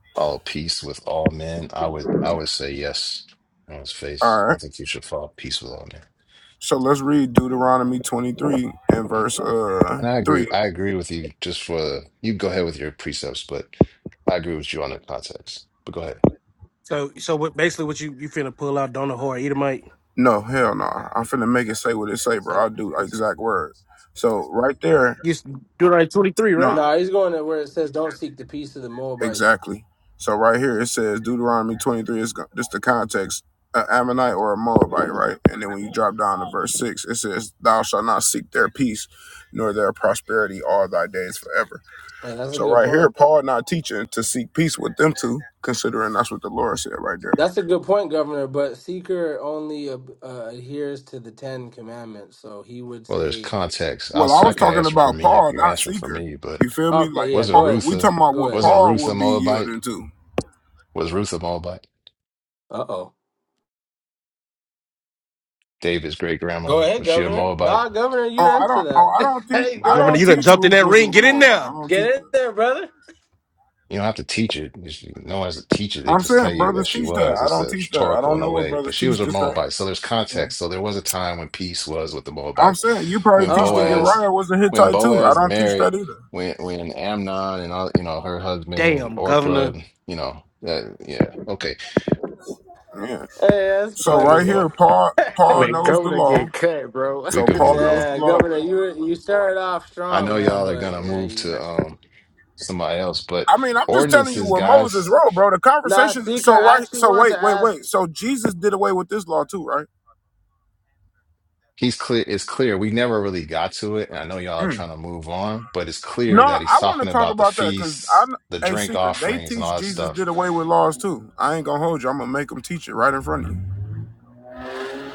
All peace with all men. I would I would say yes on his All face. right. I think you should follow peace with all men. So let's read Deuteronomy 23 and verse uh And I agree. 3. I agree with you. Just for you, go ahead with your precepts, but I agree with you on the context. But go ahead. so so what, basically, what you you finna pull out Donna Hor Edomite? No, hell no. I'm finna make it say what it say, bro. I'll do the exact word. So right there, You s- do it right twenty three, no, right? No, he's going to where it says, "Don't seek the peace of the Moabites." exactly. So right here it says Deuteronomy 23 is go- just the context, an Ammonite or a Moabite, right? And then when you drop down to verse 6, it says, Thou shalt not seek their peace nor their prosperity all thy days forever. And that's a So good right here, point. Paul not teaching to seek peace with them two, considering that's what the Lord said right there. That's a good point, Governor. But seeker only uh, uh, adheres to the Ten Commandments, so he would Well, there's say, context. I'll, Well, si I was could talking answer for about me if Paul, you're not answering for Seeker. me, You but feel me? Like "Okay, yeah, wasn't Paul, go ahead, Ruth we Se- a talking about go what ahead, wasn't seeker." Paul Ruth a would be Moabite? yielding to. Was Ruth a Moabite? Uh oh. David's great Go grandmother ahead, was she a Governor. Moabite? Nah, Governor, you Oh, I answer don't. Oh, that. I don't teach. hey, I go Governor, ahead. don't you done teach jumped in that ruthless ring. Get in more about. I there. don't Get teach in that. there, brother. You don't have to teach it. You should- No one has to teach it. They I'm just saying tell you brothers that she teach that. was. I It's don't a teach that. I rhetorical don't in a know what way. brothers But she teach was a this thing. Moabite. So there's Yeah. context. So there was a time when peace was with the I'm Moabites. saying you probably When Uh teach that oh. Boaz, Uriah was a when Hittite too. I Boaz don't teach married, that either. when when Amnon and all, you know, her husband and Damn, Orpah, Governor. you know, that, yeah. Okay. Yeah. Hey, that's We So can right funny. move on. here, Paul. Paul Man, knows go the to get law. cut, bro. We So can Paul move knows on. the Yeah, law, Governor, right? you you started off I strong, know man, y'all are but gonna yeah, move you to got you. um somebody else, but I mean, I'm just telling you ordinances, what Moses guys. wrote, bro. The Nah, conversation. Seeker, So I right. actually So wanted to wait, wait, ask. wait. So Jesus did away with this law too, right? he's clear it's clear we never really got to it and i know y'all are Mm. trying to move on but it's No, clear that he's I want to talking talk about the about that because feasts I'm the a drink seeker. They offerings and teach all that Jesus stuff did away with laws too. I ain't gonna hold you. I'm gonna make them teach it right in front of you.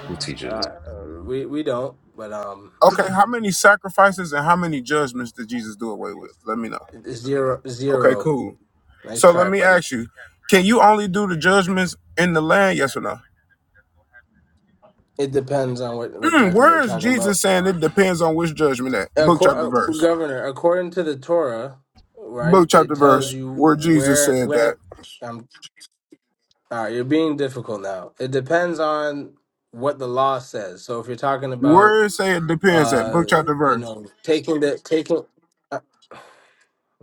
who Uh, teaches uh, that we we don't, but um, Okay, how many sacrifices and how many judgments did Jesus do away with? Let me know. zero Okay, zero. cool. Nice So let try, me buddy. ask you: Can you only do the judgments in the land? Yes or no? It depends on what what Mm, judgment you're where is talking Jesus about. saying it depends on which judgment at? Book chapter Accor- uh, verse. Governor, according to the Torah, right? book It chapter tells verse you where Jesus where and said when. that. Um, all right, you're being difficult now. It depends on what the law says. So if you're talking about Where it say it depends at Uh, book chapter you verse. know, taking the taking. Uh,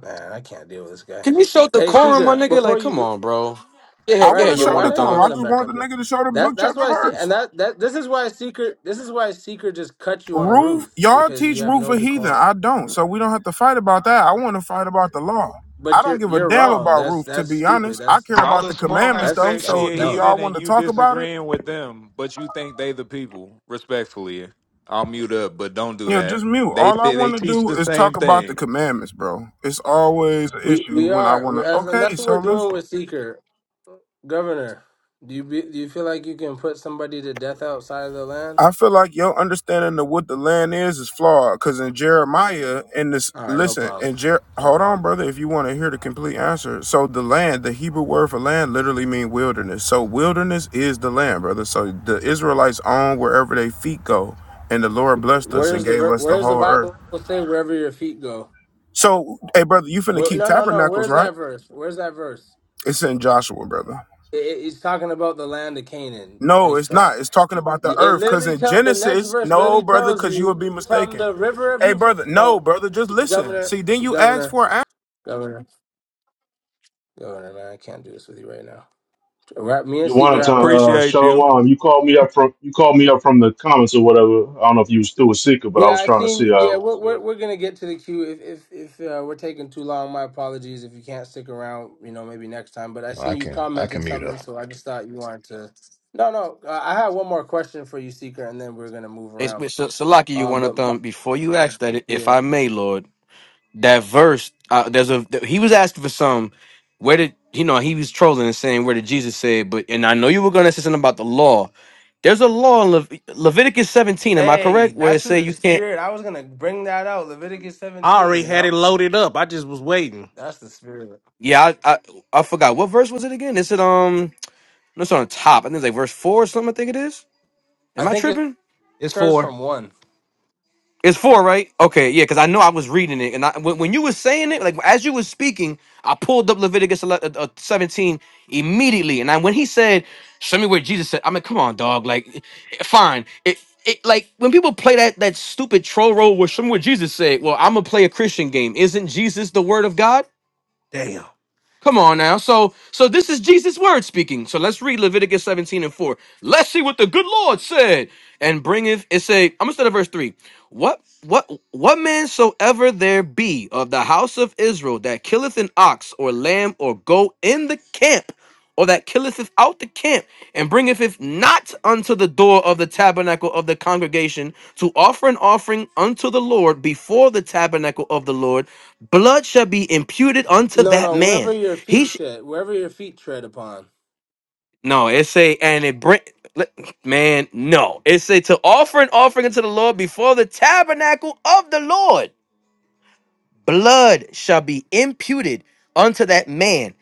man, I can't deal with this guy. Can you show Hey, decorum, my Seeger, nigga? before Like, come you, on, bro. Yeah, I yeah, want right, to you bro? show Why want the a did I decorum. even thumb. I let him just back want up the here? nigga to show the That's book that's chapter why. See, and verse. that that this is why Seeker. This is why Seeker just cut you on Roof, Ruth y'all because you teach have roof no a heathen. decorum. I don't, so we don't have to fight about that. I want to fight about the law. I But don't you're give a you're damn wrong. about That's roof, to that's be stupid. honest. I That's care All about the the small commandments ass that's though. say that's she So a do dumb. heathen y'all and want to you talk about it? disagreeing with them, but you think they the people. Respectfully, I'll mute up, but don't do Yeah, that. just mute. They All I th- they want to teach do the is same talk about the thing. commandments, bro. It's always an We issue we when I are, we, want to. as- and Okay, that's what we're so let's doing with Seeker, Governor. Do you be, do you feel like you can put somebody to death outside of the land? I feel like your understanding of what the land is is flawed. Cause in Jeremiah, in this All right, no listen, problem, in Jer no hold on, problem. brother, if you want to hear the complete answer. So the land, the Hebrew word for land literally mean wilderness. So wilderness is the land, brother. So the Israelites own wherever their feet go. And the Lord blessed us and Where's the gave ver- us the Where's the whole earth. Bible say wherever your feet go? So, hey brother, you finna Where, keep no, no, no. tabernacles, Where's right? that verse? Where's that verse? It's in Joshua, brother. It, it- it's talking about the land of Canaan. No, Nice it's try. not. It's talking about the It earth. Cause literally in tell the next Genesis, verse no, literally brother, tells cause you would you be from mistaken. the river of Hey, Euphrates, brother. No, bro. brother. Just listen. Governor, See, then you ask governor, for an governor, governor. Man, I can't do this with you right now. Wrap me in Jonathan, secret. uh, Appreciate you. Shalom, you called me up from you called me up from the comments or whatever. I don't know if you was still a seeker, but I Yeah, was I trying to see seen. uh, Yeah, what we're was we're good. we're gonna get to the queue. If if if uh, we're taking too long, my apologies. If you can't stick around, you know, maybe next time. But I No, i seen you can i commented can mute something, up so I just thought you wanted to. No, no, uh, I have one more question for you, Seeker, and then we're gonna move It's, around. it's, Salaki, you Um, want a but my, thumb. Before you ask that, if yeah, I may, Lord, that verse uh, there's a he was asking for some where did you know he was trolling and saying where did jesus say but and i know you were going to say something about the law there's a law in Lev- leviticus 17 am i hey, correct where that's it say the you can't spirit. I was gonna bring that out. Leviticus I already seventeen. had Yep, it loaded up. I just was waiting. that's the spirit. yeah I, I i forgot what verse was it again is it um no, it's on top i think it's like verse four or something i think it is I am i think it tripping It's starts four. from one. It's four, right? Okay, yeah, because I know I was reading it, and I when, when you were saying it, like as you were speaking, I pulled up Leviticus 11, uh, uh, seventeen immediately, and I, when he said, "Show me where Jesus said," I mean, come on, dog. Like, i- fine, it, it like when people play that that stupid troll role where "Show me where Jesus said," well, I'm gonna play a Christian game. Isn't Jesus the Word of God? Damn. Come on now. So so this is Jesus' word speaking. So let's read Leviticus 17 and 4. Let's see what the good Lord said. And bringeth it say, I'm gonna start at verse 3. What what what man soever there be of the house of Israel that killeth an ox or lamb or goat in the camp, or that killeth it out the camp, and bringeth it not unto the door of the tabernacle of the congregation to offer an offering unto the Lord before the tabernacle of the Lord, blood shall be imputed unto No, that no, wherever man your he feet sh- shed, wherever your feet tread upon. no, it say and it bring let- man, no. It say to offer an offering unto the Lord before the tabernacle of the Lord. blood shall be imputed unto that man.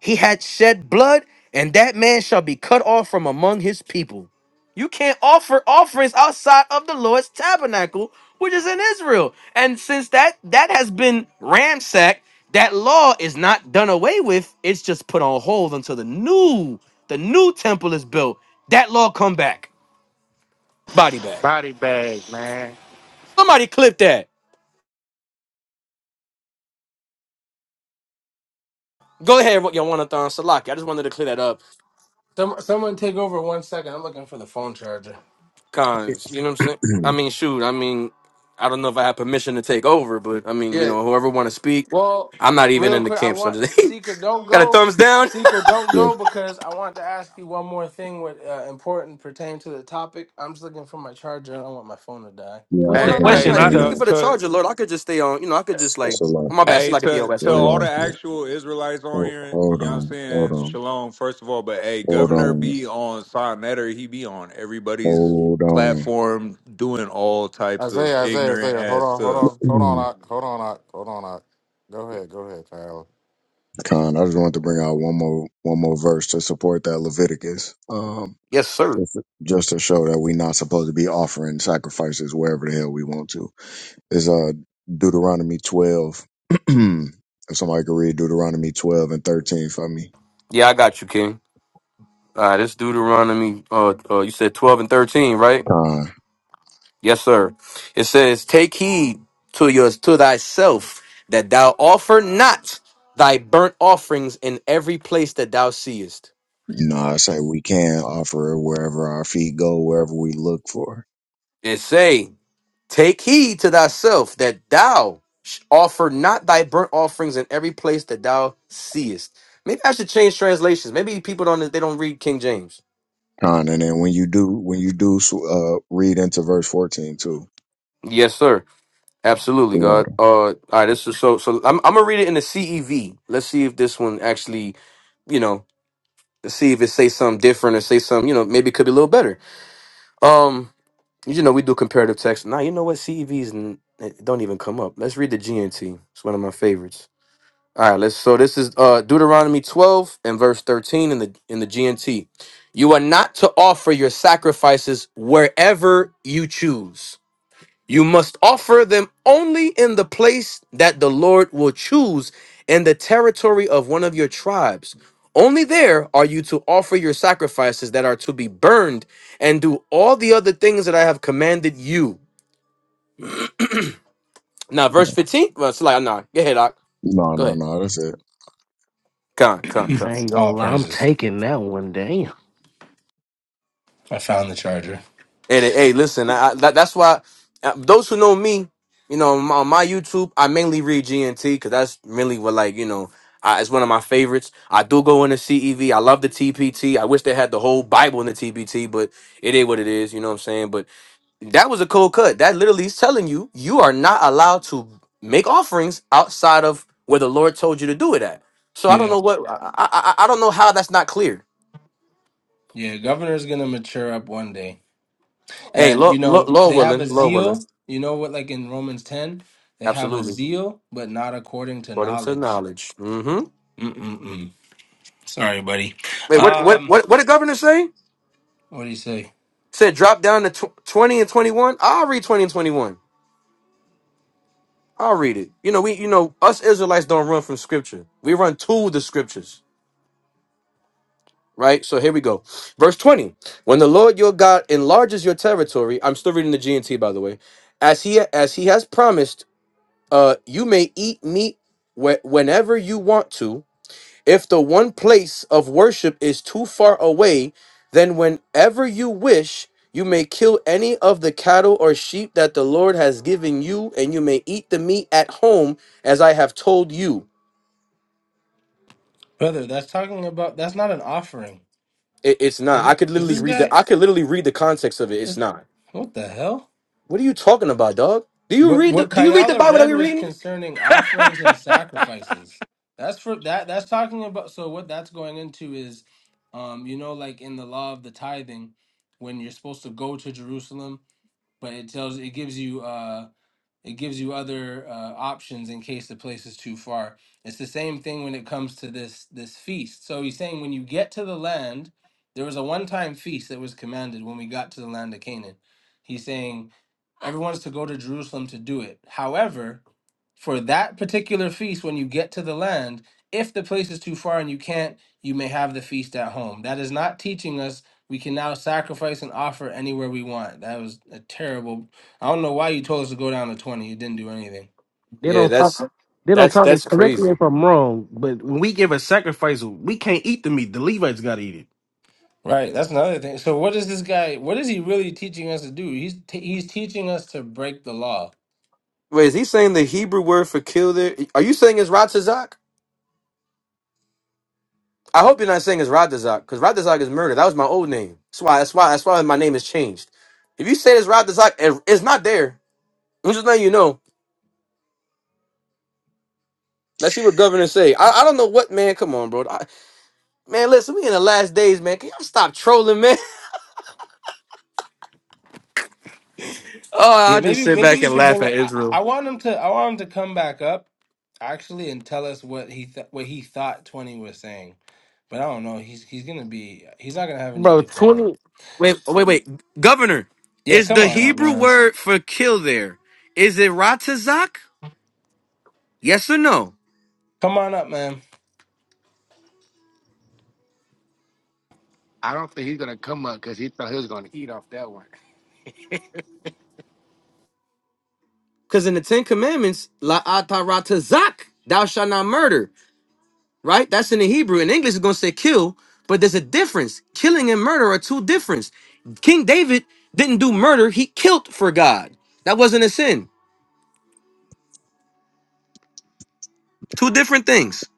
He had shed blood, and that man shall be cut off from among his people. You can't offer offerings outside of the Lord's tabernacle, which is in Israel. And since that that has been ransacked, that law is not done away with. It's just put on hold until the new the new temple is built. That law come back, body bag. Body bag, man. Somebody clip that. Go ahead, Yowanathan Salaki. I just wanted to clear that up Some someone take over one second. I'm looking for the phone charger. cons. You know what I'm saying? I mean, shoot. I mean, I don't know if I have permission to take over, but I mean, you Yeah. know, whoever want to speak, Well, I'm not even real in the quick, I camp, so just want Seeker don't got a go. thumbs down. Seeker don't yeah, go because I want to ask you one more thing with uh, important pertaining to the topic. I'm just looking for my charger. I don't want my phone to die. yeah, I What's oh the just no, Hey, no, wanted to no. question? hey, If I, you're bring looking out for the to charger, Lord, I could just stay on. You know, I could just S- like. Oh my bad. Salakia. Still Hey, like a to BOS. to Go ahead. all the Salakia. actual Israelites on Hold, here, you hold know what I'm on, hold saying? on, Shalom, first of all. But hey, hold Governor on, be on Sod Netter, he be on everybody's hold on. platform doing all types of Isaiah, Isaiah, ignorant Isaiah. Hold ass on, hold stuff. on, hold Mm. on, Ak, hold on, Ak, hold on, Ak. Go ahead, go ahead, Tyler. Con, I just wanted to bring out one more one more verse to support that Leviticus. Um Yes, sir. just just to show that we're not supposed to be offering sacrifices wherever the hell we want to. Is uh Deuteronomy twelve. if somebody could read Deuteronomy twelve and thirteen for me. Yeah, I got you, King. All right, this Deuteronomy, uh, uh, you said 12 and 13, right? Yes, sir. It says, Take heed to yours, to thyself, that thou offer not thy burnt offerings in every place that thou seest. No, I say we can offer it wherever our feet go, wherever we look for. It say, Take heed to thyself, that thou sh- offer not thy burnt offerings in every place that thou seest. Maybe I should change translations. Maybe people don't, they don't read King James. Con, and then when you do, when you do, uh, read into verse fourteen too. Yes, sir. Absolutely, The God. Water. Uh, all right, this is so. So I'm I'm gonna read it in the CEV. Let's see if this one actually, you know, let's see if it say something different or say something, you know, maybe it could be a little better. Um, you know, we do comparative text. Nah, you know what? CEVs n- it don't even come up. Let's read the GNT. It's one of my favorites. All right, let's. So this is uh Deuteronomy 12 and verse 13 in the in the GNT. You are not to offer your sacrifices wherever you choose you must offer them only in the place that the Lord will choose in the territory of one of your tribes. Only there are you to offer your sacrifices that are to be burned and do all the other things that I have commanded you. Now, verse 15. Well, it's like, nah, go ahead, Ak. No, Go no, ahead. no. That's it. Come, come, come. I ain't gonna All lie. I'm praises. taking that one. Damn. I found the charger. Hey, hey, hey, listen, I, I, that- that's why uh, those who know me, you know, on my, on my YouTube, I mainly read GNT because that's mainly what, like, you know, I, it's one of my favorites. I do go into CEV. I love the TPT. I wish they had the whole Bible in the TPT, but it is what it is. You know what I'm saying? But that was a cold cut. That literally is telling you you are not allowed to make offerings outside of where the Lord told you to do it at. So I don't Yeah. know what I I, I I don't know how that's not clear. Yeah, governor's gonna mature up one day. Hey, And Lord, you Lord, know, Lord they have a willing, Lord willing, zeal, you know what like in Romans 10, they have a absolutely. zeal but not according to according to knowledge. knowledge. hmm Mm-mm-mm. Sorry, buddy. Wait, what? What? Um What? What did governor say? what do you say? Said drop down to tw- twenty and twenty one. I'll read twenty and twenty one. I'll read it. You know, we, you know, us Israelites don't run from scripture. We run to the scriptures, right? So here we go. Verse 20. When the Lord your God enlarges your territory, I'm still reading the GNT, by the way, as he, as he has promised, uh, you may eat meat wh- whenever you want to, If the one place of worship is too far away, then whenever you wish, you may kill any of the cattle or sheep that the Lord has given you, and you may eat the meat at home, as I have told you. Brother, that's talking about that's not an offering. It- it's not. Is, it, I could is literally this read guy the. I could literally read the context of it. It's is not. what the hell? What are you talking about, dog? Do you What read the? what Do you read the Kayala Bible that read we was reading? concerning offerings and sacrifices. That's for that that's talking about so what that's going into is um you know like in the law of the tithing when you're supposed to go to Jerusalem, but it tells it gives you uh it gives you other uh, options in case the place is too far. It's the same thing when it comes to this this feast. So he's saying when you get to the land, there was a one-time feast that was commanded when we got to the land of Canaan. He's saying everyone's to go to Jerusalem to do it. However, for that particular feast when you get to the land, if the place is too far and you can't, you may have the feast at home. That is not teaching us we can now sacrifice and offer anywhere we want. That was a terrible I don't know why you told us to go down to 20. You didn't do anything. They Yeah, don't that's talk. They don't that's talk. it that's correctly crazy. if I'm wrong, but when we give a sacrifice, we can't eat the meat. The Levites gotta eat it. Right. That's another thing. So what is this guy? What is he really teaching us to do? He's t- he's teaching us to break the law. Wait, is he saying the Hebrew word for kill there? Are you saying it's Ratzazak? I hope you're not saying it's Radazak, because Radazak is murder. That was my old name. That's why. That's why. That's why my name has changed. If you say it's Radazak, it, it's not there. I'm just letting you know. Let's see what governor say. I, I don't know what man. Come on, bro. I, man, listen, we in the last days, man. Can y'all stop trolling, man? Oh, I Yeah. just Maybe sit maybe back we and should laugh bring. I, at I Israel. I want him to. I want him to come back up actually and tell us what he th- what he thought 20 was saying. But I don't know. He's he's gonna be. He's not gonna have any Bro, decorum. twenty. Wait, wait, wait. Governor, Yeah. is Come the on up, Hebrew man. word for kill there? Is it Ratazak? Yes or no? Come on up, man. I don't think he's gonna come up because he thought he was gonna eat off that one. Because in the Ten Commandments, La Ata Ratazak, thou shalt not murder. right? That's in the Hebrew. In English, it's going to say kill, but there's a difference. Killing and murder are two different. King David didn't do murder, he killed for God. That wasn't a sin. Two different things.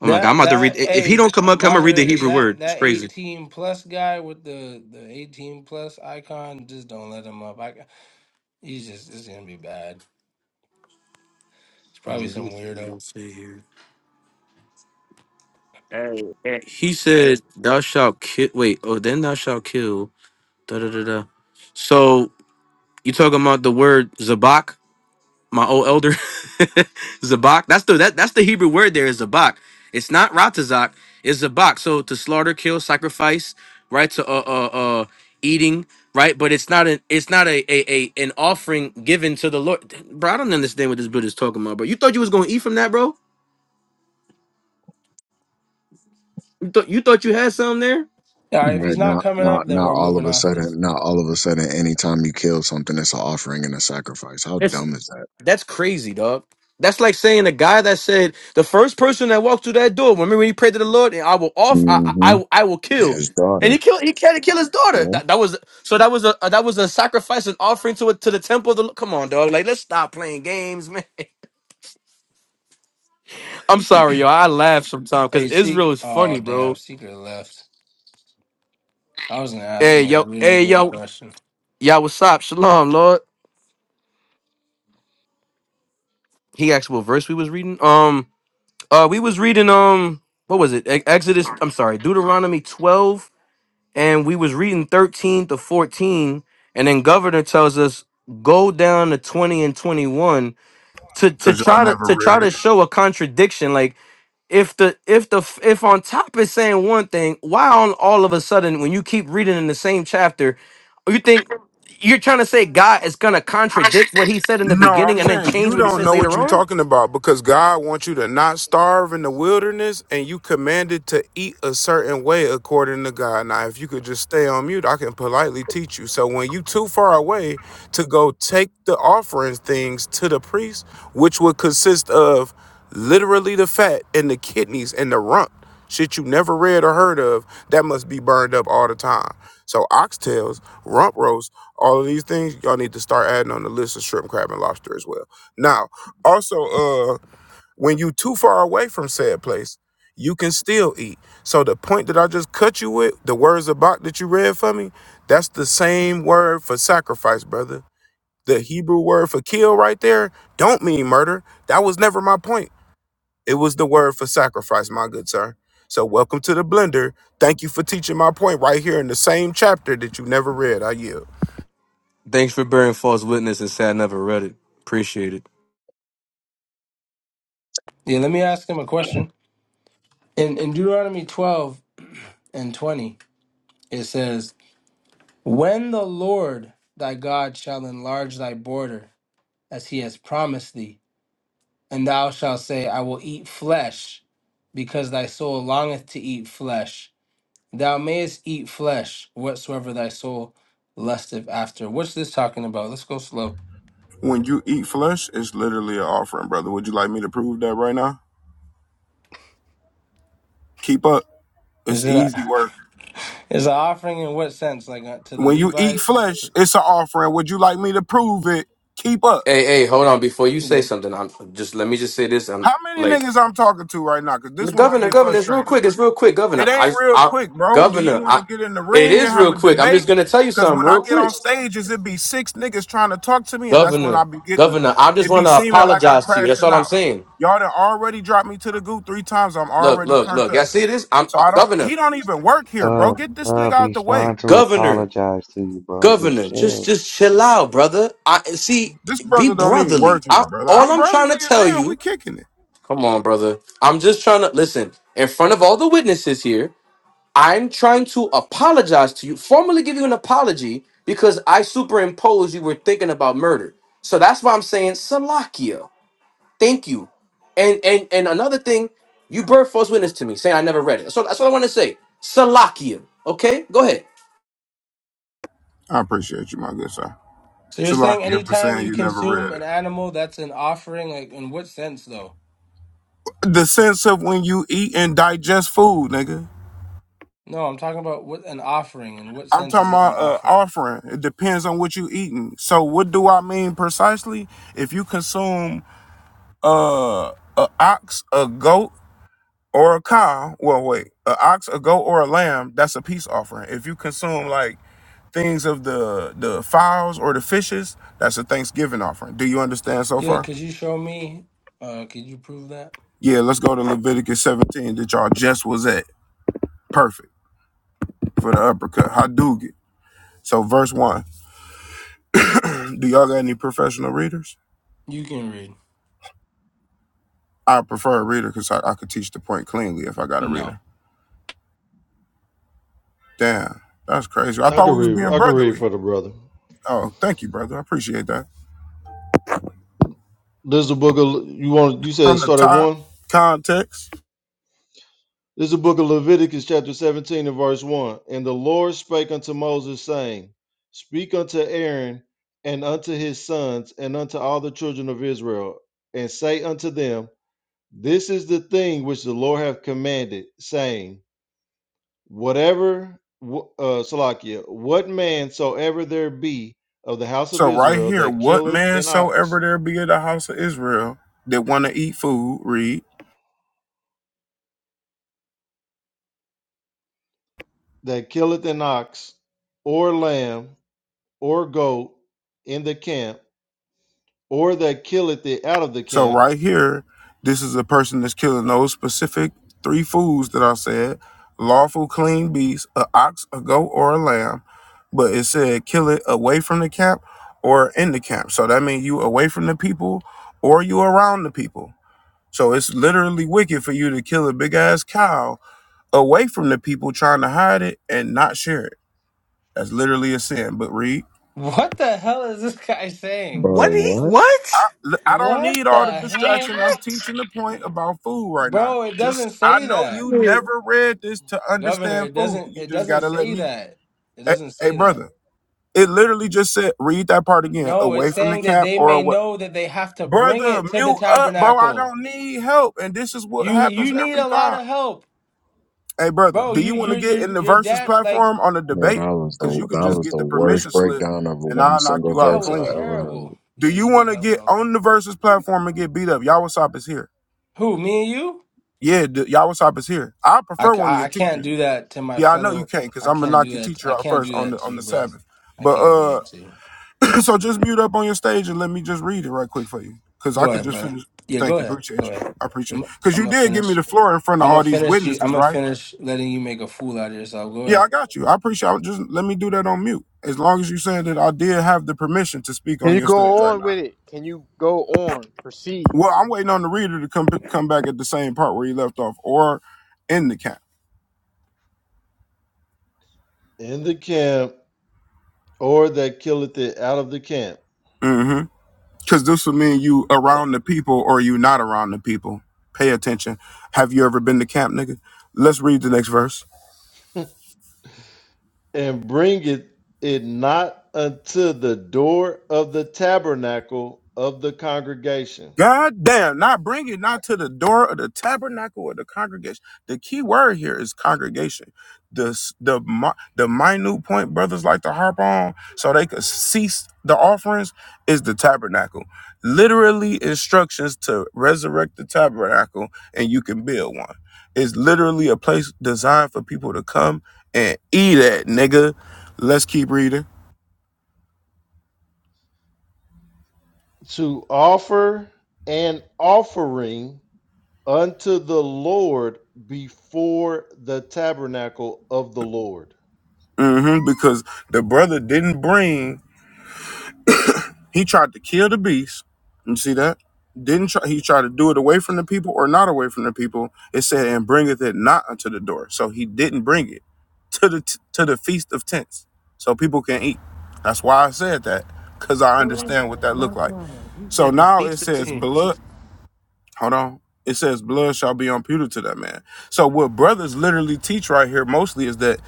Oh my God, I'm That about to read. that i- If he hey don't come up, I'm going to read the moderators Hebrew that word. It's that crazy. eighteen plus guy with the the eighteen plus icon just don't let him up. I he's just it's gonna be bad. It's Hold on, probably let some me see what weirdo. it say here. Hey, hey, He said, Thou shalt kill. Wait, oh, then thou shalt kill. Da da da da. So you talking about the word zabak? my old elder Zabak. That's the that, that's the Hebrew word there is Zabak. It's not Ratazak, it's Zabak. So to slaughter, kill, sacrifice, right? To uh uh uh eating, right? But it's not an it's not a a, a an offering given to the Lord. Bro, I don't understand what this Buddha's talking about, bro. You thought you was gonna eat from that, bro? You thought you thought you had something there? All right, if Right. he's not Not, coming not, up, then not we're all of moving a off this. sudden. Not all of a sudden. Anytime you kill something, it's an offering and a sacrifice. How dumb is that? That's crazy, dog. That's like saying the guy that said the first person that walked through that door. Remember when he prayed to the Lord, and I will off, I, I, hmm I I will And kill, his and daughter. he killed. He tried to kill his daughter. Yeah. That, that was so. That was a that was a sacrifice, an offering to it to the temple. Of the, Lo- come on, dog. Like let's stop playing games, man. I'm sorry, yo. I laugh sometimes because Hey, Israel secret. is Oh funny, damn, bro. secret left. I was gonna ask him Hey, a yo. real Hey, good yo. question. Y'all, what's up? Shalom, Lord. He asked what verse we was reading. Um, uh, we was reading um, what was it? E- Exodus. I'm sorry, Deuteronomy 12 and we was reading 13 to 14 and then governor tells us go down to 20 and 21 to to because y'all try to never to try read it. to show a contradiction like if the if the if on top is saying one thing why on all of a sudden when you keep reading in the same chapter you think you're trying to say god is going to contradict what he said in the No, beginning I'm and then saying change you what he don't says know what later you're on talking about because God wants you to not starve in the wilderness, and you commanded to eat a certain way according to God. Now, if you could just stay on mute, I can politely teach you. So when you too far away to go take the offerings things to the priest, which would consist of literally the fat and the kidneys and the rump. Shit you never read or heard of, that must be burned up all the time. So oxtails, rump roast, all of these things, y'all need to start adding on the list of shrimp, crab, and lobster as well. Now, also, uh, when you too far away from said place, you can still eat. So the point that I just cut you with, the words about that you read for me, that's the same word for sacrifice, brother. The Hebrew word for kill right there don't mean murder. That was never my point. It was the word for sacrifice, my good sir. So welcome to the blender. Thank you for teaching my point right here in the same chapter that you never read. I yield. thanks for bearing false witness and say i never read it appreciate it Yeah, let me ask him a question. In in Deuteronomy twelve and twenty, it says, "When the Lord thy God shall enlarge thy border, as he has promised thee." And thou shalt say, I will eat flesh, because thy soul longeth to eat flesh. Thou mayest eat flesh, whatsoever thy soul lusteth after. What's this talking about? Let's go slow. When you eat flesh, it's literally an offering, brother. Would you like me to prove that right now? Keep up. Is It's it easy a, work. is an offering in what sense? Like uh, to the When you eat Levites? flesh, it's an offering. Would you like me to prove it? Keep up. hey hey hold on before you say Okay. something i'm just let me just say this i'm How many like niggas I'm talking to right now? Cause this one I Governor, get governor, it's real frustrated. quick. It's real quick, governor. It ain't I, real I quick, bro. Do you governor, want to I, get in the it ring and is have real a quick. I'm debate? just gonna tell you Because something when I real get quick, on stages, it be six niggas trying to talk to me, and that's when I governor, be getting, governor. I just it be want to seeming like I'm apologize to you. That's crashing all I'm out. saying. Y'all done already dropped me to the goo three times. I'm Look, already look, turned look. Y'all up. see this? I'm So uh, I don't, governor, he don't even work here, bro. Dub, Get this nigga Dub, out he's the way. trying to governor, apologize to you, bro. Just governor. chill. Just, just chill out, brother. I see. This Be brother don't even brotherly. work I, here, brother. all I'm I'm trying brotherly to as tell hell. you. We kicking it. Come on, brother. I'm just trying to listen in front of all the witnesses here. I'm trying to apologize to you, formally give you an apology because I superimposed you were thinking about murder. So that's why I'm saying Salakia. Thank you. And and and another thing, you brought false witness to me, saying I never read it. So that's what I want to say. Salakia. Okay, go ahead. I appreciate you, my good sir. So you're saying Chilakia for anytime saying you you never consume read an it. animal, that's an offering? Like in what sense though? The sense of when you eat and digest food, nigga. No, I'm talking about what an offering. In what I'm sense talking is it an about uh, offering? offering. It depends on what you eating. So what do I mean precisely? If you consume uh, a ox, a goat, or a cow, well, wait, a ox, a goat, or a lamb, that's a peace offering. If you consume like things of the the fowls or the fishes, that's a Thanksgiving offering. Do you understand so Yeah, far? could you show me? Uh, could you prove that? Yeah, let's go to Leviticus 17 that y'all just was at. Perfect for the uppercut. Hadougat. So verse one. Do y'all got any professional readers? You can read. I prefer a reader because I, I could teach the point cleanly if I got a No. reader. Damn, that's crazy. I I thought can we was read being I can read brotherly. for the brother. Oh, thank you, brother. I appreciate that. This is the book of you want you said From the start at top, one? context. This is the book of Leviticus chapter 17 and verse 1. And the Lord spake unto Moses, saying, Speak unto Aaron and unto his sons and unto all the children of Israel, and say unto them, This is the thing which the Lord hath commanded, saying, Whatever, uh, Salakia, what man soever there be of the house of So right Israel here, that what killeth man an ox, soever there be in the house of Israel that want to eat food, read. that killeth an ox, or lamb, or goat in the camp, or that killeth it out of the So camp, right here, this is a person that's killing those specific three foods that I said: lawful clean beast, a ox, a goat, or a lamb. But it said kill it away from the camp or in the camp. So that means you away from the people or you around the people. So it's literally wicked for you to kill a big ass cow away from the people trying to hide it and not share it. That's literally a sin. But read. What the hell is this guy saying? Bro, What he what? what? L- I don't What need the all the hell? distraction. I'm teaching the point about food right now. Bro, it Just doesn't I say know that. you never read this to Governor, understand it food. doesn't You it just doesn't gotta let say me. that. It Hey, doesn't hey, say that. brother, it literally just said read that part again. No, Away it's from the saying that cap they or may away. know that they have to bring Brother, it to the mute up, bro. I tabernacle. don't need help, and this is what You you happens need every a lot time. of help. Hey, brother, Bro, do you you want you're to get you're in the you're versus that like platform on the Yeah, debate? that was the Cause you can that just was get the the worst permission slip, breakdown of and one I'll knock single you out that verse was I clean. ever heard. terrible. Do Yeah, you you need want to help, get bro. on the versus platform and get beat up? Y'all, what's up? Is here. Who, me and you? Yeah, the Yawasop is here. I I, prefer ca- one of I your I can't teachers. do that to my Yeah, I know you fellow. can't because I I'm gonna can't knock do your that. teacher I out can't first do on that the to on you, the bro. Sabbath. I But can't do that uh, to you. so just mute up on your stage and let me just read it right quick for you because I Go could ahead, just brother. finish. Yeah, Thank go you, ahead. Go appreciate ahead. you. I appreciate I'm because I'm you gonna did give me finish. the floor in front of I'm all gonna these finish you. I'm witnesses, gonna right? finish letting you make a fool out of yourself. Go Yeah, ahead. I got you. I appreciate. I just let me do that on mute. As long as you saying that I did have the permission to speak Can on you your stage go right on with now. it? Can you go on? Proceed. Well, I'm waiting on the reader to come come back at the same part where he left off, or in the cap. in the camp, or that killeth it out of the camp, hmm Because this would mean you a- around the people or you not around the people. Pay attention. Have you ever been to camp, nigga? Let's read the next verse. and bringeth it not unto the door of the tabernacle of the congregation God damn, not bring it not to the door of the tabernacle or the congregation. The key word here is congregation. The s- the mi- the minute point brothers like to harp on so they could cease the offerings is the tabernacle. Literally instructions to resurrect the tabernacle and you can build one. It's literally a place designed for people to come and eat at, nigga. Let's keep reading. to offer an offering unto the Lord before the tabernacle of the Lord. hmm because the brother didn't bring He tried to kill the beast. You see that? Didn't try, he tried to do it away from the people or not away from the people? It said, "And bringeth it not unto the door." So he didn't bring it to the to the feast of tents, so people can eat. That's why I said that, cause I understand what that My looked like. God. He So said the now it feast of says tents. blood. Hold on. It says blood shall be imputed to that man. So what brothers literally teach right here mostly is that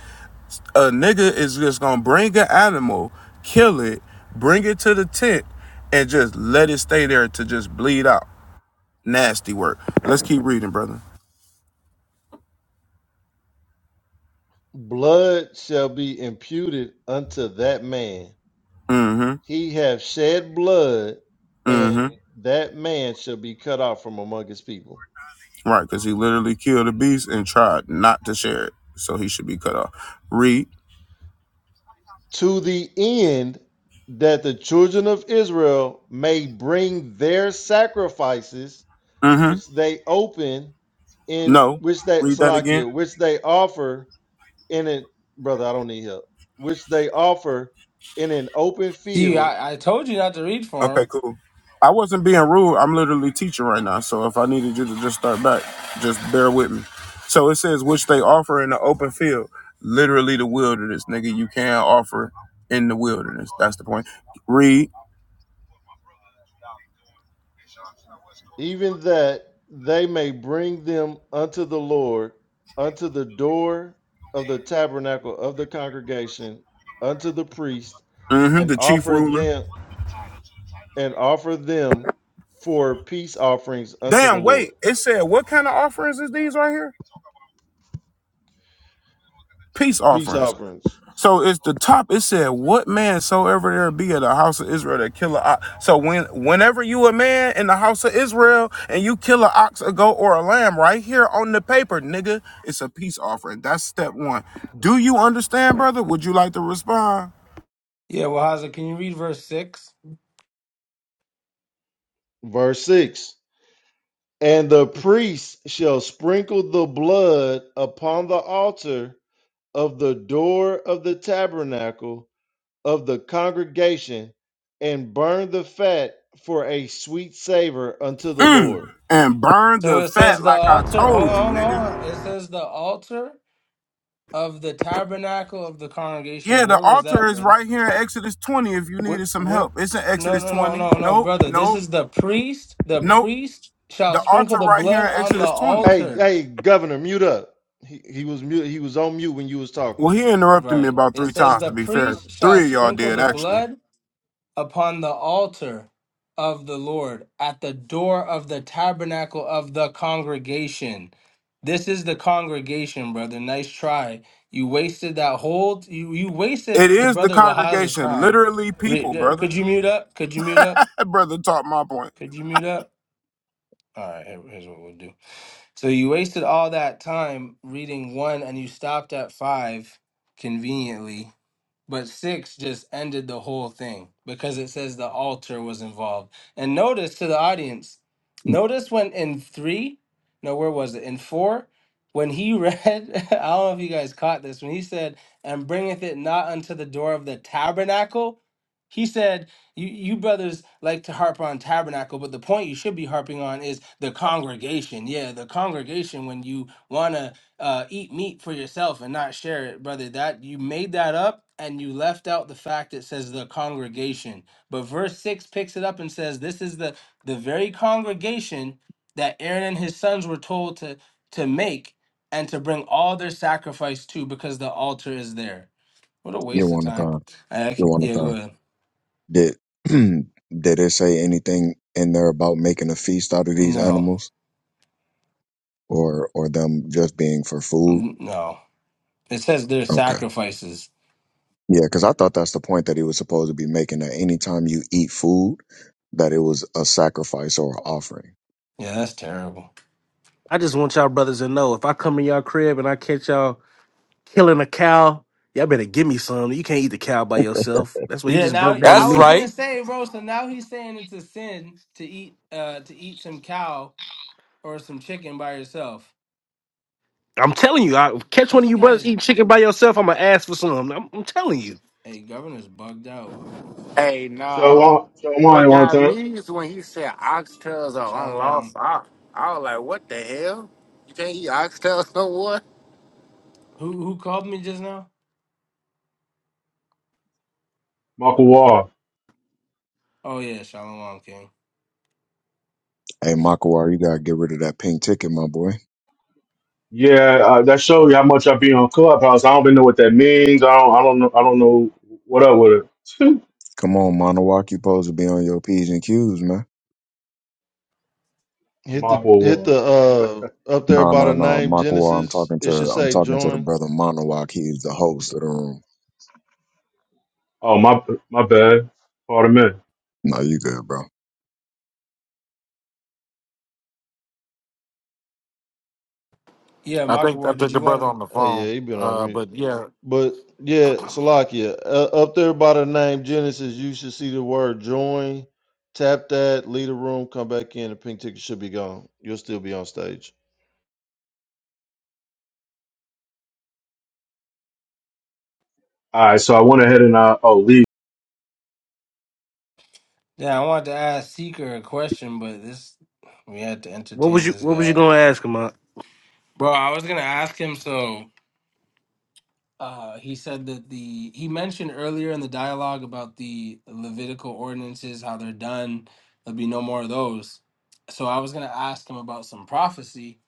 a nigga is just gonna bring an animal, kill it, bring it to the tent, and just let it stay there to just bleed out. Nasty work. Let's keep reading, brother. Blood shall be imputed unto that man. Mm-hmm. He hath shed blood, and Mm-hmm. that man shall be cut off from among his people. Right, because he literally killed a beast and tried not to share it. So he should be cut off. Read. To the end that the children of Israel may bring their sacrifices Mm-hmm. which they open in No. which they Read that again. Salakia, which they offer in an brother, I don't need help. Which they offer in an open See, field, I, I told you not to read for Okay, him. cool. I wasn't being rude. I'm literally teaching right now. So if I needed you to just start back, just bear with me. So it says, which they offer in the open field, literally the wilderness, nigga. You can offer in the wilderness. That's the point. Read. even that they may bring them unto the Lord, unto the door of the tabernacle of the congregation, unto the priest, hmm and The chief offer ruler. them and offer them for peace offerings unto the Damn, wait. Lord. It said, what kind of offerings is these right here? Peace Peace offerings. offerings. So it's the top. It said, "What man soever there be of the house of Israel that kill a ox." So when, whenever you a man in the house of Israel and you kill a ox, a goat, or a lamb, right here on the paper, nigga, it's a peace offering. That's step one. Do you understand, brother? Would you like to respond? Yeah, well, Haza, can you read verse six? Verse six. And the priest shall sprinkle the blood upon the altar of the door of the tabernacle of the congregation and burn the fat for a sweet savor unto the Mm. Lord. And burn So the it says fat the like I altar. Hold on, told you, hold on. hold on. nigga. It says the altar of the tabernacle of the congregation. Yeah, the Where was altar that, is brother? right here in Exodus 20 if you Where? needed some Where? help. It's in No, Exodus no, no, 20. no, no, Nope, brother. This nope, is the priest. The nope. priest shall The sprinkle altar the right here blood in on the Exodus 20. Hey, altar. hey, governor, mute up. He, he was mute, he was on mute when you was talking. Well, he interrupted me Right. about It three says, times, The to be fair. priest shall Three of y'all sprinkle did, the actually. blood upon the altar of the Lord at the door of the tabernacle of the congregation. This is the congregation, brother. Nice try. You wasted that whole, you, you wasted It the is the brother Wahaz's congregation, time. literally people, Re- uh, Could brother. you mute up? Could you mute up? That brother taught my point. Could you mute up? All right, here- here's what we'll do. So you wasted all that time reading one and you stopped at five conveniently But six just ended the whole thing because it says the altar was involved. And notice to the audience, notice when in three, no, where was it? In four, when he read, I don't know if you guys caught this, when he said, and bringeth it not unto the door of the tabernacle, he said, you, you brothers like to harp on tabernacle, but the point you should be harping on is the congregation. Yeah, the congregation when you want to uh, eat meat for yourself and not share it, brother. That you made that up and you left out the fact it says the congregation. But verse six picks it up and says, This is the the very congregation that Aaron and his sons were told to to make and to bring all their sacrifice to because the altar is there. What a You waste of want to time. time? I, I You c- want yeah, to go ahead. time? Did did it say anything in there about making a feast out of these No, animals, or or them just being for food? N- no. It says their Okay, sacrifices. yeah, because I thought that's the point that he was supposed to be making that anytime you eat food, that it was a sacrifice or an offering. Yeah, that's terrible. I just want y'all brothers to know if I come in y'all crib and I catch y'all. killing a cow. Y'all better give me some. You can't eat the cow by yourself. That's what he Yeah, just now broke down to I That's was me. gonna right. say, bro. So now he's saying it's a sin to eat, uh, to eat some cow or some chicken by yourself. I'm telling you, I catch one of This you guy brothers is eating chicken by yourself. I'm gonna ask for some. I'm, I'm telling you. a governor's bugged out. hey, no. Shalom, Shalom, What got Jonathan, me is when he said oxtails are Shalom. unlawful. I, I was like, what the hell? You can't eat oxtails no more? Who who called me just now? Michael Wall. Oh yeah, Shalom King. Hey, Makawar, you gotta get rid of that pink ticket, my boy. Yeah, uh, that shows you how much I be on Clubhouse. I don't even know what that means. I don't, I don't know, I don't know what up with it. Come on, Monowak, you supposed to be on your p's and q's, man. Hit the Michael hit Wall. the uh up there No, by no, the no, name Makawa. I'm Genesis. talking It should to I'm say talking to the join. brother Monowak. He's the host of the room. Oh my, my bad. Pardon me. No, you good, bro. Yeah, I Mark think I Ward. Did think the you want brother to? on the Hey phone. yeah, he been on Uh, mute. but yeah. But yeah, Salakia, uh, up there by the name Genesis, you should see the word join. Tap that, leave the room, come back in. The pink ticket should be gone. You'll still be on stage. All right, so I went ahead and I oh, leave. Yeah, I wanted to ask Seeker a question, but this we had to What was entertain you this What was you guy, gonna ask him? Aunt? bro. I was gonna ask him. So uh, he said that the he mentioned earlier in the dialogue about the Levitical ordinances, how they're done. There'll be no more of those. So I was gonna ask him about some prophecy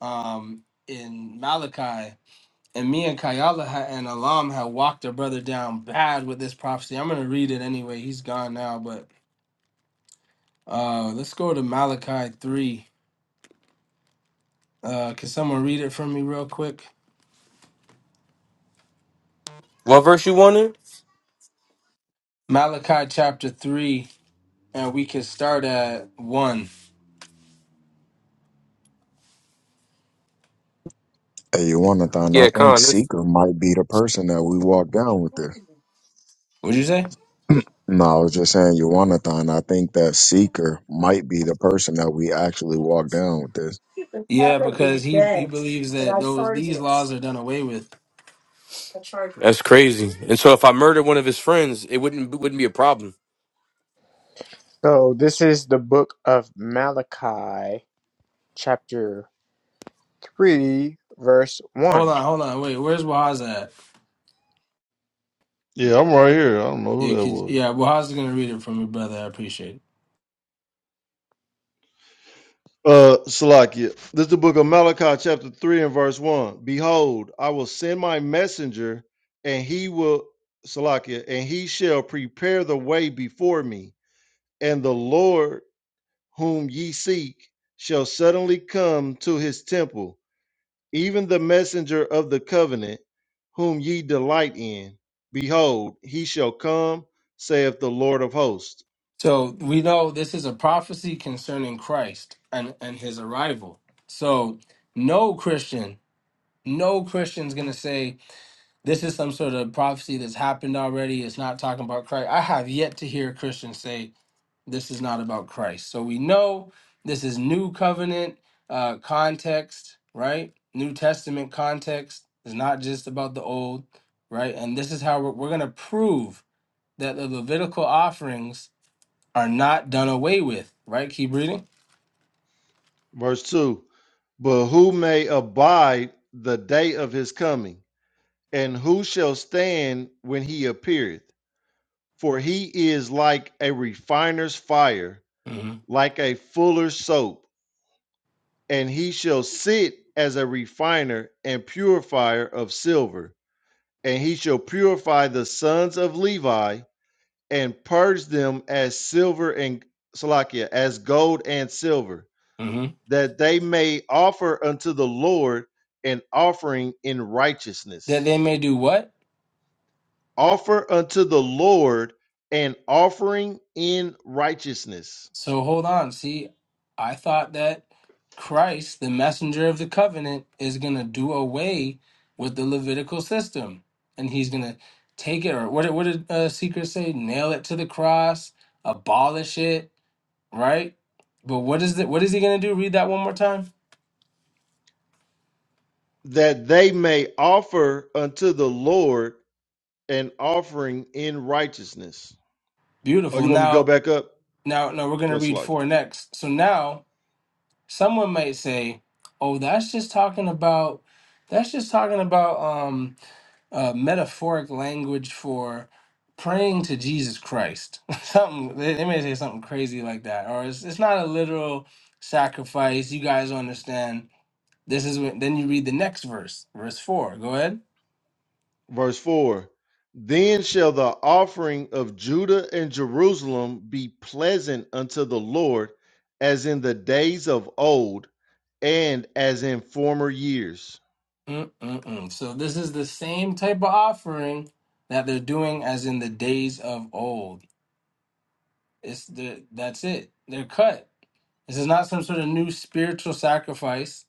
um, in Malachi, and me and Kayala ha- and Alam had walked our brother down bad with this prophecy. I'm gonna read it anyway. He's gone now, but uh, let's go to Malachi three. Uh, can someone read it for me real quick? What verse you want in? Malachi chapter three, and we can start at one. Hey, Yawanathan, I Yeah, think Con. That's, Seeker might be the person that we walk down with this. what Would you say? No, I was just saying, Yawanathan, I think that Seeker might be the person that we actually walk down with this. Yeah, because he he believes that those these laws are done away with. that's crazy. And so if I murdered one of his friends, it wouldn't wouldn't be a problem. So this is the book of Malachi, chapter three verse one Hold on, hold on, wait. Where's Wahaz at? Yeah, I'm right here. I don't know Yeah, who that could, yeah. was. Wahaz is gonna read it from your brother. I appreciate it. Uh, Salakia, this is the book of Malachi, chapter 3, and verse 1. Behold, I will send my messenger, and he will, Salakia, and he shall prepare the way before me. And the Lord, whom ye seek, shall suddenly come to his temple even the messenger of the covenant, whom ye delight in. Behold, he shall come, saith the Lord of hosts. So we know this is a prophecy concerning Christ and and his arrival. So no Christian, no Christian's gonna say this is some sort of prophecy that's happened already. It's not talking about Christ. I have yet to hear a Christian say this is not about Christ. So we know this is new covenant uh, context, right? New Testament context is not just about the old, right? And this is how we're, we're going to prove that the Levitical offerings are not done away with, right? Keep reading. Verse 2 But who may abide the day of his coming? And who shall stand when he appeareth? For he is like a refiner's fire, hmm like a fuller's soap, and he shall sit as a refiner and purifier of silver, and he shall purify the sons of Levi and purge them as silver and Salakia, as gold and silver, hmm that they may offer unto the Lord an offering in That righteousness. they may do what? Offer unto the Lord an offering in righteousness, So hold on. See, I thought that Christ, the messenger of the covenant, is going to do away with the Levitical system. And he's going to take it, or what, did- what did uh, Secret say? Nail it to the cross, abolish it, right? But what is it? What is he going to do? Read that one more time. that they may offer unto the Lord an offering in righteousness. Oh, Beautiful. you want me to go Now, back up? now, now we're going to read Go four next. So now, someone might say, "Oh, that's just talking about, that's just talking about." um uh, metaphoric language for praying to Jesus Christ. something they, they may say something crazy like that, or it's it's not a literal sacrifice. You guys understand? This is when then you read the next verse, verse four. Go ahead. Verse 4 Then shall the offering of Judah and Jerusalem be pleasant unto the Lord, as in the days of old and as in former years. Mm-mm-mm. So this is the same type of offering that they're doing as in the days of old. It's the that's it. They're cut. This is not some sort of new spiritual sacrifice.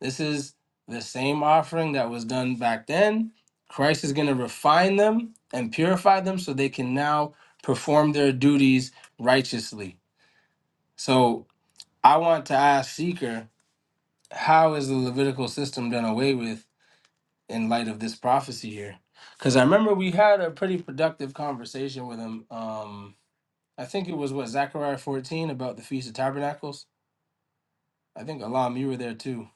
This is the same offering that was done back then. Christ is going to refine them and purify them so they can now perform their duties righteously. So I want to ask Seeker, how is the Levitical system done away with in light of this prophecy here? Because I remember we had a pretty productive conversation with him. Um, I think it was what Zechariah 14 about the Feast of Tabernacles. I think Alam, you were there too.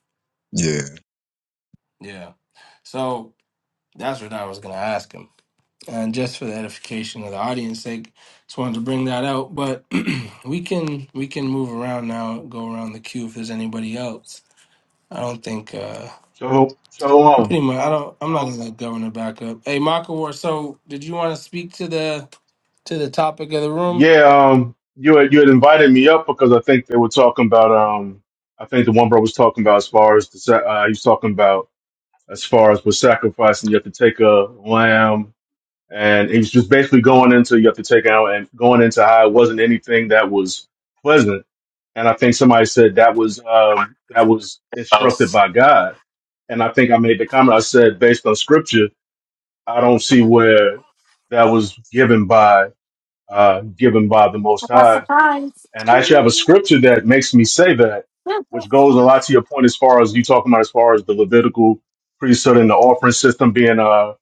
Yeah. Yeah. So that's what I was going to ask him. And just for the edification of the audience sake, just wanted to bring that out. But we can we can move around now, go around the queue if there's anybody else. I don't think uh Shalom, I'm Shalom. pretty much I don't I'm not gonna let governor back up. Hey Makawar, so did you wanna speak to the to the topic of the room? Yeah, um, you had you had invited me up because I think they were talking about. Um, I think the one bro was talking about as far as the, sa- uh, he was talking about as far as with sacrificing, you have to take a lamb, and he was just basically going into you have to take out and going into how it wasn't anything that was pleasant, and I think somebody said that was um, that was instructed by God, and I think I made the comment I said based on scripture, I don't see where that was given by uh, given by the Most High and I actually have a scripture that makes me say that, which goes a lot to your point as far as you talking about as far as the Levitical priesthood and the offering system being, uh,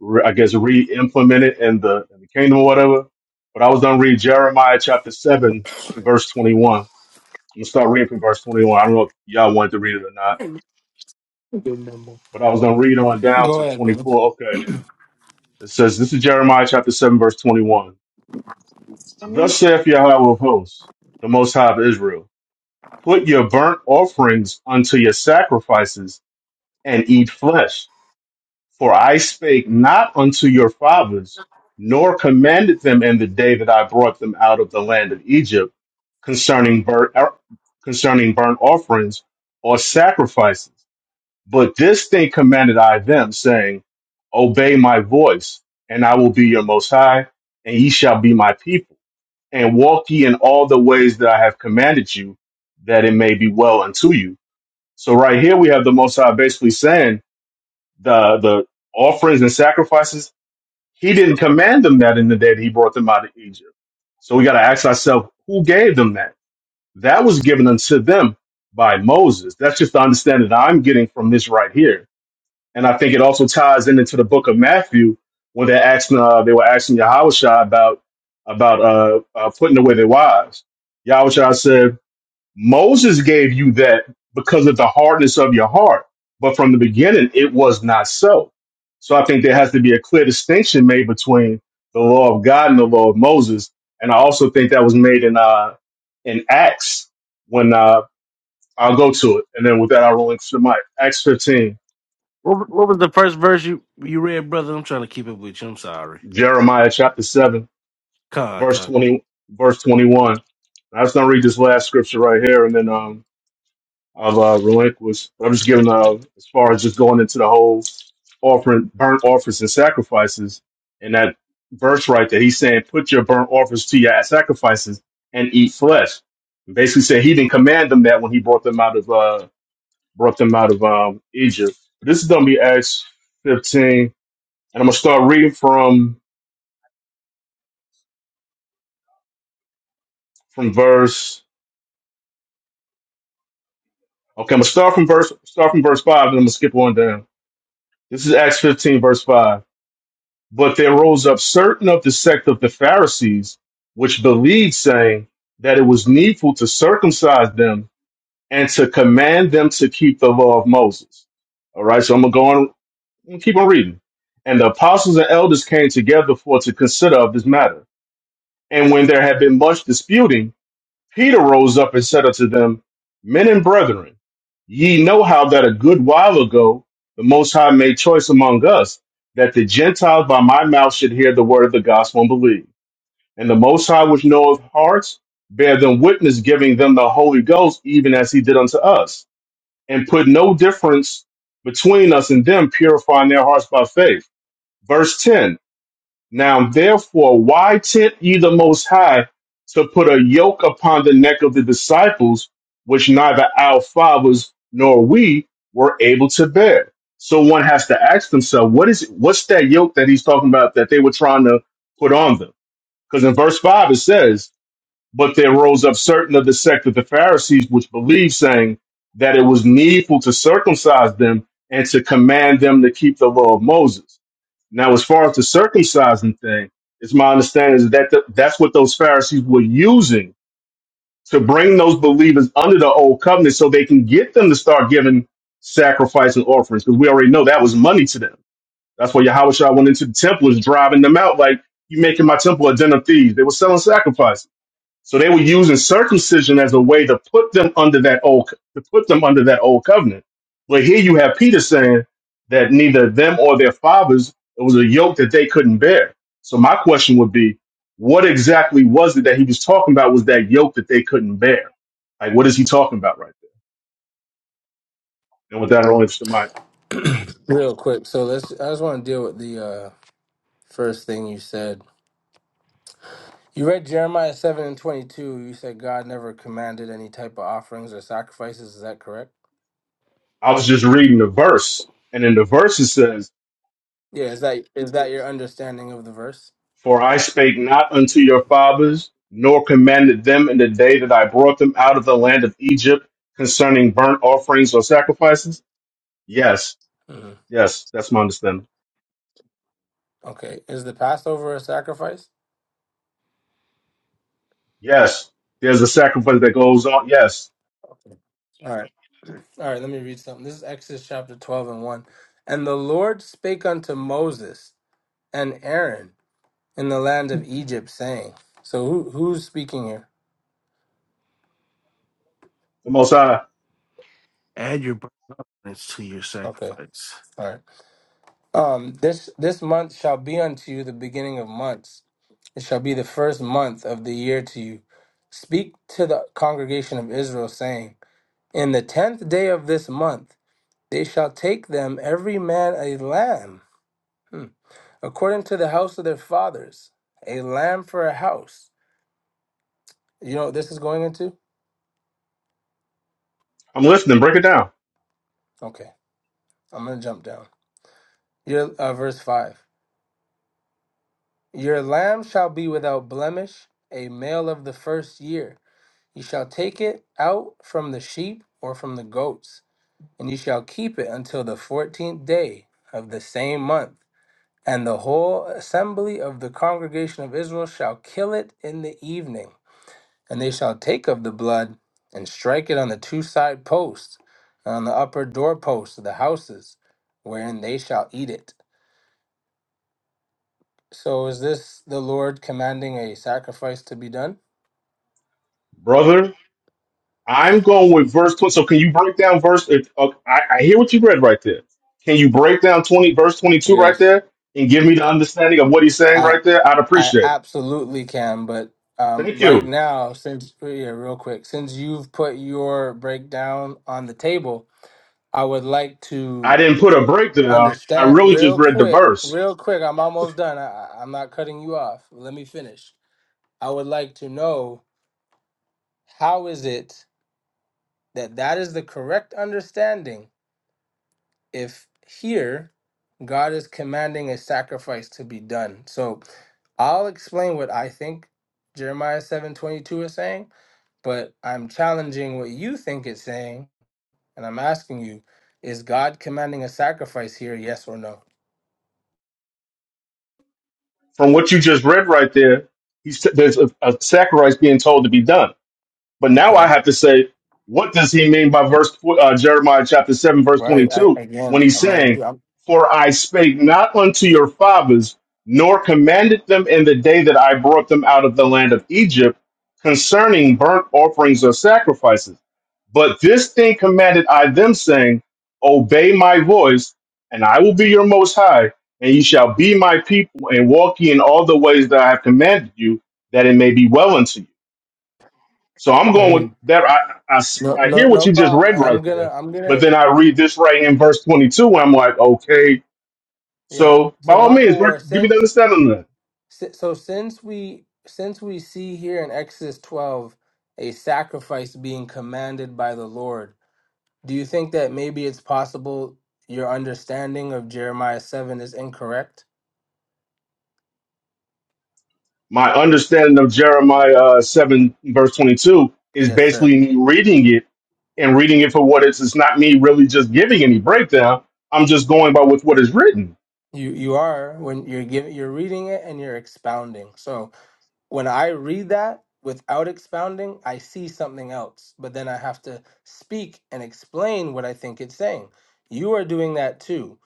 re- I guess, re-implemented in the, in the kingdom or whatever. But I was gonna read Jeremiah chapter seven, verse twenty-one. I'm gonna start reading from verse twenty-one. I don't know if y'all wanted to read it or not, but I was gonna read on down Go to ahead, brother. twenty-four. Okay, it says, "This is Jeremiah chapter seven, verse twenty-one. Thus saith Yahweh of hosts, the Most High of Israel." Put your burnt offerings unto your sacrifices, and eat flesh. For I spake not unto your fathers, nor commanded them in the day that I brought them out of the land of Egypt, concerning burnt er, concerning burnt offerings or sacrifices. But this thing commanded I them, saying, Obey my voice, and I will be your most high, and ye shall be my people. And walk ye in all the ways that I have commanded you, that it may be well unto you so right here we have the Most High basically saying the the offerings and sacrifices. He didn't command them that in the day that he brought them out of Egypt. So we got to ask ourselves, who gave them that? That was given unto them by Moses. That's just the understanding that I'm getting from this right here. And I think it also ties in into the book of Matthew when they're asking, uh, they were asking Yahushua about about uh, uh, putting away their wives. Yahushua said, Moses gave you that because of the hardness of your heart. But from the beginning, it was not so. So I think there has to be a clear distinction made between the law of God and the law of Moses. And I also think that was made in uh, in Acts when uh, I'll go to it. And then with that, I'll roll into the mic. Acts 15, What What was the first verse you you read, brother? I'm trying to keep it with you. I'm sorry. Jeremiah chapter 7, Con, verse con. 20, verse 21. I just going to read this last scripture right here. And then um, I've uh, relinquished. I'm just giving uh, as far as just going into the whole offering burnt offerings and sacrifices, and that verse right there. He's saying, "Put your burnt offerings to your sacrifices and eat flesh." Basically, said he didn't command them that when he brought them out of uh, brought them out of um, Egypt. But this is going to be Acts 15, and I'm gonna start reading from from verse. Okay, I'm gonna start from verse start from verse five, and I'm gonna skip on down. This is Acts 15, verse five. But there rose up certain of the sect of the Pharisees, which believed, saying that it was needful to circumcise them and to command them to keep the law of Moses. All right, so I'm gonna go on and keep on reading. And the apostles and elders came together for to consider of this matter. And when there had been much disputing, Peter rose up and said unto them, Men and brethren, ye know how that a good while ago the Most High made choice among us, that the Gentiles by my mouth should hear the word of the gospel and believe. And the Most High, which knoweth hearts, bear them witness, giving them the Holy Ghost, even as he did unto us, and put no difference between us and them, purifying their hearts by faith. Verse 10 now therefore, why tempt ye the Most High to put a yoke upon the neck of the disciples, which neither our fathers nor we were able to bear? So one has to ask themselves, what is what's that yoke that he's talking about that they were trying to put on them? Because in verse five it says, "But there rose up certain of the sect of the Pharisees which believed, saying that it was needful to circumcise them and to command them to keep the law of Moses." Now, as far as the circumcising thing, it's my understanding is that th- that's what those Pharisees were using to bring those believers under the old covenant so they can get them to start giving sacrifice and offerings because we already know that was money to them. That's why Yahweh Shah went into the temple is driving them out like, you making my temple a den of thieves. They were selling sacrifices. So they were using circumcision as a way to put them under that old to put them under that old covenant. But here you have Peter saying that neither them or their fathers it was a yoke that they couldn't bear. So my question would be, what exactly was it that he was talking about? Was that yoke that they couldn't bear? Like what is he talking about right there? And with that, I don't understand Real quick. So let's I just wanna deal with the uh first thing you said. You read Jeremiah seven and twenty two, you said God never commanded any type of offerings or sacrifices, is that correct? I was just reading the verse, and in the verse it says Yeah, is that is that your understanding of the verse? For I spake not unto your fathers, nor commanded them in the day that I brought them out of the land of Egypt concerning burnt offerings or sacrifices? Yes, hmm yes, that's my understanding. Okay, is the Passover a sacrifice? Yes, there's a sacrifice that goes on. Yes, All right, all right. Let me read something. This is Exodus chapter twelve and one. And the Lord spake unto Moses and Aaron in the land of Egypt, saying. So who who's speaking here? the Most High. Add your burdens to your Okay, sacrifice. all right. Um, this this month shall be unto you the beginning of months. It shall be the first month of the year to you. Speak to the congregation of Israel, saying, In the tenth day of this month. They shall take them every man a lamb, hmm, according to the house of their fathers, a lamb for a house. You know what this is going into? I'm listening. Break it down, Okay, I'm gonna jump down. Your uh, verse five. Your lamb shall be without blemish, a male of the first year. You shall take it out from the sheep or from the goats, and you shall keep it until the fourteenth day of the same month. And the whole assembly of the congregation of Israel shall kill it in the evening. And they shall take of the blood and strike it on the two side posts and on the upper doorposts of the houses, wherein they shall eat it. So is this the Lord commanding a sacrifice to be done? brother. I'm going with verse 20. So can you break down verse? if- uh, I, I hear what you read right there. Can you break down 20 verse 22 right Yes, there and give me the understanding of what he's saying I right there? I'd I appreciate it. absolutely can. But um, Thank you. right now, since oh, yeah, real quick, since you've put your breakdown on the table, I would like I to didn't put a breakdown. I understand really just real read the quick, verse. real quick. I'm almost done. I, I- I'm not cutting you off. Let me finish. I would like to know how is it that that is the correct understanding if here God is commanding a sacrifice to be done. So I'll explain what I think Jeremiah 7:22 is saying, but I'm challenging what you think it's saying and I'm asking you is God commanding a sacrifice here yes or no? From what you just read right there, he's, there's a, a sacrifice being told to be done. But now I Okay. have to say, what does he mean by verse uh, Jeremiah chapter seven, verse Right. I, twenty-two, when again, he's I'm going to saying, do I'm "For I spake not unto your fathers, nor commanded them in the day that I brought them out of the land of Egypt, concerning burnt offerings or sacrifices." But this thing commanded I them, saying, Obey my voice, and I will be your most high, and ye shall be my people, and walk ye in all the ways that I have commanded you, that it may be well unto you. So I'm going with Mhm. that. I, I s- No I no hear what no you just problem read and I'm right going there, to I'm going but to then I read this right in verse 22, and I'm like, okay, yeah. so by So all means, bro, Makawar, give me the since understanding of that. Si- So since we since we see here in Exodus 12 a sacrifice being commanded by the Lord, do you think that maybe it's possible your understanding of Jeremiah 7 is incorrect? my understanding of Jeremiah uh, 7, verse 22, is Yes, sir. basically me reading it and reading it for what it is. It's not me really just giving any breakdown. I'm just going by with what is written. You you are when you're giving you're reading it and you're expounding. So when I read that without expounding, I see something else, but then I have to speak and explain what I think it's saying. You are doing that too,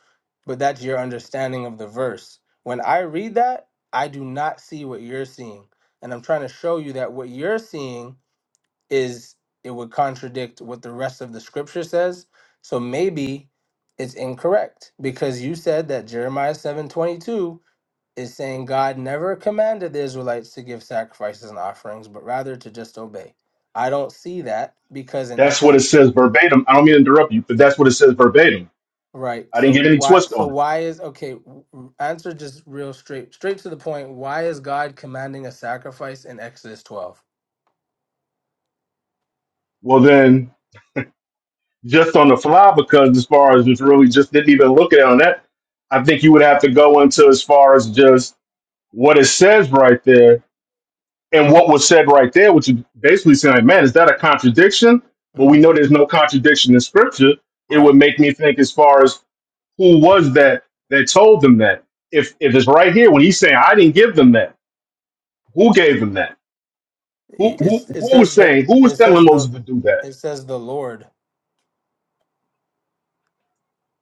but that's your understanding of the verse. When I read that, I do not see what you're seeing. And I'm trying to show you that what you're seeing is it would contradict what the rest of the scripture says. So maybe it's incorrect because you said that Jeremiah 7:22 is saying God never commanded the Israelites to give sacrifices and offerings, but rather to just obey. I don't see that because in That's what it Exodus, says verbatim. I don't mean to interrupt you, but that's what it says verbatim. right? I didn't get So any why? twist So on it. why is okay? w- w- Answer just real straight, straight to the point. Why is God commanding a sacrifice in Exodus 12 Well, then, just on the fly, because as far as it's really just didn't even look at it on that, I think you would have to go into as far as just what it says right there and what was said right there, which is basically saying, man, is that a contradiction? But we Mm-hmm. know there's no contradiction in scripture. It would make me think as far as who was that that told them that? If if it's right here when he's saying I didn't give them that, who gave them that? Who who It's it who says, was but saying who was it telling says the Moses to do that? it says the Lord.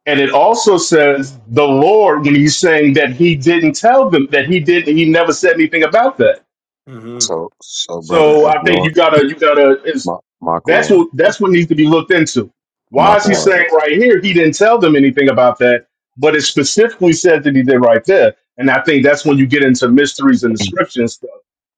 And it also says the Lord when he's saying that he didn't tell them that he didn't he never said anything about that. hmm So, so brother, So if I think you you're gotta you gotta Ma- That's Makawar, what if that's what needs to be looked into. Why is he Right Makawar, saying right here he didn't tell them anything about that, but it specifically said that he did right there. And I think that's when you get into mysteries and the scripture and stuff.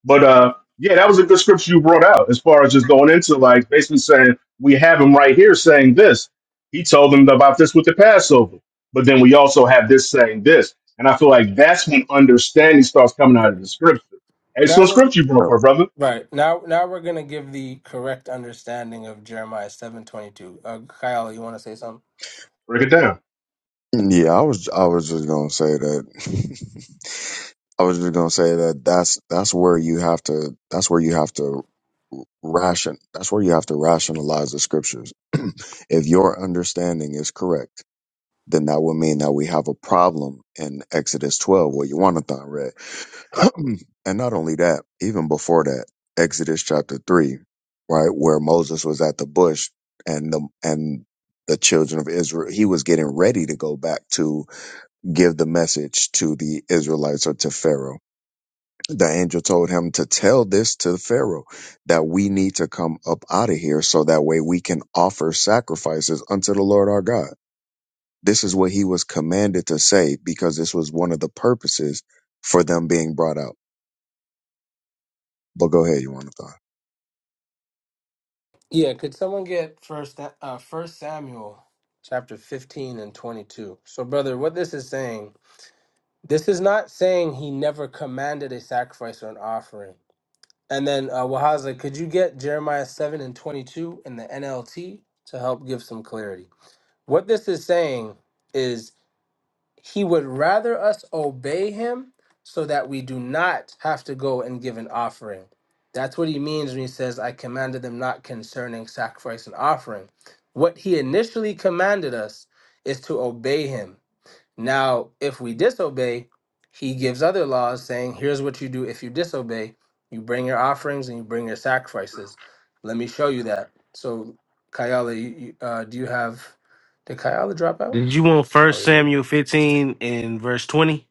But uh yeah, that was a good scripture you brought out as far as just going into like basically saying we have him right here saying this. He told them about this with the Passover. But then we also have this saying this. And I feel like that's when understanding starts coming out of the scripture. now Excellent we're scripture you brought uh, for brother. right now now we're gonna give the correct understanding of Jeremiah seven twenty two. Uh, Kyle, you want to say something? Break it down. yeah, I was, I was just gonna say that. I was just gonna say that that's that's where you have to that's where you have to ration that's where you have to rationalize the scriptures. if your understanding is correct, then that would mean that we have a problem in Exodus 12 where Jonathan read. and not only that, even before that, Exodus chapter 3, right, where Moses was at the bush and the and the children of Israel, he was getting ready to go back to give the message to the Israelites or to Pharaoh the angel told him to tell this to the Pharaoh that we need to come up out of here so that way we can offer sacrifices unto the Lord our God. This is what he was commanded to say because this was one of the purposes for them being brought out. But go ahead, you want to Yeah, could someone get first uh first Samuel chapter 15 and 22. So brother, what this is saying, this is not saying he never commanded a sacrifice or an offering. And then uh Wahaza, could you get Jeremiah 7 and 22 in the NLT to help give some clarity? What this is saying is he would rather us obey him so that we do not have to go and give an offering. That's what he means when he says, I commanded them not concerning sacrifice and offering. What he initially commanded us is to obey him. Now, if we disobey, he gives other laws saying, Here's what you do if you disobey. You bring your offerings and you bring your sacrifices. Let me show you that. So, Kayala, you, you, uh, do you have. Did Kayala drop out? Did you want Oh, First he did. Samuel 15 and verse 20?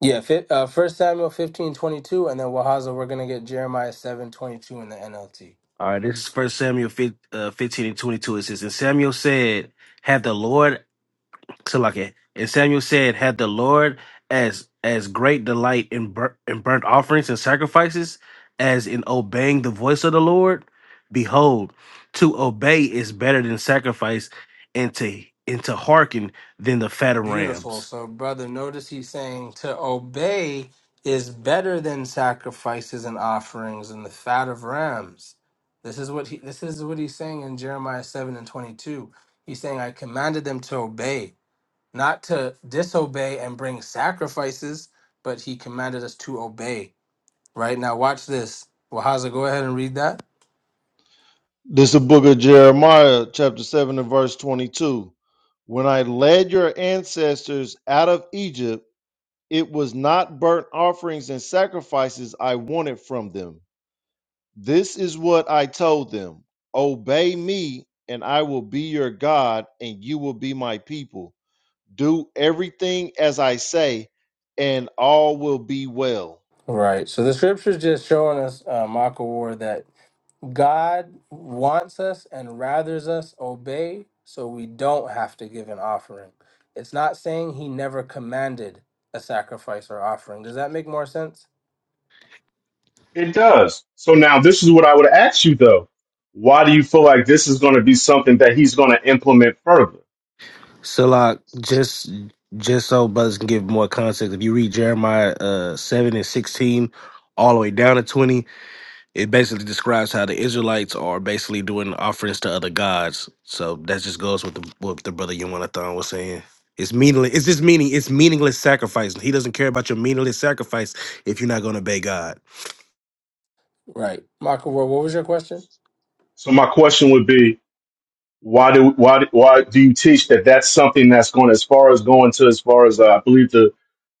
Yeah, fi- uh, 1 Samuel fifteen twenty two, and then Wahaza, we're going to get Jeremiah seven twenty two in the NLT. All right, this is First Samuel 15, uh, 15 and 22. It says, "And Samuel said." Had the Lord Salakia. And Samuel said, Had the Lord as as great delight in, bur- in burnt offerings and sacrifices as in obeying the voice of the Lord? Behold, to obey is better than sacrifice, and to and to hearken than the fat of Beautiful. rams. So, brother, notice he's saying to obey is better than sacrifices and offerings and the fat of rams. This is what he this is what he's saying in Jeremiah 7 and 22. He's saying I commanded them to obey, not to disobey and bring sacrifices, but he commanded us to obey. Right now watch this. Wahaza, go ahead and read that. This is the book of Jeremiah, chapter 7, and verse 22. When I led your ancestors out of Egypt, it was not burnt offerings and sacrifices I wanted from them This is what I told them Obey me, and I will be your God, and you will be my people. Do everything as I say, and all will be well. Right. So the scripture's just showing us, uh, Michael Ward, that God wants us and rathers us obey so we don't have to give an offering. It's not saying he never commanded a sacrifice or offering. Does that make more sense? It does. So now this is what I would ask you though. Why do you feel like this is going to be something that he's going to implement further? So, Salak, just just so brothers can give more context, if you read Jeremiah uh, seven and sixteen all the way down to twenty, It basically describes how the Israelites are basically doing offerings to other gods. So that just goes with the, what the brother Yonathan was saying. It's meaningless. It's just meaning. It's meaningless sacrifice. He doesn't care about your meaningless sacrifice if you're not going to obey God. Right. Michael Ward, what was your question? So my question would be, why do why do- why do you teach that that's something that's going as far as going to as far as uh, I believe the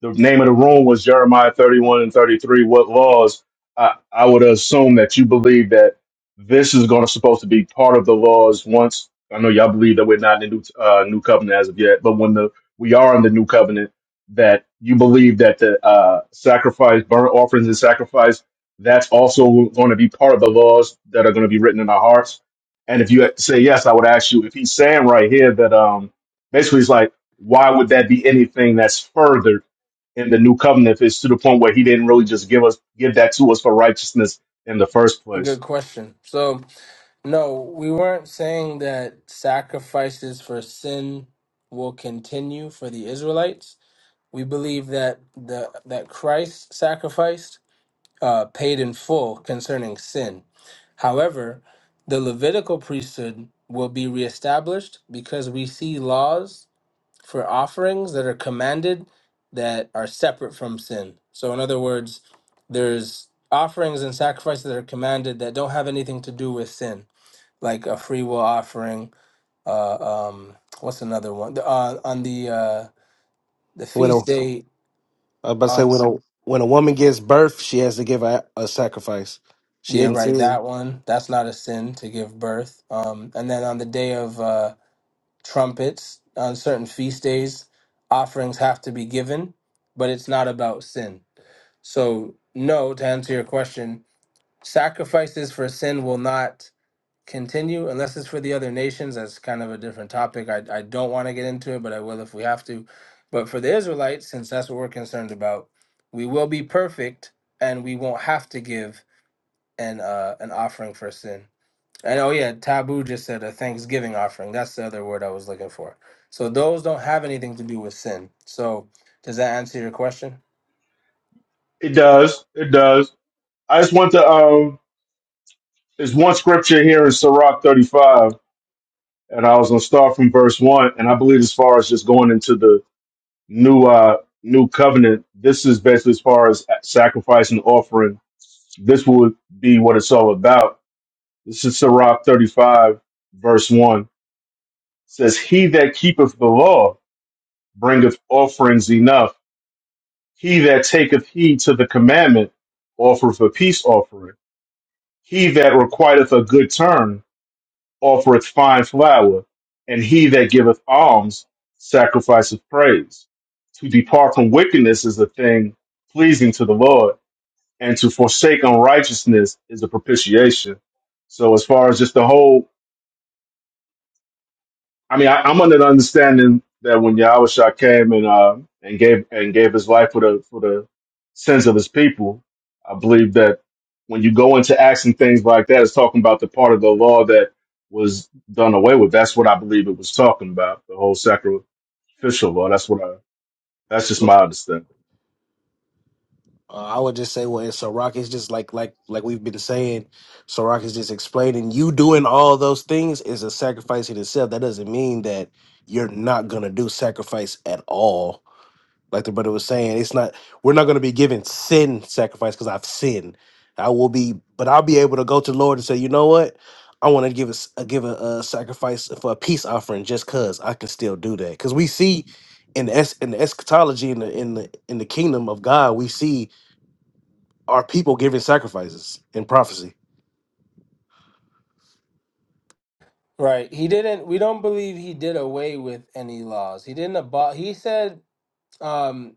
the name of the room was Jeremiah 31 and 33 what laws I, I would assume that you believe that this is going to supposed to be part of the laws once I know y'all believe that we're not in the new, uh, new covenant as of yet but when the we are in the new covenant that you believe that the uh, sacrifice burnt offerings and sacrifice that's also going to be part of the laws that are going to be written in our hearts and if you had to say yes, I would ask you if he's saying right here that um basically he's like, why would that be anything that's further in the new covenant if it's to the point where he didn't really just give us give that to us for righteousness in the first place? Good question. So No, we weren't saying that sacrifices for sin will continue for the Israelites. We believe that the that Christ sacrificed uh, paid in full concerning sin. However, the Levitical priesthood will be reestablished because we see laws for offerings that are commanded that are separate from sin. So, in other words, there's offerings and sacrifices that are commanded that don't have anything to do with sin like a free will offering. Uh, um, what's another one? The, uh, on the uh, the When a, I feast was day about to say on when a when a woman gives birth, she has to give a, a sacrifice. She yeah didn't right sin. that one. That's not a sin to give birth. Um, and then on the day of uh, trumpets on certain feast days, offerings have to be given, but it's not about sin. So no, to answer your question, sacrifices for sin will not continue unless it's for the other nations that's kind of a different topic i, I don't want to get into it but i will if we have to but for the israelites since that's what we're concerned about we will be perfect and we won't have to give an uh an offering for sin and oh yeah taboo just said a thanksgiving offering that's the other word i was looking for so those don't have anything to do with sin so does that answer your question It does. It does. I just want to um there's one scripture here in Sirach 35, and I was gonna start from verse one, and I believe as far as just going into the new uh new covenant, this is basically as far as sacrifice and offering this would be what it's all about This is Sirach 35, verse 1. says, He that keepeth the law bringeth offerings enough. He that taketh heed to the commandment offereth a peace offering. He that requiteth a good turn offereth fine flour. And he that giveth alms sacrificeth praise. To depart from wickedness is a thing pleasing to the Lord, and to forsake unrighteousness is a propitiation. So, as far as just the whole I mean, I, I'm under the understanding that when Yahusha came and uh, and gave and gave his life for the for the sins of his people, I believe that when you go into acts and things like that, it's talking about the part of the law that was done away with. That's what I believe it was talking about, the whole sacrificial law. That's what I. That's just my understanding. Uh, I would just say, well, in Sirach, it's just like like like we've been saying. Sirach is just explaining you doing all those things is a sacrifice in itself. That doesn't mean that you're not gonna do sacrifice at all. Like the brother was saying, it's not we're not gonna be given sin sacrifice because I've sinned. I will be, but I'll be able to go to the Lord and say, you know what? I want to give us a give a, a sacrifice for a peace offering just cause I can still do that. Cause we see in the es- in the eschatology in the in the in the kingdom of God, we see are people giving sacrifices in prophecy. right he didn't we don't believe he did away with any laws he didn't abol he said um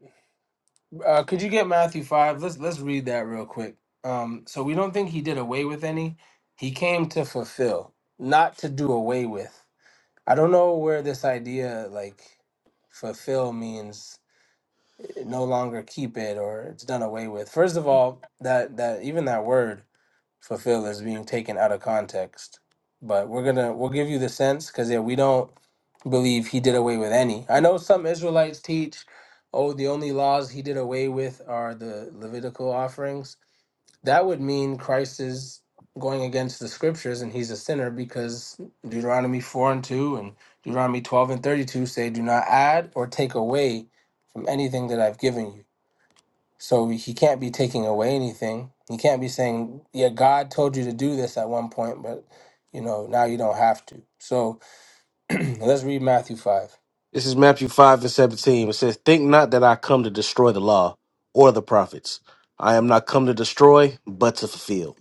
Uh, could you get Matthew five? Let's let's read that real quick. Um, so we don't think he did away with any. He came to fulfill, not to do away with. I don't know where this idea like fulfill means eh, no longer keep it or it's done away with. First of all, that that even that word fulfill is being taken out of context. But we're gonna we'll give you the sense because yeah, we don't believe he did away with any. I know some Israelites teach, oh, the only laws he did away with are the Levitical offerings. That would mean Christ is going against the scriptures and he's a sinner because Deuteronomy four and two and Deuteronomy twelve and thirty two say, Do not add or take away from anything that I've given you. So he can't be taking away anything. He can't be saying, "Yeah, God told you to do this at one point, but you know now you don't have to." So let's read Matthew five. This is Matthew 5 and 17. It says, Think not that I come to destroy the law or the prophets. I am not come to destroy, but to fulfill.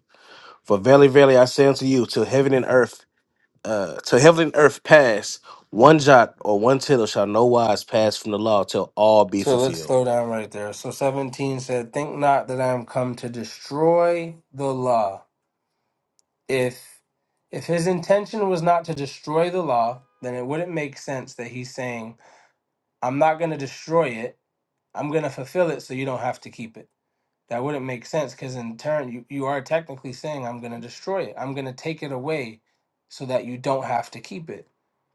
For verily, verily, I say unto you, till heaven and earth, uh, till heaven and earth pass, one jot or one tittle shall no wise pass from the law till all be So let's fulfilled. slow down right there. So seventeen said, "Think not that I am come to destroy the law. If if his intention was not to destroy the law, then it wouldn't make sense that he's saying, "I'm not going to destroy it. I'm going to fulfill it, so you don't have to keep it." That wouldn't make sense because in turn you, you are technically saying I'm gonna destroy it. I'm gonna take it away so that you don't have to keep it.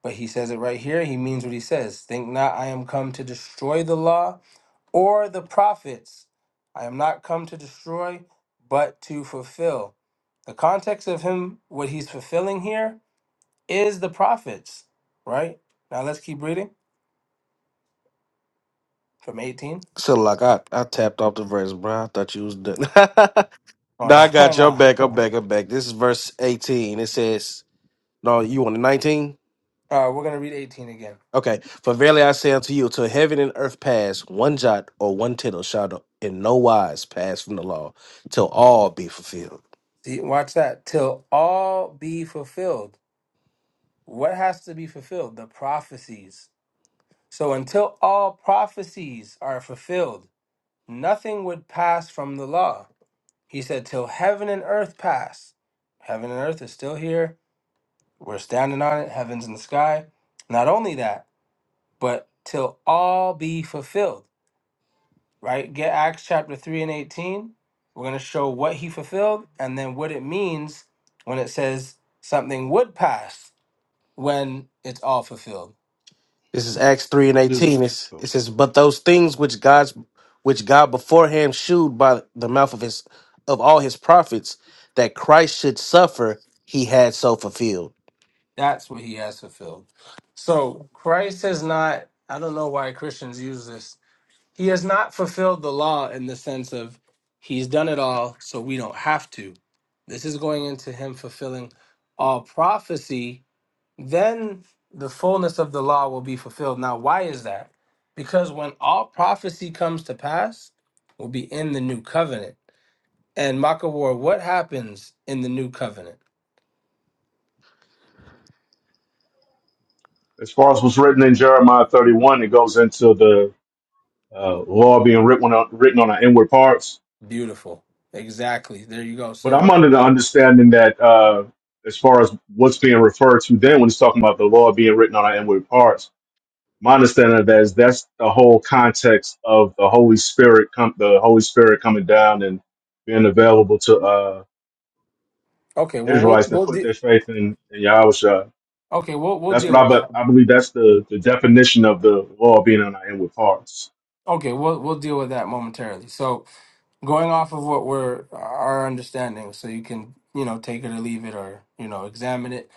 But he says it right here, he means what he says. Think not I am come to destroy the law or the prophets. I am not come to destroy, but to fulfill. The context of him what he's fulfilling here is the prophets, right? Now let's keep reading from 18. So like I, I tapped off the verse, bro. I thought you was done. Oh no, no, I got you. I'm no. back. I'm back. I'm back. This is verse 18. It says, No, you on the 19? All right, we're gonna read 18 again. Okay. For verily I say unto you, till heaven and earth pass, one jot or one tittle shall in no wise pass from the law, till all be fulfilled. See, watch that. Till all be fulfilled. What has to be fulfilled? The prophecies. So until all prophecies are fulfilled, nothing would pass from the law. He said, Till heaven and earth pass. Heaven and earth is still here. We're standing on it. Heaven's in the sky. Not only that, but till all be fulfilled, right? Get Acts chapter 3 and 18. We're going to show what he fulfilled and then what it means when it says something would pass when it's all fulfilled. This is Acts three and Does it? eighteen. It's, Oh. it says, "But those things which God's which God beforehand shewed by the mouth of his of all his prophets that Christ should suffer, he had so fulfilled." That's what he has fulfilled. So Christ has not, I don't know why Christians use this. He has not fulfilled the law in the sense of he's done it all, so we don't have to. This is going into him fulfilling all prophecy. Then the fullness of the law will be fulfilled. Now, why is that? Because when all prophecy comes to pass, will be in the new covenant. And Makawar, what happens in the new covenant? As far as what's written in Jeremiah 31, it goes into the uh, law being written on written on our inward parts Beautiful. Exactly. There you go. But So, I'm under the understanding that uh, as far as what's being referred to then when it's talking about the law being written on our inward parts, my understanding of that is that's the whole context of the Holy Spirit, com- the Holy Spirit coming down and being available to uh, okay, well we'll Israelites that we'll put de- their faith in, in Yahusha. okay, we'll we'll That's what deal I, with that. but I believe that's the, the definition of the law being on our inward parts. Okay, we'll we'll deal with that momentarily. So, going off of what we're our understanding, so you can, you know, take it or leave it or, you know, examine it.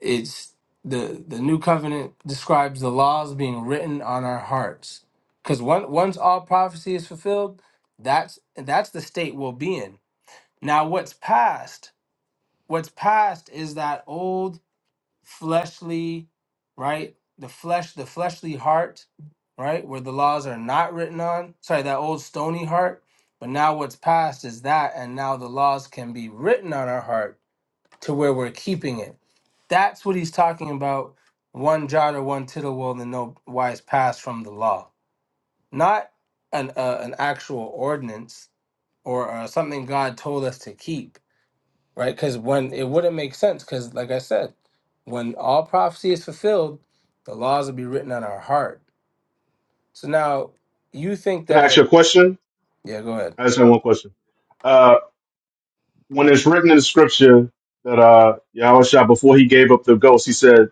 It's the the new covenant describes the laws being written on our hearts. Cuz once once all prophecy is fulfilled, that's that's the state we'll be in. Now what's past? What's past is that old fleshly, right? The flesh, the fleshly heart, right? Where the laws are not written on. Sorry, that old stony heart. But now what's past is that, and now the laws can be written on our heart to where we're keeping it. That's what he's talking about. One jot or one tittle will in no wise pass from the law. Not an, uh, an actual ordinance or uh, something God told us to keep right? Because when it wouldn't make sense, because like I said, when all prophecy is fulfilled, the laws will be written on our heart. So now you think Can I ask you that, a question? yeah, go ahead. I just have one question. Uh, when it's written in the scripture that uh, Yahusha, before he gave up the ghost, he said,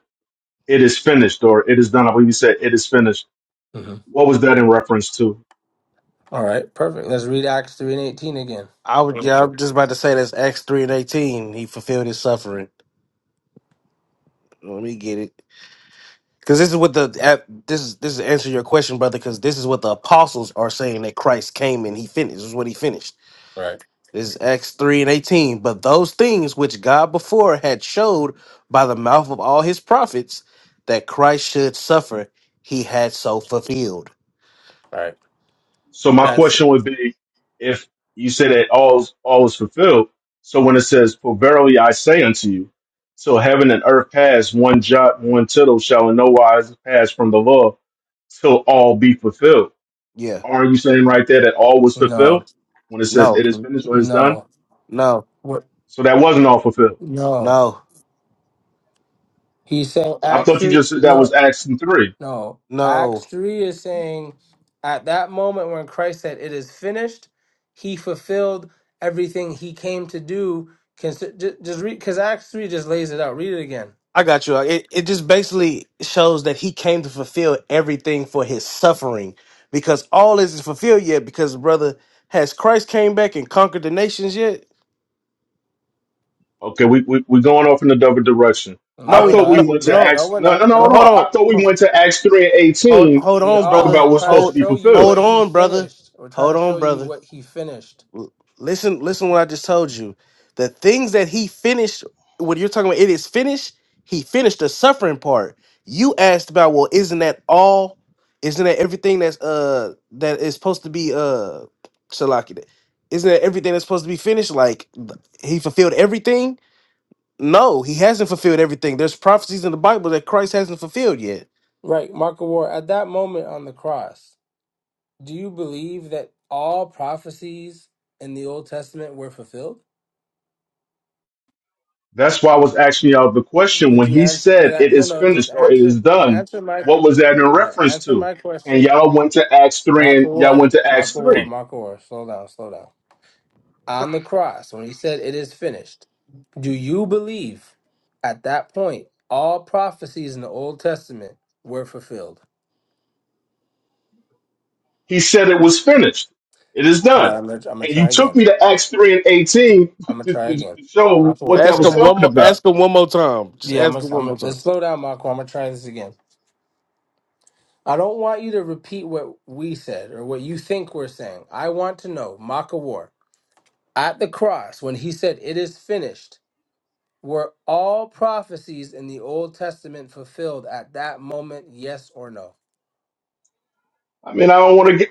It is finished, or it is done. I believe you said it is finished. hmm What was that in reference to? All right, perfect. Let's read Acts 3 and 18 again. I would, Real yeah, quick. I'm just about to say that's Acts three and eighteen. He fulfilled his suffering. Let me get it, because this is what the at- this is this is answer your question, brother. Because this is what the apostles are saying that Christ came and he finished. This is what he finished. All right, This is Acts 3 and 18. But those things which God before had showed by the mouth of all his prophets that Christ should suffer, he had so fulfilled. all right. So my That- question would be, if you said that all is, all is fulfilled, so when it says, "For verily I say unto you, till heaven and earth pass, one jot, one tittle shall in no wise pass from the law, till all be fulfilled." Yeah. Aren't you saying right there that all was no, fulfilled when it says No, it is n- finished or it is done? no, no, what? So that wasn't all fulfilled. No. no, He's saying I Acts thought you 3, just said that no. was Acts three. No, no. Acts 3 is saying at that moment when Christ said, It is finished, he fulfilled everything he came to do. Consi- ju- Just read, because Acts 3 just lays it out. Read it again. I got you. It, it just basically shows that he came to fulfill everything for his suffering because all isn't fulfilled yet. Because, brother, has Christ came back and conquered the nations yet? Okay, we, we we're going off in a double direction. I No, No, we're he, no, thought not. we no, went to No, no, no, Acts. we're No, no, not. no, no, no. hold No, I thought on. we went to Acts three and Hold eighteen hold we to on, talk are. brother. We're about what's trying supposed to to be Hold show you fulfilled. hold what he on, brother. finished. We're trying Hold to show on, you brother. what he finished. L- Listen, listen what I just told you. The things that he finished, when you're talking about it is finished, he finished the suffering part. You asked about, well, isn't that all? Isn't that everything that's uh that is supposed to be uh Shalaki? Isn't that everything that's supposed to be finished? Like th- he fulfilled everything? No, he hasn't fulfilled everything. There's prophecies in the Bible that Christ hasn't fulfilled yet. Right, Mark of War, at that moment on the cross, do you believe that all prophecies in the Old Testament were fulfilled? That's why I was asking y'all the question Could when you he answer? But said I, it no, is no, just finished or it answer. is done. Answer my que- What was that in right. reference Answer to? my And question. y'all went to Acts three Mark a and y'all war. went to Acts Mark a war. three. Mark a war. Slow down. Slow down. On the cross, when he said, "It is finished," do you believe at that point all prophecies in the Old Testament were fulfilled? He said it was finished. It is All right, done. I'm gonna, I'm gonna And you try took again. me to Acts three and eighteen I'm gonna to, try to, to again. show Mark a war. what that Ask Slow was him down. one talking more. about. Ask him one more time. Just Yeah, I'm ask gonna, him one I'm more gonna, time. let's slow down, Mark. I'm gonna try this again. I don't want you to repeat what we said or what you think we're saying. I want to know, Maka war. At the cross, when he said, It is finished, were all prophecies in the Old Testament fulfilled at that moment, yes or no? I mean, I don't want to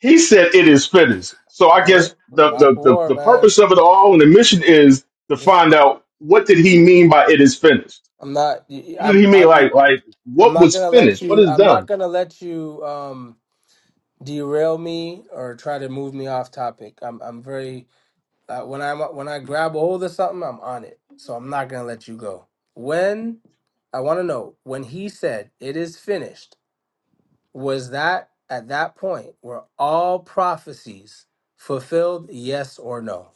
He said it is finished. So I Brother, guess the, Mark the, the, War, the man. purpose of it all and the mission is to Just find out what did he mean by it is finished? I'm not y- y- What did I'm he mean? I'm Like, like I'm what not was gonna let finished? What you is I'm not done? gonna let you um derail me or try to move me off topic. I'm I'm very uh, when I'm when I grab a hold of something, I'm on it. So I'm not gonna let you go. When I want to know when he said it is finished was that at that point were all prophecies fulfilled yes or no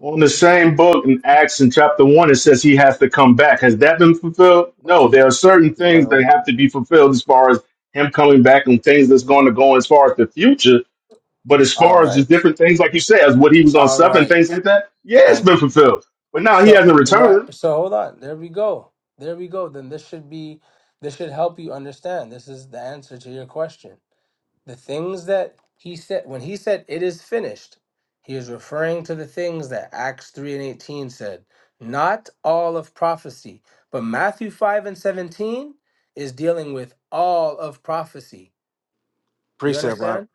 On the same book in Acts in chapter one, it says he has to come back. Has that been fulfilled? No, there are certain things that No have to be fulfilled as far as him coming back and things that's going to go as far as the future. But as all far as just right different things, like you said, as what he was on all stuff and right things like that, yeah, it's thank been you fulfilled. But now he so hasn't right returned. so hold on there we go there we go then this should be this should help you understand this is the answer to your question the things that he said when he said it is finished he is referring to the things that acts 3 and 18 said not all of prophecy but matthew 5 and 17 is dealing with all of prophecy do you precept. Right? understand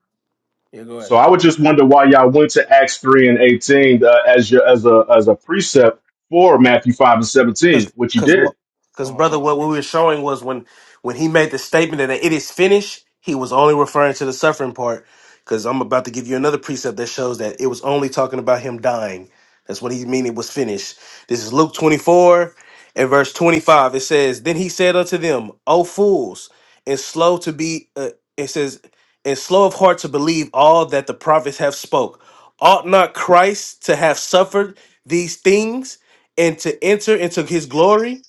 yeah go ahead So I would just wonder why y'all went to Acts three and eighteen uh, as your as a as a precept for Matthew five and because seventeen, which you because did. because oh my brother, what we god were showing was when when he made the statement that it is finished, he was only referring to the suffering part. Because I'm about to give you another precept that shows that it was only talking about him dying. That's what he mean it was finished. This is Luke 24 and verse 25. It says, "Then he said unto them, O fools, and slow to be," uh, it says, "and slow of heart to believe all that the prophets have spoke. Ought not Christ to have suffered these things?" and to enter into his glory.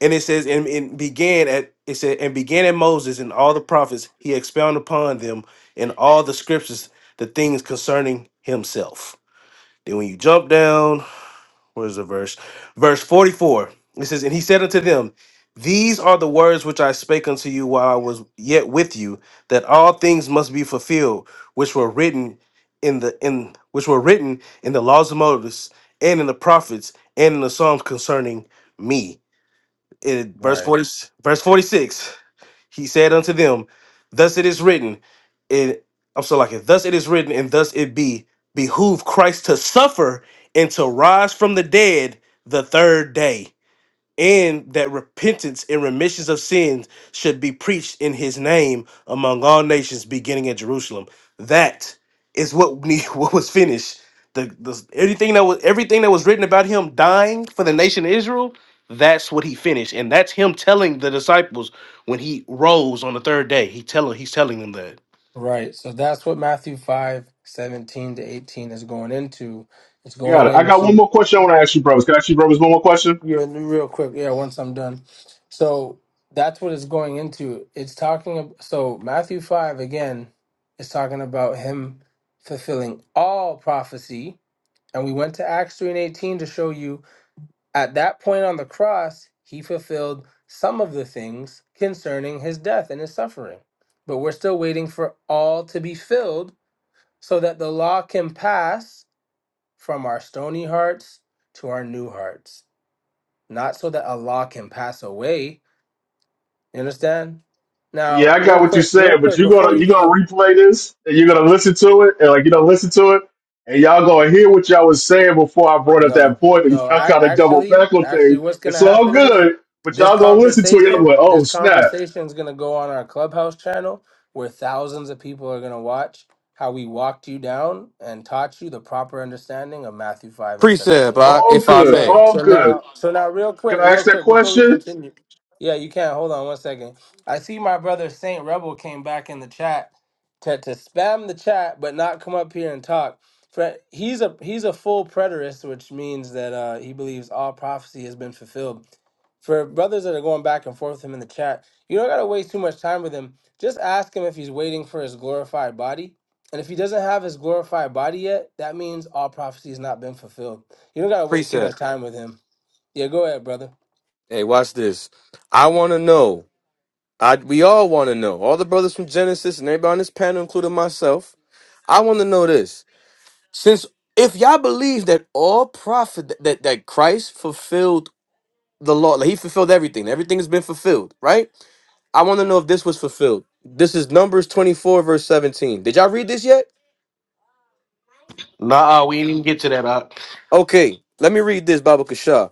And it says, and, and began at it said, and began at Moses and all the prophets, he expounded upon them in all the scriptures the things concerning himself. Then when you jump down what is the verse? Verse 44. It says, And he said unto them, These are the words which I spake unto you while I was yet with you, that all things must be fulfilled, which were written in the in which were written in the laws of Moses and in the prophets and in the Psalms concerning me. In verse right 40, verse 46. He said unto them, Thus it is written, it I'm so like it, thus it is written, and thus it be, behoove Christ to suffer and to rise from the dead the third day and that repentance and remissions of sins should be preached in his name among all nations beginning at Jerusalem. That is what we, what was finished. The, the everything that was everything that was written about him dying for the nation of Israel, that's what he finished. And that's him telling the disciples when he rose on the third day. He telling he's telling them that. right so that's what matthew 5 17 to 18 is going into it's Got going it. I got one into more question I want to ask you, brothers. Can I ask you, brothers, one more question? Yeah, real quick. Yeah, once I'm done. So that's what it's going into. It's talking. ab- So Matthew five again is talking about him fulfilling all prophecy, and we went to Acts three and eighteen to show you at that point on the cross he fulfilled some of the things concerning his death and his suffering. But we're still waiting for all to be filled, so that the law can pass from our stony hearts to our new hearts not so that Allah can pass away. You understand? Yeah, Now, I real got what you quick, said, real but quick, you're before gonna you you're gonna go, replay this and you're gonna listen to it and like you're gonna listen to it and y'all gonna hear what y'all was saying before I brought up that no, point and no, y'all I, kind of double actually, back on actually, things. what's gonna It's all happen is good, but this y'all gonna listen to it. Y'all conversation, be like, oh this snap, conversation is gonna go on our clubhouse channel where thousands of people are gonna watch how we walked you down and taught you the proper understanding of Matthew 5 and Precept, 17. Ak, all if I good, So may. all so now good. so now real quick, Can I ask real that quick before we question? continue. Yeah, you can. Hold on one second. I see my brother Saint Rebel came back in the chat to, to spam the chat but not come up here and talk. Fre- He's a he's a full preterist, which means that uh, he believes all prophecy has been fulfilled. For brothers that are going back and forth with him in the chat, you don't gotta waste too much time with him. Just ask him if he's waiting for his glorified body. And if he doesn't have his glorified body yet, that means all prophecy has not been fulfilled. You don't gotta waste too much Precept. time with him. Yeah, go ahead, brother. Hey, watch this. I want to know. I we all want to know. All the brothers from Genesis and everybody on this panel, including myself, I want to know this. Since if y'all believe that all prophet that that Christ fulfilled the law, like he fulfilled everything, everything has been fulfilled, right? I want to know if this was fulfilled. This is Numbers twenty four verse seventeen. Did y'all read this yet? Nah, we didn't even get to that. Uh Okay, let me read this Baba Kasha.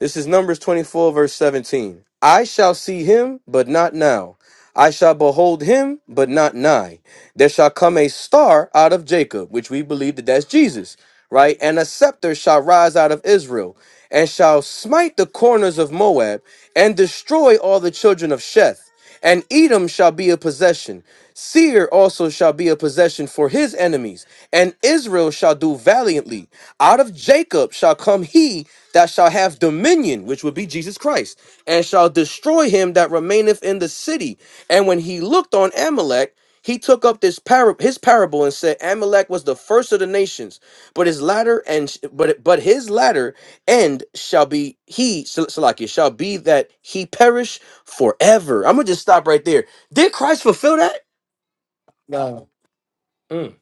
This is Numbers 24, verse 17. I shall see him, but not now. I shall behold him, but not nigh. There shall come a star out of Jacob, which we believe that that's Jesus right? And a scepter shall rise out of Israel, and shall smite the corners of Moab, and destroy all the children of Sheth. And Edom shall be a possession. Seir also shall be a possession for his enemies, and Israel shall do valiantly. Out of Jacob shall come he that shall have dominion, which would be Jesus Christ, and shall destroy him that remaineth in the city. And when he looked on Amalek, he took up this par- his parable and said, Amalek was the first of the nations but his latter and but but his latter end shall be he Sel- Salakia shall be that he perish forever. I'm gonna just stop right there. Did Christ fulfill that? No. Mm.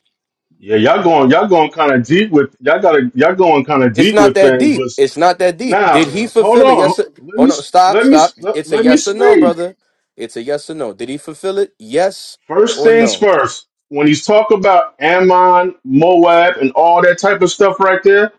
Yeah, y'all going y'all going kind of deep with y'all got to y'all going kind of It's deep not with that things. deep. But It's not that deep. now, Did All he hold fulfill it? Yes. on. Or, Let me hold on. Stop. let me Stop. let, It's a let me yes or no, speak. brother. It's a yes or no. Did he fulfill it? Yes First or things no? first. When he's talk about Ammon, Moab, and all that type of stuff right there,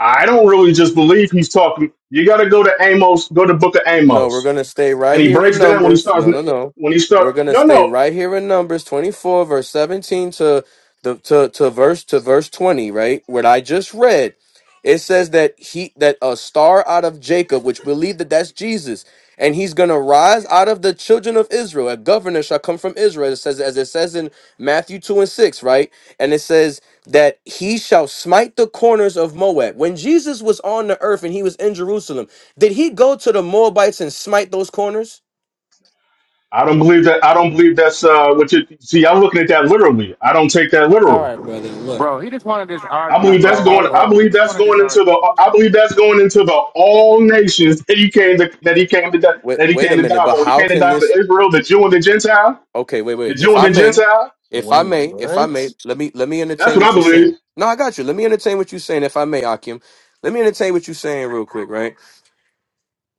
I don't really just believe he's talking. You got to go to Amos, go to Book of No, we're Amos, gonna stay right and he here in breaks down when he Numbers. starts No, no, no. when he start. We're gonna No, stay no, right here in Numbers twenty four, verse seventeen to the to, to verse to verse twenty, right? What I just read. It says that he that a star out of Jacob, which believed that that's Jesus, and he's gonna rise out of the children of Israel. A governor shall come from Israel. It says as it says in Matthew two and six, right? And it says that he shall smite the corners of Moab. When Jesus was on the earth and he was in Jerusalem. Did he go to the Moabites and smite those corners? I don't believe that. I don't believe that's uh, what you see. I'm looking at that literally. I don't take that literal. right, brother. Look. Bro, he just wanted to just I argue, I, believe I, that's bro. all going. I right. Bro, he believe just that's wanted to just going into argue, the. bro. I believe that's going into the all nations that he came to. That he came to. die- Wait, That he wait a came to minute. die But for. He how came to can die for this? Israel, the Jew and the Gentile. Okay, wait, The wait. Jew If and I the may, Gentile. if I Wait, may, if I what? may, let me let me That's entertain what I what you're believe. saying. No, I got you. Let me entertain what you're saying. If I may, Akim, let me entertain what you're saying real quick, right?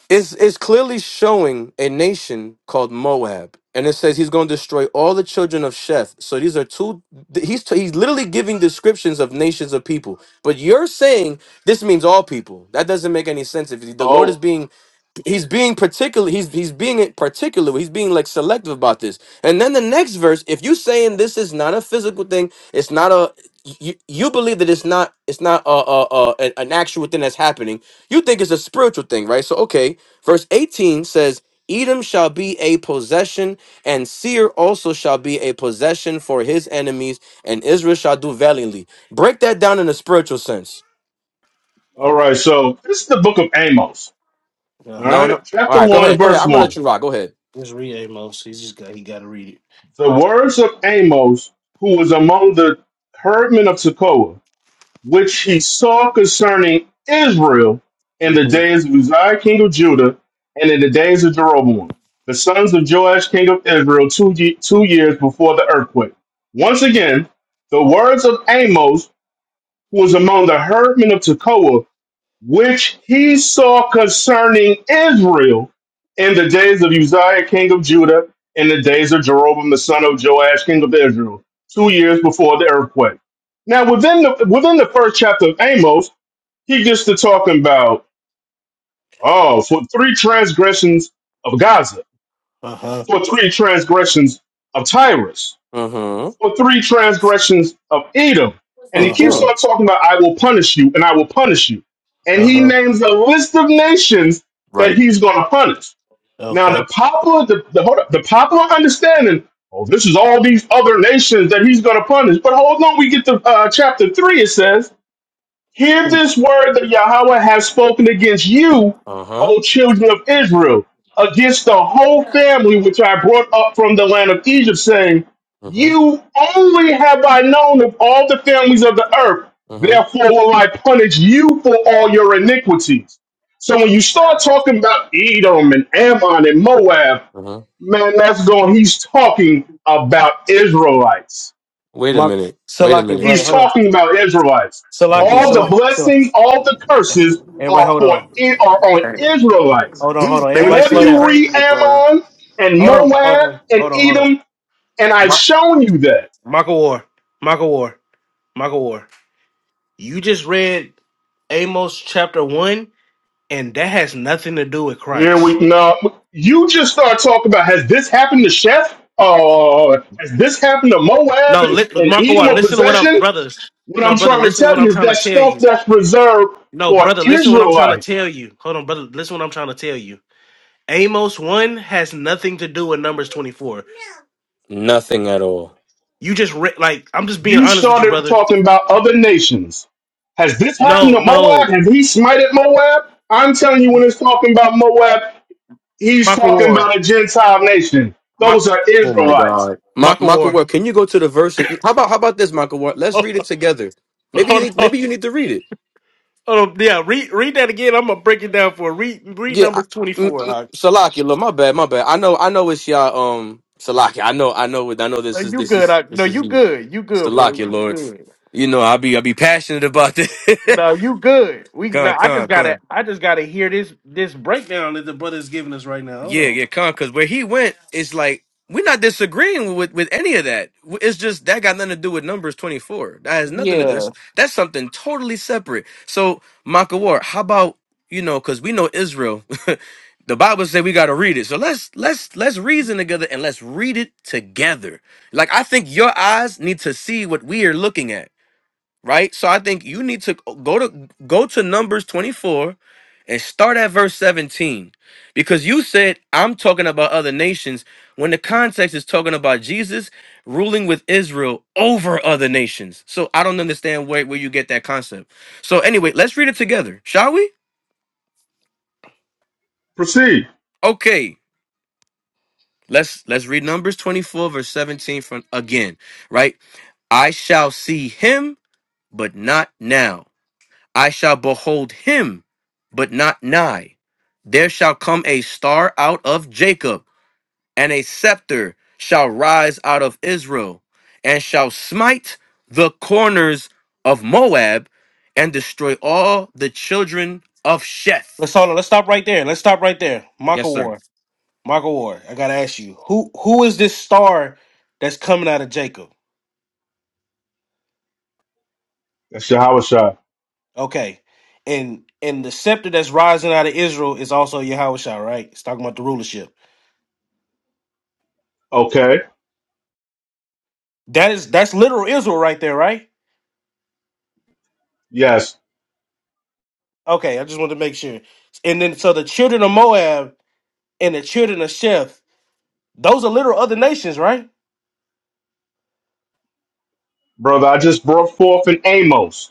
It's, it's clearly showing a nation called Moab, and it says he's going to destroy all the children of Sheth. So these are two. th- He's t- he's literally giving descriptions of nations of people. But you're saying this means all people. That doesn't make any sense. If the Lord is Oh, being he's being particular he's he's being particular he's being like selective about this and then the next verse if you saying this is not a physical thing it's not a you, you believe that it's not it's not a, a, a an an actual thing that's happening you think it's a spiritual thing right so okay verse 18 says edom shall be a possession and seir also shall be a possession for his enemies and israel shall do valiantly break that down in a spiritual sense all right. So this is the book of Amos. Uh All huh. No, no. right, All chapter right, go one, ahead. Go ahead. verse I'm gonna let one. you rock. Go ahead. Just read Amos. He just got he got to read it. The words of Amos, who was among the herdmen of Tekoa which he saw concerning Israel in the Mm-hmm. days of Uzziah king of Judah, and in the days of Jeroboam, the sons of Joash king of Israel, two, ye- two years before the earthquake. Once again, the words of Amos, who was among the herdmen of Tekoa, which he saw concerning Israel in the days of Uzziah, king of Judah, in the days of Jeroboam, the son of Joash, king of Israel, two years before the earthquake. Now, within the within the first chapter of Amos, he gets to talking about oh, for three transgressions of Gaza, Uh huh. for three transgressions of Tyrus Mm-hmm. for three transgressions of Edom. And he Uh keeps huh. Mm-hmm. on talking about, I will punish you and I will punish you. And Uh huh. he names a list of nations that Right. he's going to punish. Now, Okay. the popular, the, the, hold up, the popular understanding, oh, this is all these other nations that he's going to punish. But hold on, we get to uh, chapter three, it says, Hear this word that Yahweh has spoken against you, Uh-huh. O children of Israel, against the whole family which I brought up from the land of Egypt, saying, Mm-hmm. You only have I known of all the families of the earth, Mm-hmm. therefore will I punish you for all your iniquities. So when you start talking about Edom and Ammon and Moab, Mm-hmm. man, that's going, he's talking about Israelites. Wait a Mark minute. Wait a Salaki, minute. brother. He's Hold So- on. talking about Israelites. oh Salaki, my. All the Salaki, Salaki. blessings, all the curses Everybody are hold for on. are on Hey, Israelites. Hold on, hold he's on. Everybody Whenever slow batshit you down. read crazy, bro. Ammon and Hold on. Hold Moab on. and Hold on. Hold on. Edom, and I've Mark shown you that. Michael War. Michael War. Michael War. You just read Amos chapter one, and that has nothing to do with Here Christ. we now you just start talking about has this happened to Sheph? Uh, has this happened to Moab No, and, li- and Michael War, Edom of listen to what I'm possession? brothers. What No, I'm brother, trying to listen to what tell I'm you is trying to that tell stuff you. that's reserved No, for brother, listen to what I'm trying to Israelites. tell you. Hold on, brother, listen to what I'm trying to tell you. Amos 1 has nothing to do with Numbers 24. Nothing at all. You just re- like I'm just being You honest with you, started brother. talking about other nations. Has this happened No, to no, Moab? Has he smited Moab? I'm telling you, when it's talking about Moab, he's Maka talking War, about a Gentile nation. Ma- Those are Oh my Israelites. God. Ma- Maka Michael War. Ward, can you go to the verse? How about how about this, Michael Ward? Let's Hold read it together. Maybe you on, need hold on. maybe you need to read it. hold on. Yeah, read read that again. I'm gonna break it down for read read Yeah, number I- twenty mm, four. mm, Like Salaki, look, my bad, my bad. I know, I know it's y'all. Um, Salaki, I know, I know, it- I know. This is you this good? is I, no, this is you you, good. You good, brother. Salaki, Lord. You good. You know, I be I be passionate about this. No, you good. We come, no. I come, just come. gotta I just gotta hear this this breakdown that the brother is giving us right now. Hold Yeah, on. yeah, con. Because where he went, it's like we're not disagreeing with with any of that. W- It's just that got nothing to do with numbers twenty four. That has nothing to do. That's, Yeah. that's something totally separate. So, Maka War, how about you know? Because we know Israel. the Bible said we got to read it. So let's let's let's reason together and let's read it together. Like I think your eyes need to see what we are looking at right? So I think you need to go to go to Numbers 24 and start at verse 17. Because you said I'm talking about other nations when the context is talking about Jesus ruling with Israel over other nations. So I don't understand where, where you get that concept. So anyway, let's read it together, shall we? Proceed. Okay. Let's let's read Numbers 24, verse 17 from again, right? I shall see him, but not now. I shall behold him, but not nigh. There shall come a star out of Jacob, and a scepter shall rise out of Israel, and shall smite the corners of Moab, and destroy all the children of Sheth. Let's hold on. Let's stop right there. Let's stop right there. Maka Yes, sir. War, Maka War. I gotta ask you who who is this star that's coming out of Jacob? That's Shah. Okay. And and the scepter that's rising out of Israel is also Yahushua, right? It's talking about the rulership. Okay. That is that's literal Israel right there, right? Yes. Okay, I just wanted to make sure. And then so the children of Moab and the children of Sheph, those are literal other nations, right? Brother, I just brought forth in Amos.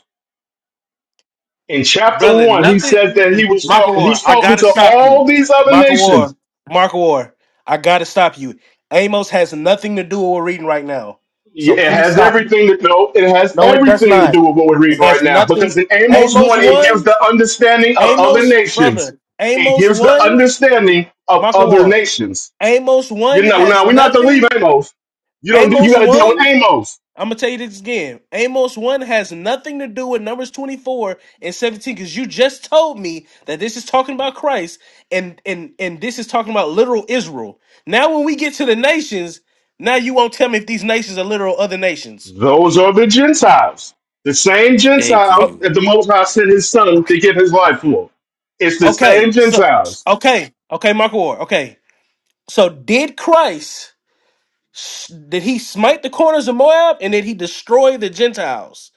In chapter Brother, one, he says nothing that he was Michael talking, War, he's I talking gotta to stop you. all these other Michael nations. War, Michael War, I gotta stop you. Amos has nothing to do with what we're reading right now. So Yeah, it please has stop. everything to do. It has No, it does everything to not. do with what we're It reading right has now. nothing. Because in Amos Amos one, it gives 1. the understanding of other Amos, nations. brother, It Amos gives the 1, understanding of Michael other Ward. nations. Amos You 1 know, has now we're not to leave nothing. Amos. You don't. You Amos got to deal with 1, Amos. I'm going to tell you this again. Amos 1 has nothing to do with Numbers 24 and 17 because you just told me that this is talking about Christ and, and, and this is talking about literal Israel. Now, when we get to the nations, now you won't tell me if these nations are literal other nations. Those are the Gentiles, the same Thank Oh, Gentiles you. that the Most High sent His Son to give His life for. It's the same okay. So, Gentiles. okay. Okay, Michael Ward. Okay. So, did Christ. S- Did he smite the corners of Moab and did he destroy the Gentiles?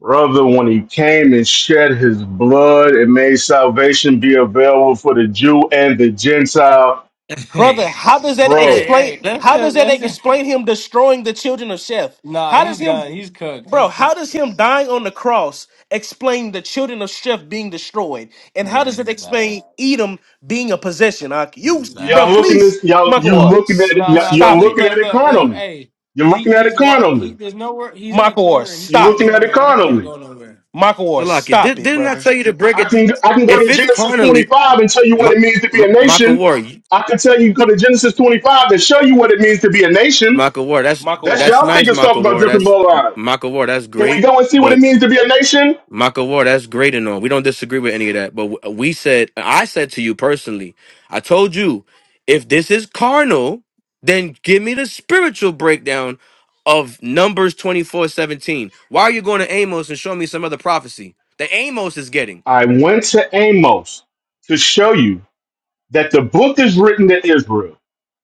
Brother, when he came and shed his blood and made salvation be available for the Jew and the Gentile, Hey, Brother, how does that hey, bro, explain hey. That how does shit. that That shit. explain him destroying the children of Sheth? Nah, How does he's him done. He's cooked. He bro, how keeps. does him dying on the cross explain the children of Sheth being destroyed? And Yeah, how does this it is bad. explain Edom being a possession? Ak? This You is bro, bad. y'all looking please, this, y'all Michael you Orr, looking at s- it, No, y'all, no. you're This stop is it. looking at look, it look, look. carnally. Hey, You're he looking at it he's walk. He carnally. there's nowhere. He's in a Michael Orr, corner. He You're stop can't looking it. go at it no. He can't carnally. go nowhere. Michael Orr, Salaki, stop did, it, didn't I brother. tell you to break I it? can I can go If to it's Genesis carnally, 25 and tell you what Ma- it means to be a Ma- Maka nation. War, you- I can tell you go to Genesis 25 and show you what it means to be a nation. Maka War, that's Michael That's Orr. that's y'all think nice, it's Maka talking about War. different That's bloodlines. Maka War. That's Can we great. go and see what it means to be a nation? Michael Ward, that's great and all. We don't disagree with any of that. But w- we said, I said to you personally, I told you, if this is carnal, then give me the spiritual breakdown of Numbers twenty four seventeen. Why are you going to Amos and show me some other prophecy that Amos is getting? I went to Amos to show you that the book is written to Israel.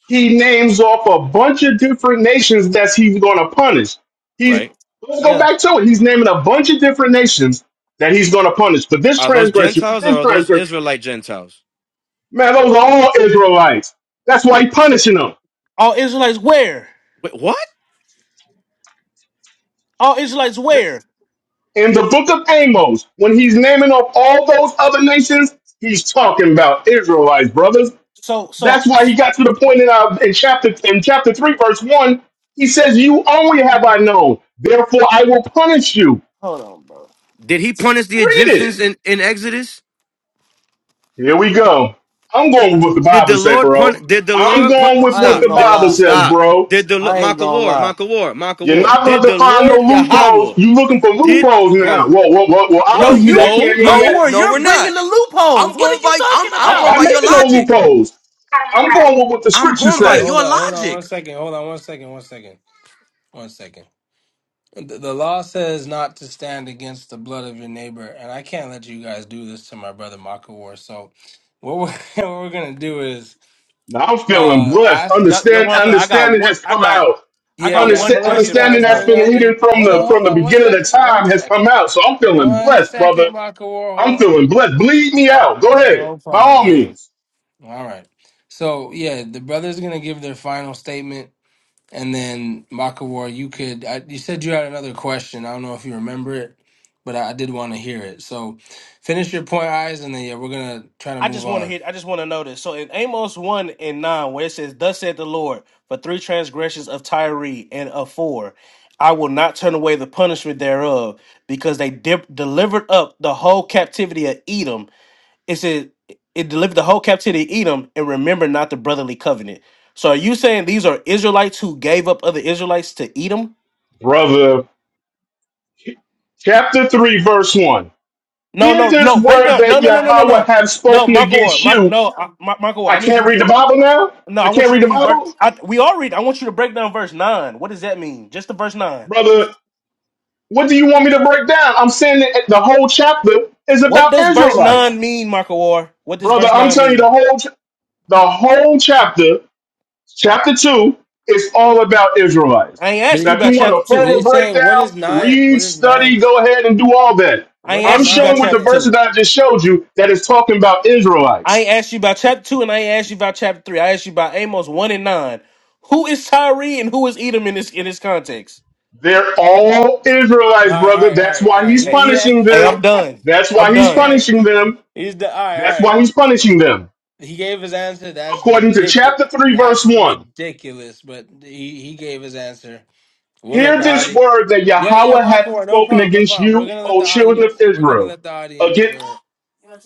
He names off a bunch of different nations that he's going to punish. He's Right. let's go Yeah. back to it. He's naming a bunch of different nations that he's going to punish for this Are those transgression, for Gentiles this or are those transgression. Israelite Gentiles? Man, those are all Israelites. That's why he's punishing them. All Israelites where? Wait, what? All Israelites where? In the book of Amos, when he's naming off all those other nations, he's talking about Israelites, brothers. So That's so why he got to the point in, uh, in chapter in chapter three, verse one. He says, "You only have I known; therefore I will punish you." hold on, bro. Did he punish the Read it. Egyptians in, in Exodus? Here we go. I'm going with what the Did Bible the says, Lord bro. pun? Did the I'm Lord pun? going with I what ain't the Stop. gonna Did, Bible lie. says, stop. bro. Did the I Lord ain't Maka gonna War? lie. Maka War? Maka You're War? not about Did to the find no Lord loopholes. Yahweh? You looking for Did loopholes now? bro? Well, well, well, well No, Bro? obviously that you, No, can't mean Michael that. no, Warren, No, you're we're bringing not. the loopholes. I'm What going are you by I'm talking I'm I'm going not about? by your making no logic. loopholes. I'm going with what the I'm scriptures going Hey, by say. hold your on, hold on, one logic. second. Hold on, one second, one second, one second. The, the law says not to stand against the blood of your neighbor, and I can't let you guys do this to my brother Makawar. So, what we're, what we're gonna do is Now I'm feeling uh blessed. ask. Yo, yo, Understand, one thing. I got understanding one. has I come got. out. I Yeah, got yeah, I'm one Understand, gonna let you question for the understanding guys that's bring brother. been out your. hidden from Hold on, the from hold the on, one beginning of the second, one time has come second, out. So I'm feeling one blessed, second, brother. Makawar. Hold I'm on. feeling blessed. Bleed me out. Go ahead, No by problem, all brother. means, All right. So yeah, the brother's gonna give their final statement. And then Makawar, you could I, you said you had another question. I don't know if you remember it, but I, I did want to hear it. So finish your point, eyes, and then yeah, we're gonna try to I just move want to on. hit. I just want to know this. So in Amos one and nine, where it says, "Thus said the Lord, for three transgressions of Tyre and of four, I will not turn away the punishment thereof, because they dip, delivered up the whole captivity of Edom." it said it delivered the whole captivity to Edom and remember not the brotherly covenant. So are you saying these are Israelites who gave up other Israelites to Edom? brother. Chapter three, verse one. No, Hear no, this no. Break word down. No, that no, no, no, no, Yahweh no. have No, spoken Marco Ward. against Mark, you. no, I, Mar- Marco Ward. I I need can't you. read the Bible now. No, I I want can't you to read the read. ver- Bible, I, we all read. I want you to break down verse nine. What does that mean? Just the verse nine. brother. What do you want me to break down? I'm saying that the whole chapter is What about does verse Israelites nine mean, Marco Ward? What does brother. verse I'm nine telling you mean? the whole. The whole chapter, chapter two, is all about Israelites. I ain't But ask you Now, he, if about you want chapter a but two. further he's saying, what breakdown, is nine? read, What is study, nine? go ahead and do all that. I What ain't is I'm ask you about showing nine with the chapter verses saying? two. that I just showed you that is talking about I Israelites. ain't asked you about chapter two, and I ain't asked you about chapter three. I asked you about Amos one and nine. Who is Tyree and who is Edom in this in this context? They're all All Israelites, right, all brother. right, all That's right, all why right. he's Hey, He he had, punishing hey, hey I'm them. done. That's hey I'm why he's done. hey. punishing them. He's the all right, all That's right. why he's punishing them. He gave his answer. That's According to ridiculous. chapter 3, verse That's 1. ridiculous. But he he gave his answer. We'll let Hear the this audience. word that Yeah, yeah, Yahweh hath Makawar, no spoken problem, no against problem. We're you, gonna let O the children of audience. We're gonna Israel let the audience. Uh,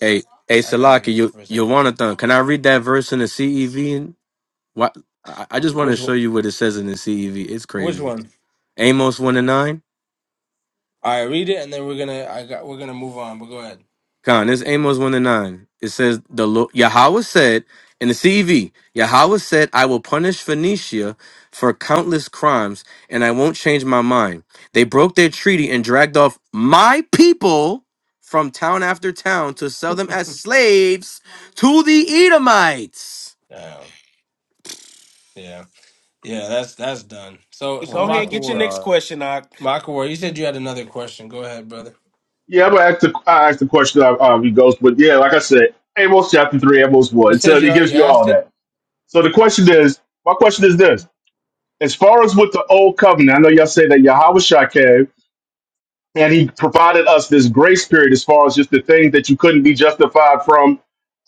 Hey, hey, I gotta Salaki, mute you you for a you second. want to Can I read that verse in the CEV? And what I, I just want to Which one? show you what it says in the CEV. It's Which crazy. one? Amos one and nine. All right, read it, and then we're gonna. I got. We're gonna move on. But go ahead. Con, this is Amos 1 and 9. It says, the Lord, Yahweh said, in the CEV, Yahweh said, I will punish Phoenicia for countless crimes, and I won't change my mind. They broke their treaty and dragged off my people from town after town to sell them as slaves to the Edomites. Um, yeah, yeah. That's that's done. So so Go Oh ahead and my get your Makawar, next God. question. I Makawar, you said you had another question. Go ahead, brother. Yeah, I'm gonna ask the I ask the question of um, he goes, but yeah, like I said, Amos chapter three, Amos You one. It said tells you it gives already you all asked it. that. So the question is, my question is Okay. this: as far as with the old covenant, I know y'all say that Yahweh and he provided us this grace period as far as just the things that you couldn't be justified from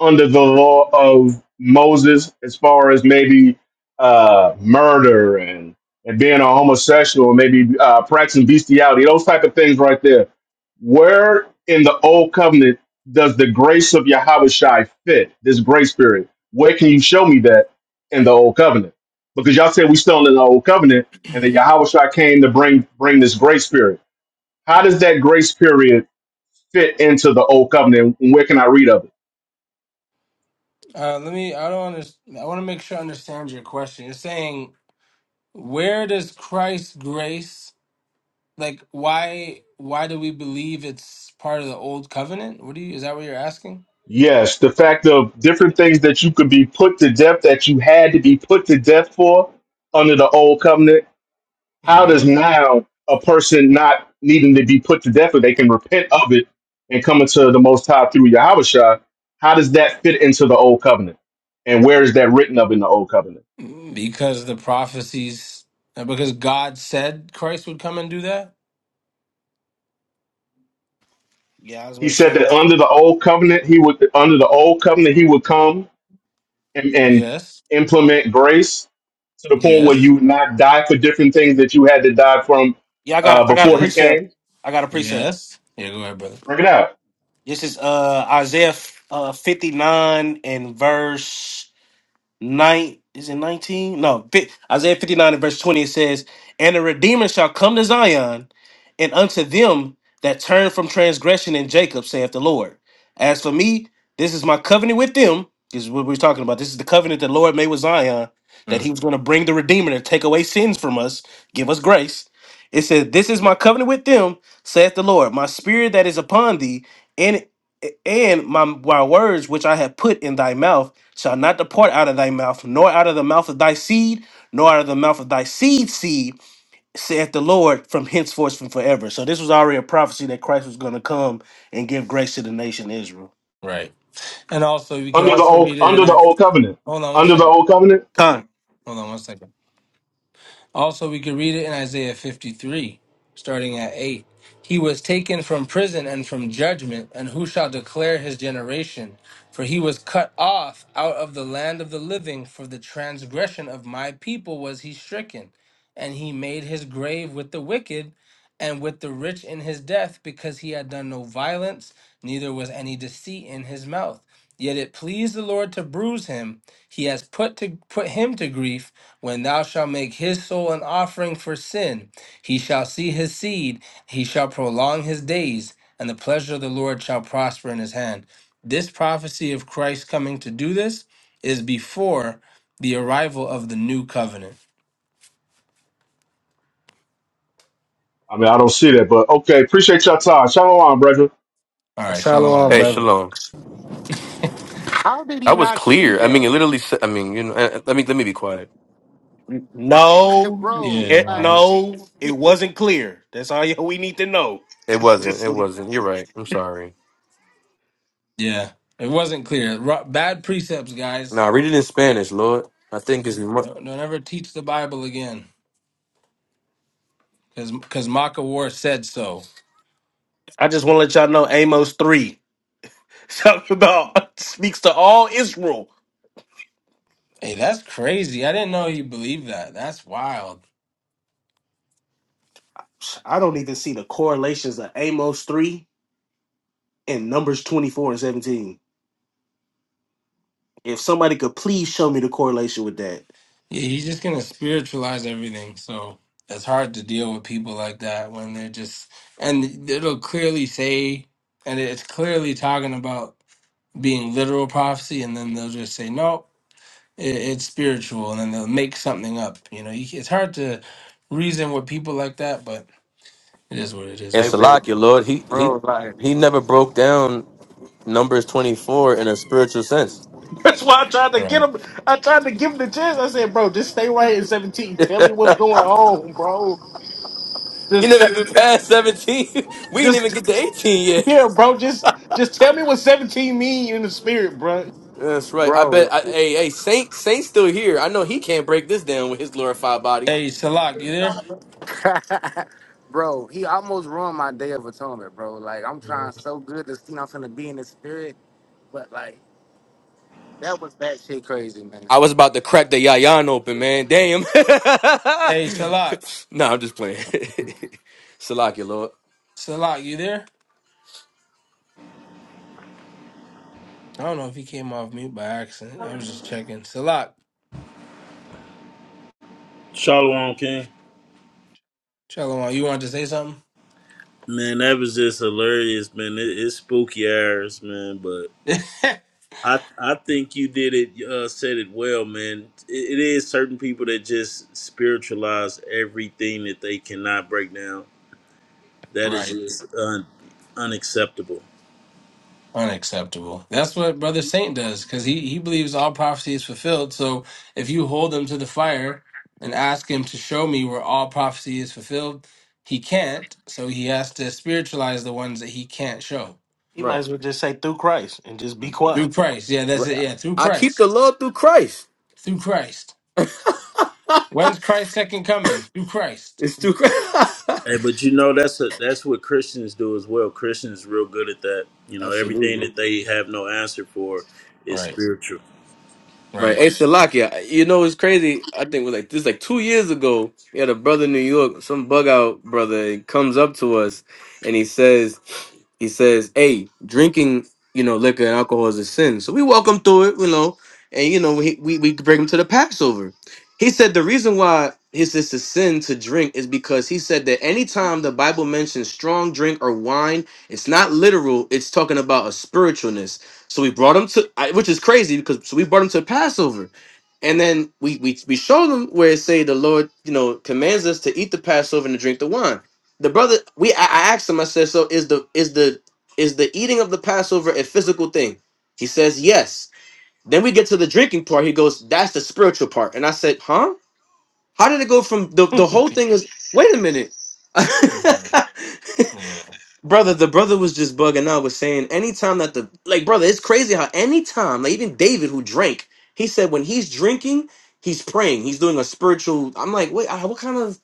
under the law of Moses, as far as maybe uh, murder and and being a homosexual, maybe uh, practicing bestiality, those type of things right there. Where in the old covenant does the grace of Yahweh Shai fit this grace period? Where can you show me that in the old covenant? Because y'all said we still in the old covenant, and that Yahweh Shai came to bring bring this grace period. How does that grace period fit into the old covenant? And where can I read of it? Uh, let me. I don't understand. I want to make sure I understand your question. You're saying where does Christ's grace like why why do we believe it's part of the old covenant? What do you is that what you're asking? Yes, the fact of different things that you could be put to death that you had to be put to death for under the old covenant. How hmm does now a person not needing to be put to death, or they can repent of it and come into the Most High through Yahushua? How does that fit into the old covenant? And where is that written of in the old covenant? Because the prophecies uh, because God said Christ would come and do that? yeah, I was about He to said say that under the old covenant, he would under the old covenant he would come and, and Yes. implement grace to the point where Yes. you not die for different things that you had to die from yeah. I got uh, I got a before he Yes. precept. came? I got a precept. Yes. Yeah, go ahead, brother. Bring it out This is uh Isaiah uh, 59 and verse. nine is it 19 no fi- isaiah 59 and verse 20 it says and the redeemer shall come to zion and unto them that turn from transgression in jacob saith the lord as for me this is my covenant with them this is what we're talking about this is the covenant that the lord made with zion that he Mm, was going to bring the redeemer to take away sins from us give us grace it says this is my covenant with them saith the lord my spirit that is upon thee a- And my, my words which I have put in thy mouth shall not depart out of thy mouth, nor out of the mouth of thy seed, nor out of the mouth of thy seed seed, saith the Lord, from henceforth from forever. So this was already a prophecy that Christ was going to come and give grace to the nation Israel. right. And also, we can under the also old read it in under the I. old covenant. Hold on one Under the second. old covenant. Con, Hold on one second. Also, we could read it in Isaiah 53, starting at 8. He was taken from prison and from judgment, and who shall declare his generation? For he was cut off out of the land of the living, for the transgression of my people was he stricken. And he made his grave with the wicked and with the rich in his death, because he had done no violence, neither was any deceit in his mouth. Yet it pleased the Lord to bruise him. He has put to put him to grief when thou shalt make his soul an offering for sin, he shall see his seed, he shall prolong his days, and the pleasure of the Lord shall prosper in his hand. This prophecy of Christ coming to do this is before the arrival of the new covenant. I mean, I don't see that, but okay. Appreciate your time. Shalom, brother. All right, shalom, shalom, Hey, brother. brother. Shalom. How did he That was not see clear. I mean, that? it literally said, I mean, you know, eh, eh, let me, let me be quiet. N- No, bro, Yeah, it, like, nice. no, it wasn't clear. That's all y- we need to know. It wasn't. Just It leave. wasn't. You're right. I'm sorry. Yeah, it wasn't clear. Ru- Bad precepts, guys. Now read it in Spanish, Lord. I think it's in Don't, don't ever teach the Bible again, because because Maka War said so. I just want to let y'all know Amos 3 talking about speaks to all Israel. Hey, that's crazy. I didn't know he believed that. That's wild. I don't even see the correlations of Amos 3 and Numbers 24 and 17. If somebody could please show me the correlation with that. Yeah, he's just gonna spiritualize everything. So it's hard to deal with people like that when they're just and it'll clearly say and it's clearly talking about being literal prophecy, and then they'll just say no, it, it's spiritual, and then they'll make something up. You know, you, it's hard to reason with people like that, but it is what it is, Hey, man. Salakia, Lord. He he bro, like. he never broke down Numbers twenty four in a spiritual sense. That's why I tried to All get right. him. I tried to give him the chance. I said, "Bro, just stay right in 17. you Tell me what's going on, bro. Just, never even passed seventeen. We didn't even just get to eighteen yet. yeah, bro. Just, just tell me what 17 mean in the spirit, bro." That's right. I bet. I, bro, hey, hey, Saint Saint's still here. I know he can't break this down with his glorified body. Hey, Salak, you there? bro, he almost ruined my day of atonement, bro. Like I'm trying so good to see I'm finna be in the spirit, but like that was that shit crazy, man. I was about to crack the yayan open, man. Damn. Hey, Salak, nah, I'm just playing. Salakia, Lord. Salak, you there? I don't know if he came off mute by accident. I was just checking. Salak, Shalom King. Shalom, you wanted to say something? Man, that was just hilarious, man. It, it's spooky hours, man. But I I think you did it. Uh, said it well, man. It, it is certain people that just spiritualize everything that they cannot break down. That is Right. just un, unacceptable. Unacceptable. That's what Brother Saint does because he, he believes all prophecy is fulfilled. So if you hold him to the fire and ask him to show me where all prophecy is fulfilled, he can't. So he has to spiritualize the ones that he can't show He might Right. as well just say through Christ and just be through quiet. Christ. Yeah, that's it. right. Yeah, through I keep the Christ. Lord through Christ. Through Christ. When's Christ's second coming? Through Christ. It's too crazy. Hey, but you know that's a, that's what Christians do as well. Christians real good at that. You know everything Absolutely. that they have no answer for is Right. spiritual. Right. Right. Hey, Shalakia, you know, it's crazy. I think it was like this like two years ago. We had a brother in New York, some bug out brother, he comes up to us and he says, he says, hey, drinking, you know, liquor and alcohol is a sin. So we walk him through it, you know, and, you know, we, we, we bring him to the Passover. He said the reason why it's it's a sin to drink is because he said that anytime the Bible mentions strong drink or wine, it's not literal, it's talking about a spiritualness So we brought them to, I, which is crazy because so we brought them to Passover, and then we we we showed them where it say the Lord, you know, commands us to eat the Passover and to drink the wine. The brother, we I, I asked him. I said, so is the is the is the eating of the Passover a physical thing? He says yes. Then we get to the drinking part. He goes, that's the spiritual part. And I said, huh? How did it go from the the whole thing is? Wait a minute. Yeah. Brother, the brother was just bugging out, was saying anytime that the like brother, it's crazy how anytime, like even David who drank, he said when he's drinking, he's praying. He's doing a spiritual I'm like, wait, I- what kind of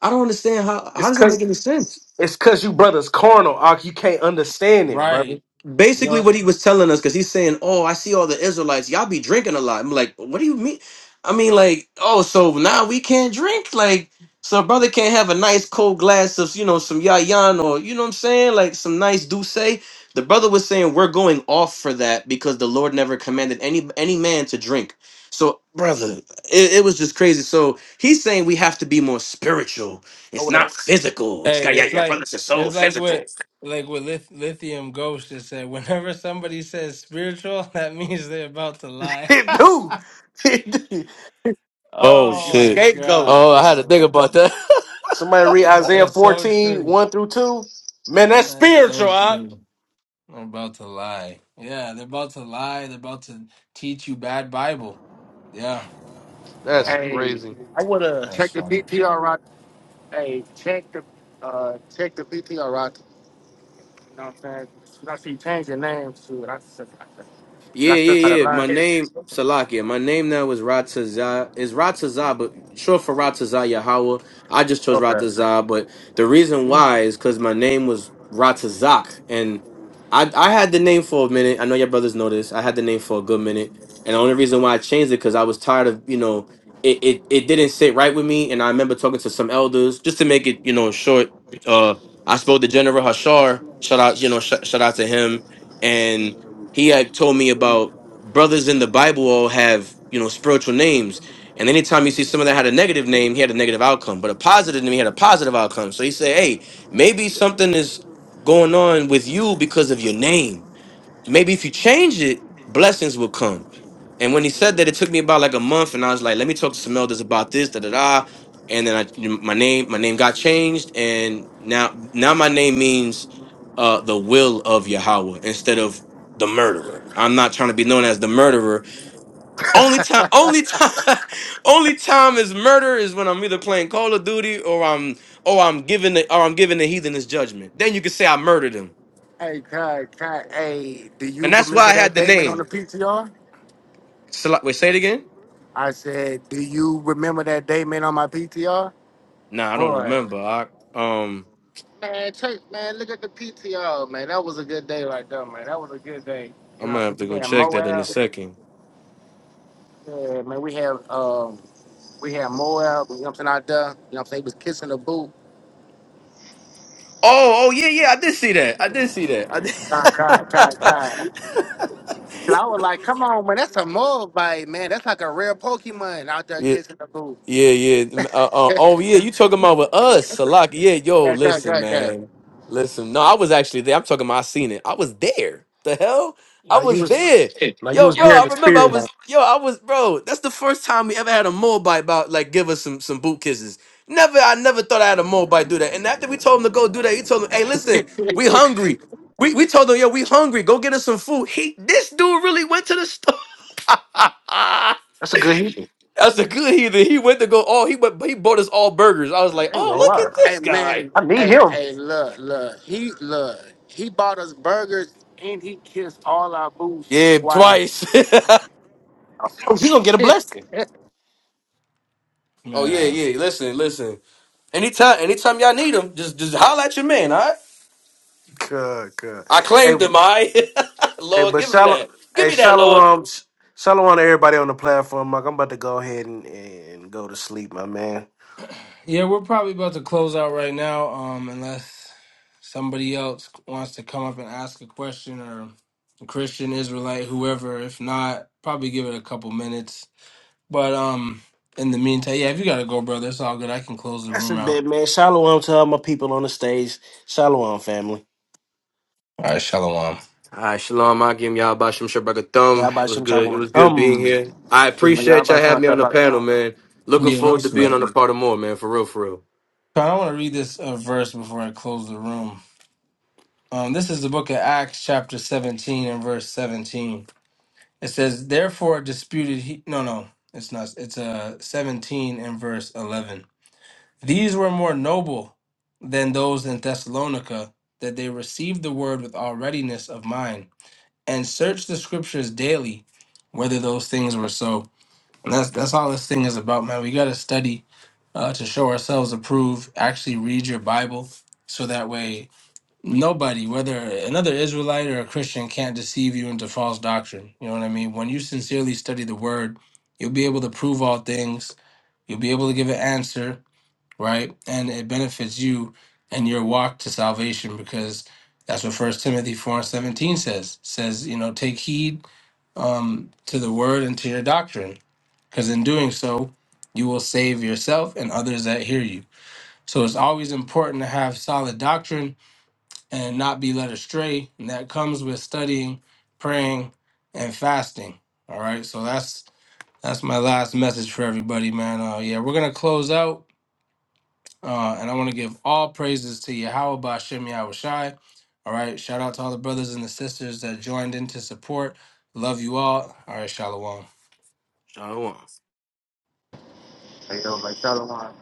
I don't understand how how It's does that cause, make any sense? it's cause you brothers carnal, Ak. You can't understand it, brother. Right. basically what he was telling us because he's saying oh i see all the israelites y'all be drinking a lot i'm like what do you mean i mean like oh so now we can't drink like so a brother can't have a nice cold glass of you know some yayan or you know what i'm saying like some nice douce the brother was saying we're going off for that because the lord never commanded any any man to drink so brother it, it was just crazy so he's saying we have to be more spiritual I it's would have. not physical it's Hey, got yeah it's yeah brother like it's so it's like physical what like what Lith- Lithium Ghost just said. Whenever somebody says spiritual, that means they're about to lie. It do. It do. Oh You can oh my shit. Scapegoat. Oh, gosh, I had to bro. think about that. Somebody read Isaiah That's so fourteen true. one through 2. Man, that's That's spiritual. so I, true. They're about to lie. Yeah, they're about to lie. They're about to teach you bad Bible. Yeah, That's yeah. Hey, crazy. I would have. That's check the funny. PTR right. Hey, check the uh check the PTR right. You know what I'm saying? 'Cause I see change your name to it? I said, Yeah, I still yeah, gotta yeah. My learn. name Salakia. My name now is Ratazah. Is Ratazah, but short for Ratazah Yahweh. I just chose Okay. Ratazah, but the reason why is because my name was Ratazak, and I I had the name for a minute. I know your brothers know this. I had the name for a good minute, and the only reason why I changed it because I was tired of you know it, it it didn't sit right with me, and I remember talking to some elders just to make it you know short. Uh, I spoke to General Hashar. Shout out, you know, sh- shout out to him and he had told me about brothers in the Bible all have, you know, spiritual names. And anytime you see someone that had a negative name, he had a negative outcome. But a positive name, he had a positive outcome. So he said, hey, maybe something is going on with you because of your name Maybe if you change it, blessings will come. And when he said that, it took me about like a month, and I was like, let me talk to some elders about this, da da da. And then I, my name, my name got changed, and now, now my name means uh, the will of Yahweh instead of the murderer. I'm not trying to be known as the murderer. Only time, only time, only time is murder is when I'm either playing Call of Duty or I'm or I'm giving the or I'm giving the heathen his judgment. Then you can say I murdered him, hey, Kai, Kai, hey, do you and that's why remember I had that the Damon on the name. PTR? Sala- Wait, say it again. I said, do you remember that Damon on my PTR? Nah, I don't Boy, remember. I um, man, take man, look at the PTO, man. That was a good day right there, man. That was a good day. You I'm know, gonna so have to we go had check that in a Moab. second. Yeah, man, we had um we had Moab, you know what I'm saying, out there. You know what I'm saying? He was kissing the boot. Oh, oh yeah, yeah, I did see that. I did see that. I Con con con con. So I was like, come on, man, that's a Moabite, man. That's like a rare Pokemon out there did. kissing the boot. Yeah, yeah. Uh, uh, yeah, oh, yeah. You talking about with us, Salak? Yeah, yo. yeah, Listen, yeah, yeah. man. Listen. No, I was actually there. I'm talking about. I seen it. I was there. The hell, I Now you was was there. now you Yo, was bro. there in I the remember. I spirit. Now. was. Yo, I was. Bro, that's the first time we ever had a Moabite about like give us some some boot kisses. Never. I never thought I had a Moabite do that. And after we told him to go do that, he told him, "Hey, listen, we hungry. We we told him, yo, we hungry. Go get us some food." He this dude really went to the store. That's a good healing. That's a good heathen. He went to go. Oh, he went. He bought us all burgers. I was like, I ain't oh, gonna look lie. at Hey this guy. man, I need hey, him. hey, look, look, he look, he bought us burgers and he kissed all our boots Yeah, twice. twice. Oh, you gonna get a blessing. oh yeah, Man. yeah. Listen, listen. Anytime, anytime y'all need him, just just holler at your man. All right. Good, good. I Hey, claimed him. I hey, Lord, but give him shallow, that. Give hey, me that, Lord. shalom, sh- shalom to everybody on the platform. Like I'm about to go ahead and, and go to sleep, my man. Yeah, we're probably about to close out right now, um, unless somebody else wants to come up and ask a question or a Christian, Israelite, whoever. If not, probably give it a couple minutes. But um, in the meantime, yeah, if you gotta go, brother, it's all good. I can close the That's a room out. bit, man. Shalom to all my people on the stage. Shalom, family. All right, shalom. All right, shalom. I give y'all bashim shabraka Y'all thumb. It about was Shem good. It Shalom. was good being Um. here. I Shoot, man, y'all appreciate y'all about to having sound me on the about the panel, song. man. Looking Yeah, no forward to being sweat. on the part of more, man. For real, for real. So I want to read this uh, verse before I close the room. Um, this is the book of Acts, chapter seventeen and verse seventeen. It says, therefore disputed he no no, it's not it's uh seventeen and verse eleven. These were more noble than those in Thessalonica, that they received the word with all readiness of mind, and searched the scriptures daily, whether those things were so. And that's that's all this thing is about, man. We gotta study uh, to show ourselves approved, actually read your Bible so that way Nobody, whether another Israelite or a Christian, can't deceive you into false doctrine. You know what I mean? When you sincerely study the word, you'll be able to prove all things. You'll be able to give an answer, right? And it benefits you and your walk to salvation because that's what First Timothy 4 and 17 says. says, you know, take heed um, to the word and to your doctrine, because in doing so, you will save yourself and others that hear you. So it's always important to have solid doctrine and not be led astray. And that comes with studying, praying, and fasting. All right. So that's that's my last message for everybody, man. Uh, yeah, we're gonna close out. Uh, and I want to give all praises to Yahweh Bashem Yahushai. All right. Shout out to all the brothers and the sisters that joined in to support. Love you all. All right, Shalom. Shalom. Hey yo, like Shalom.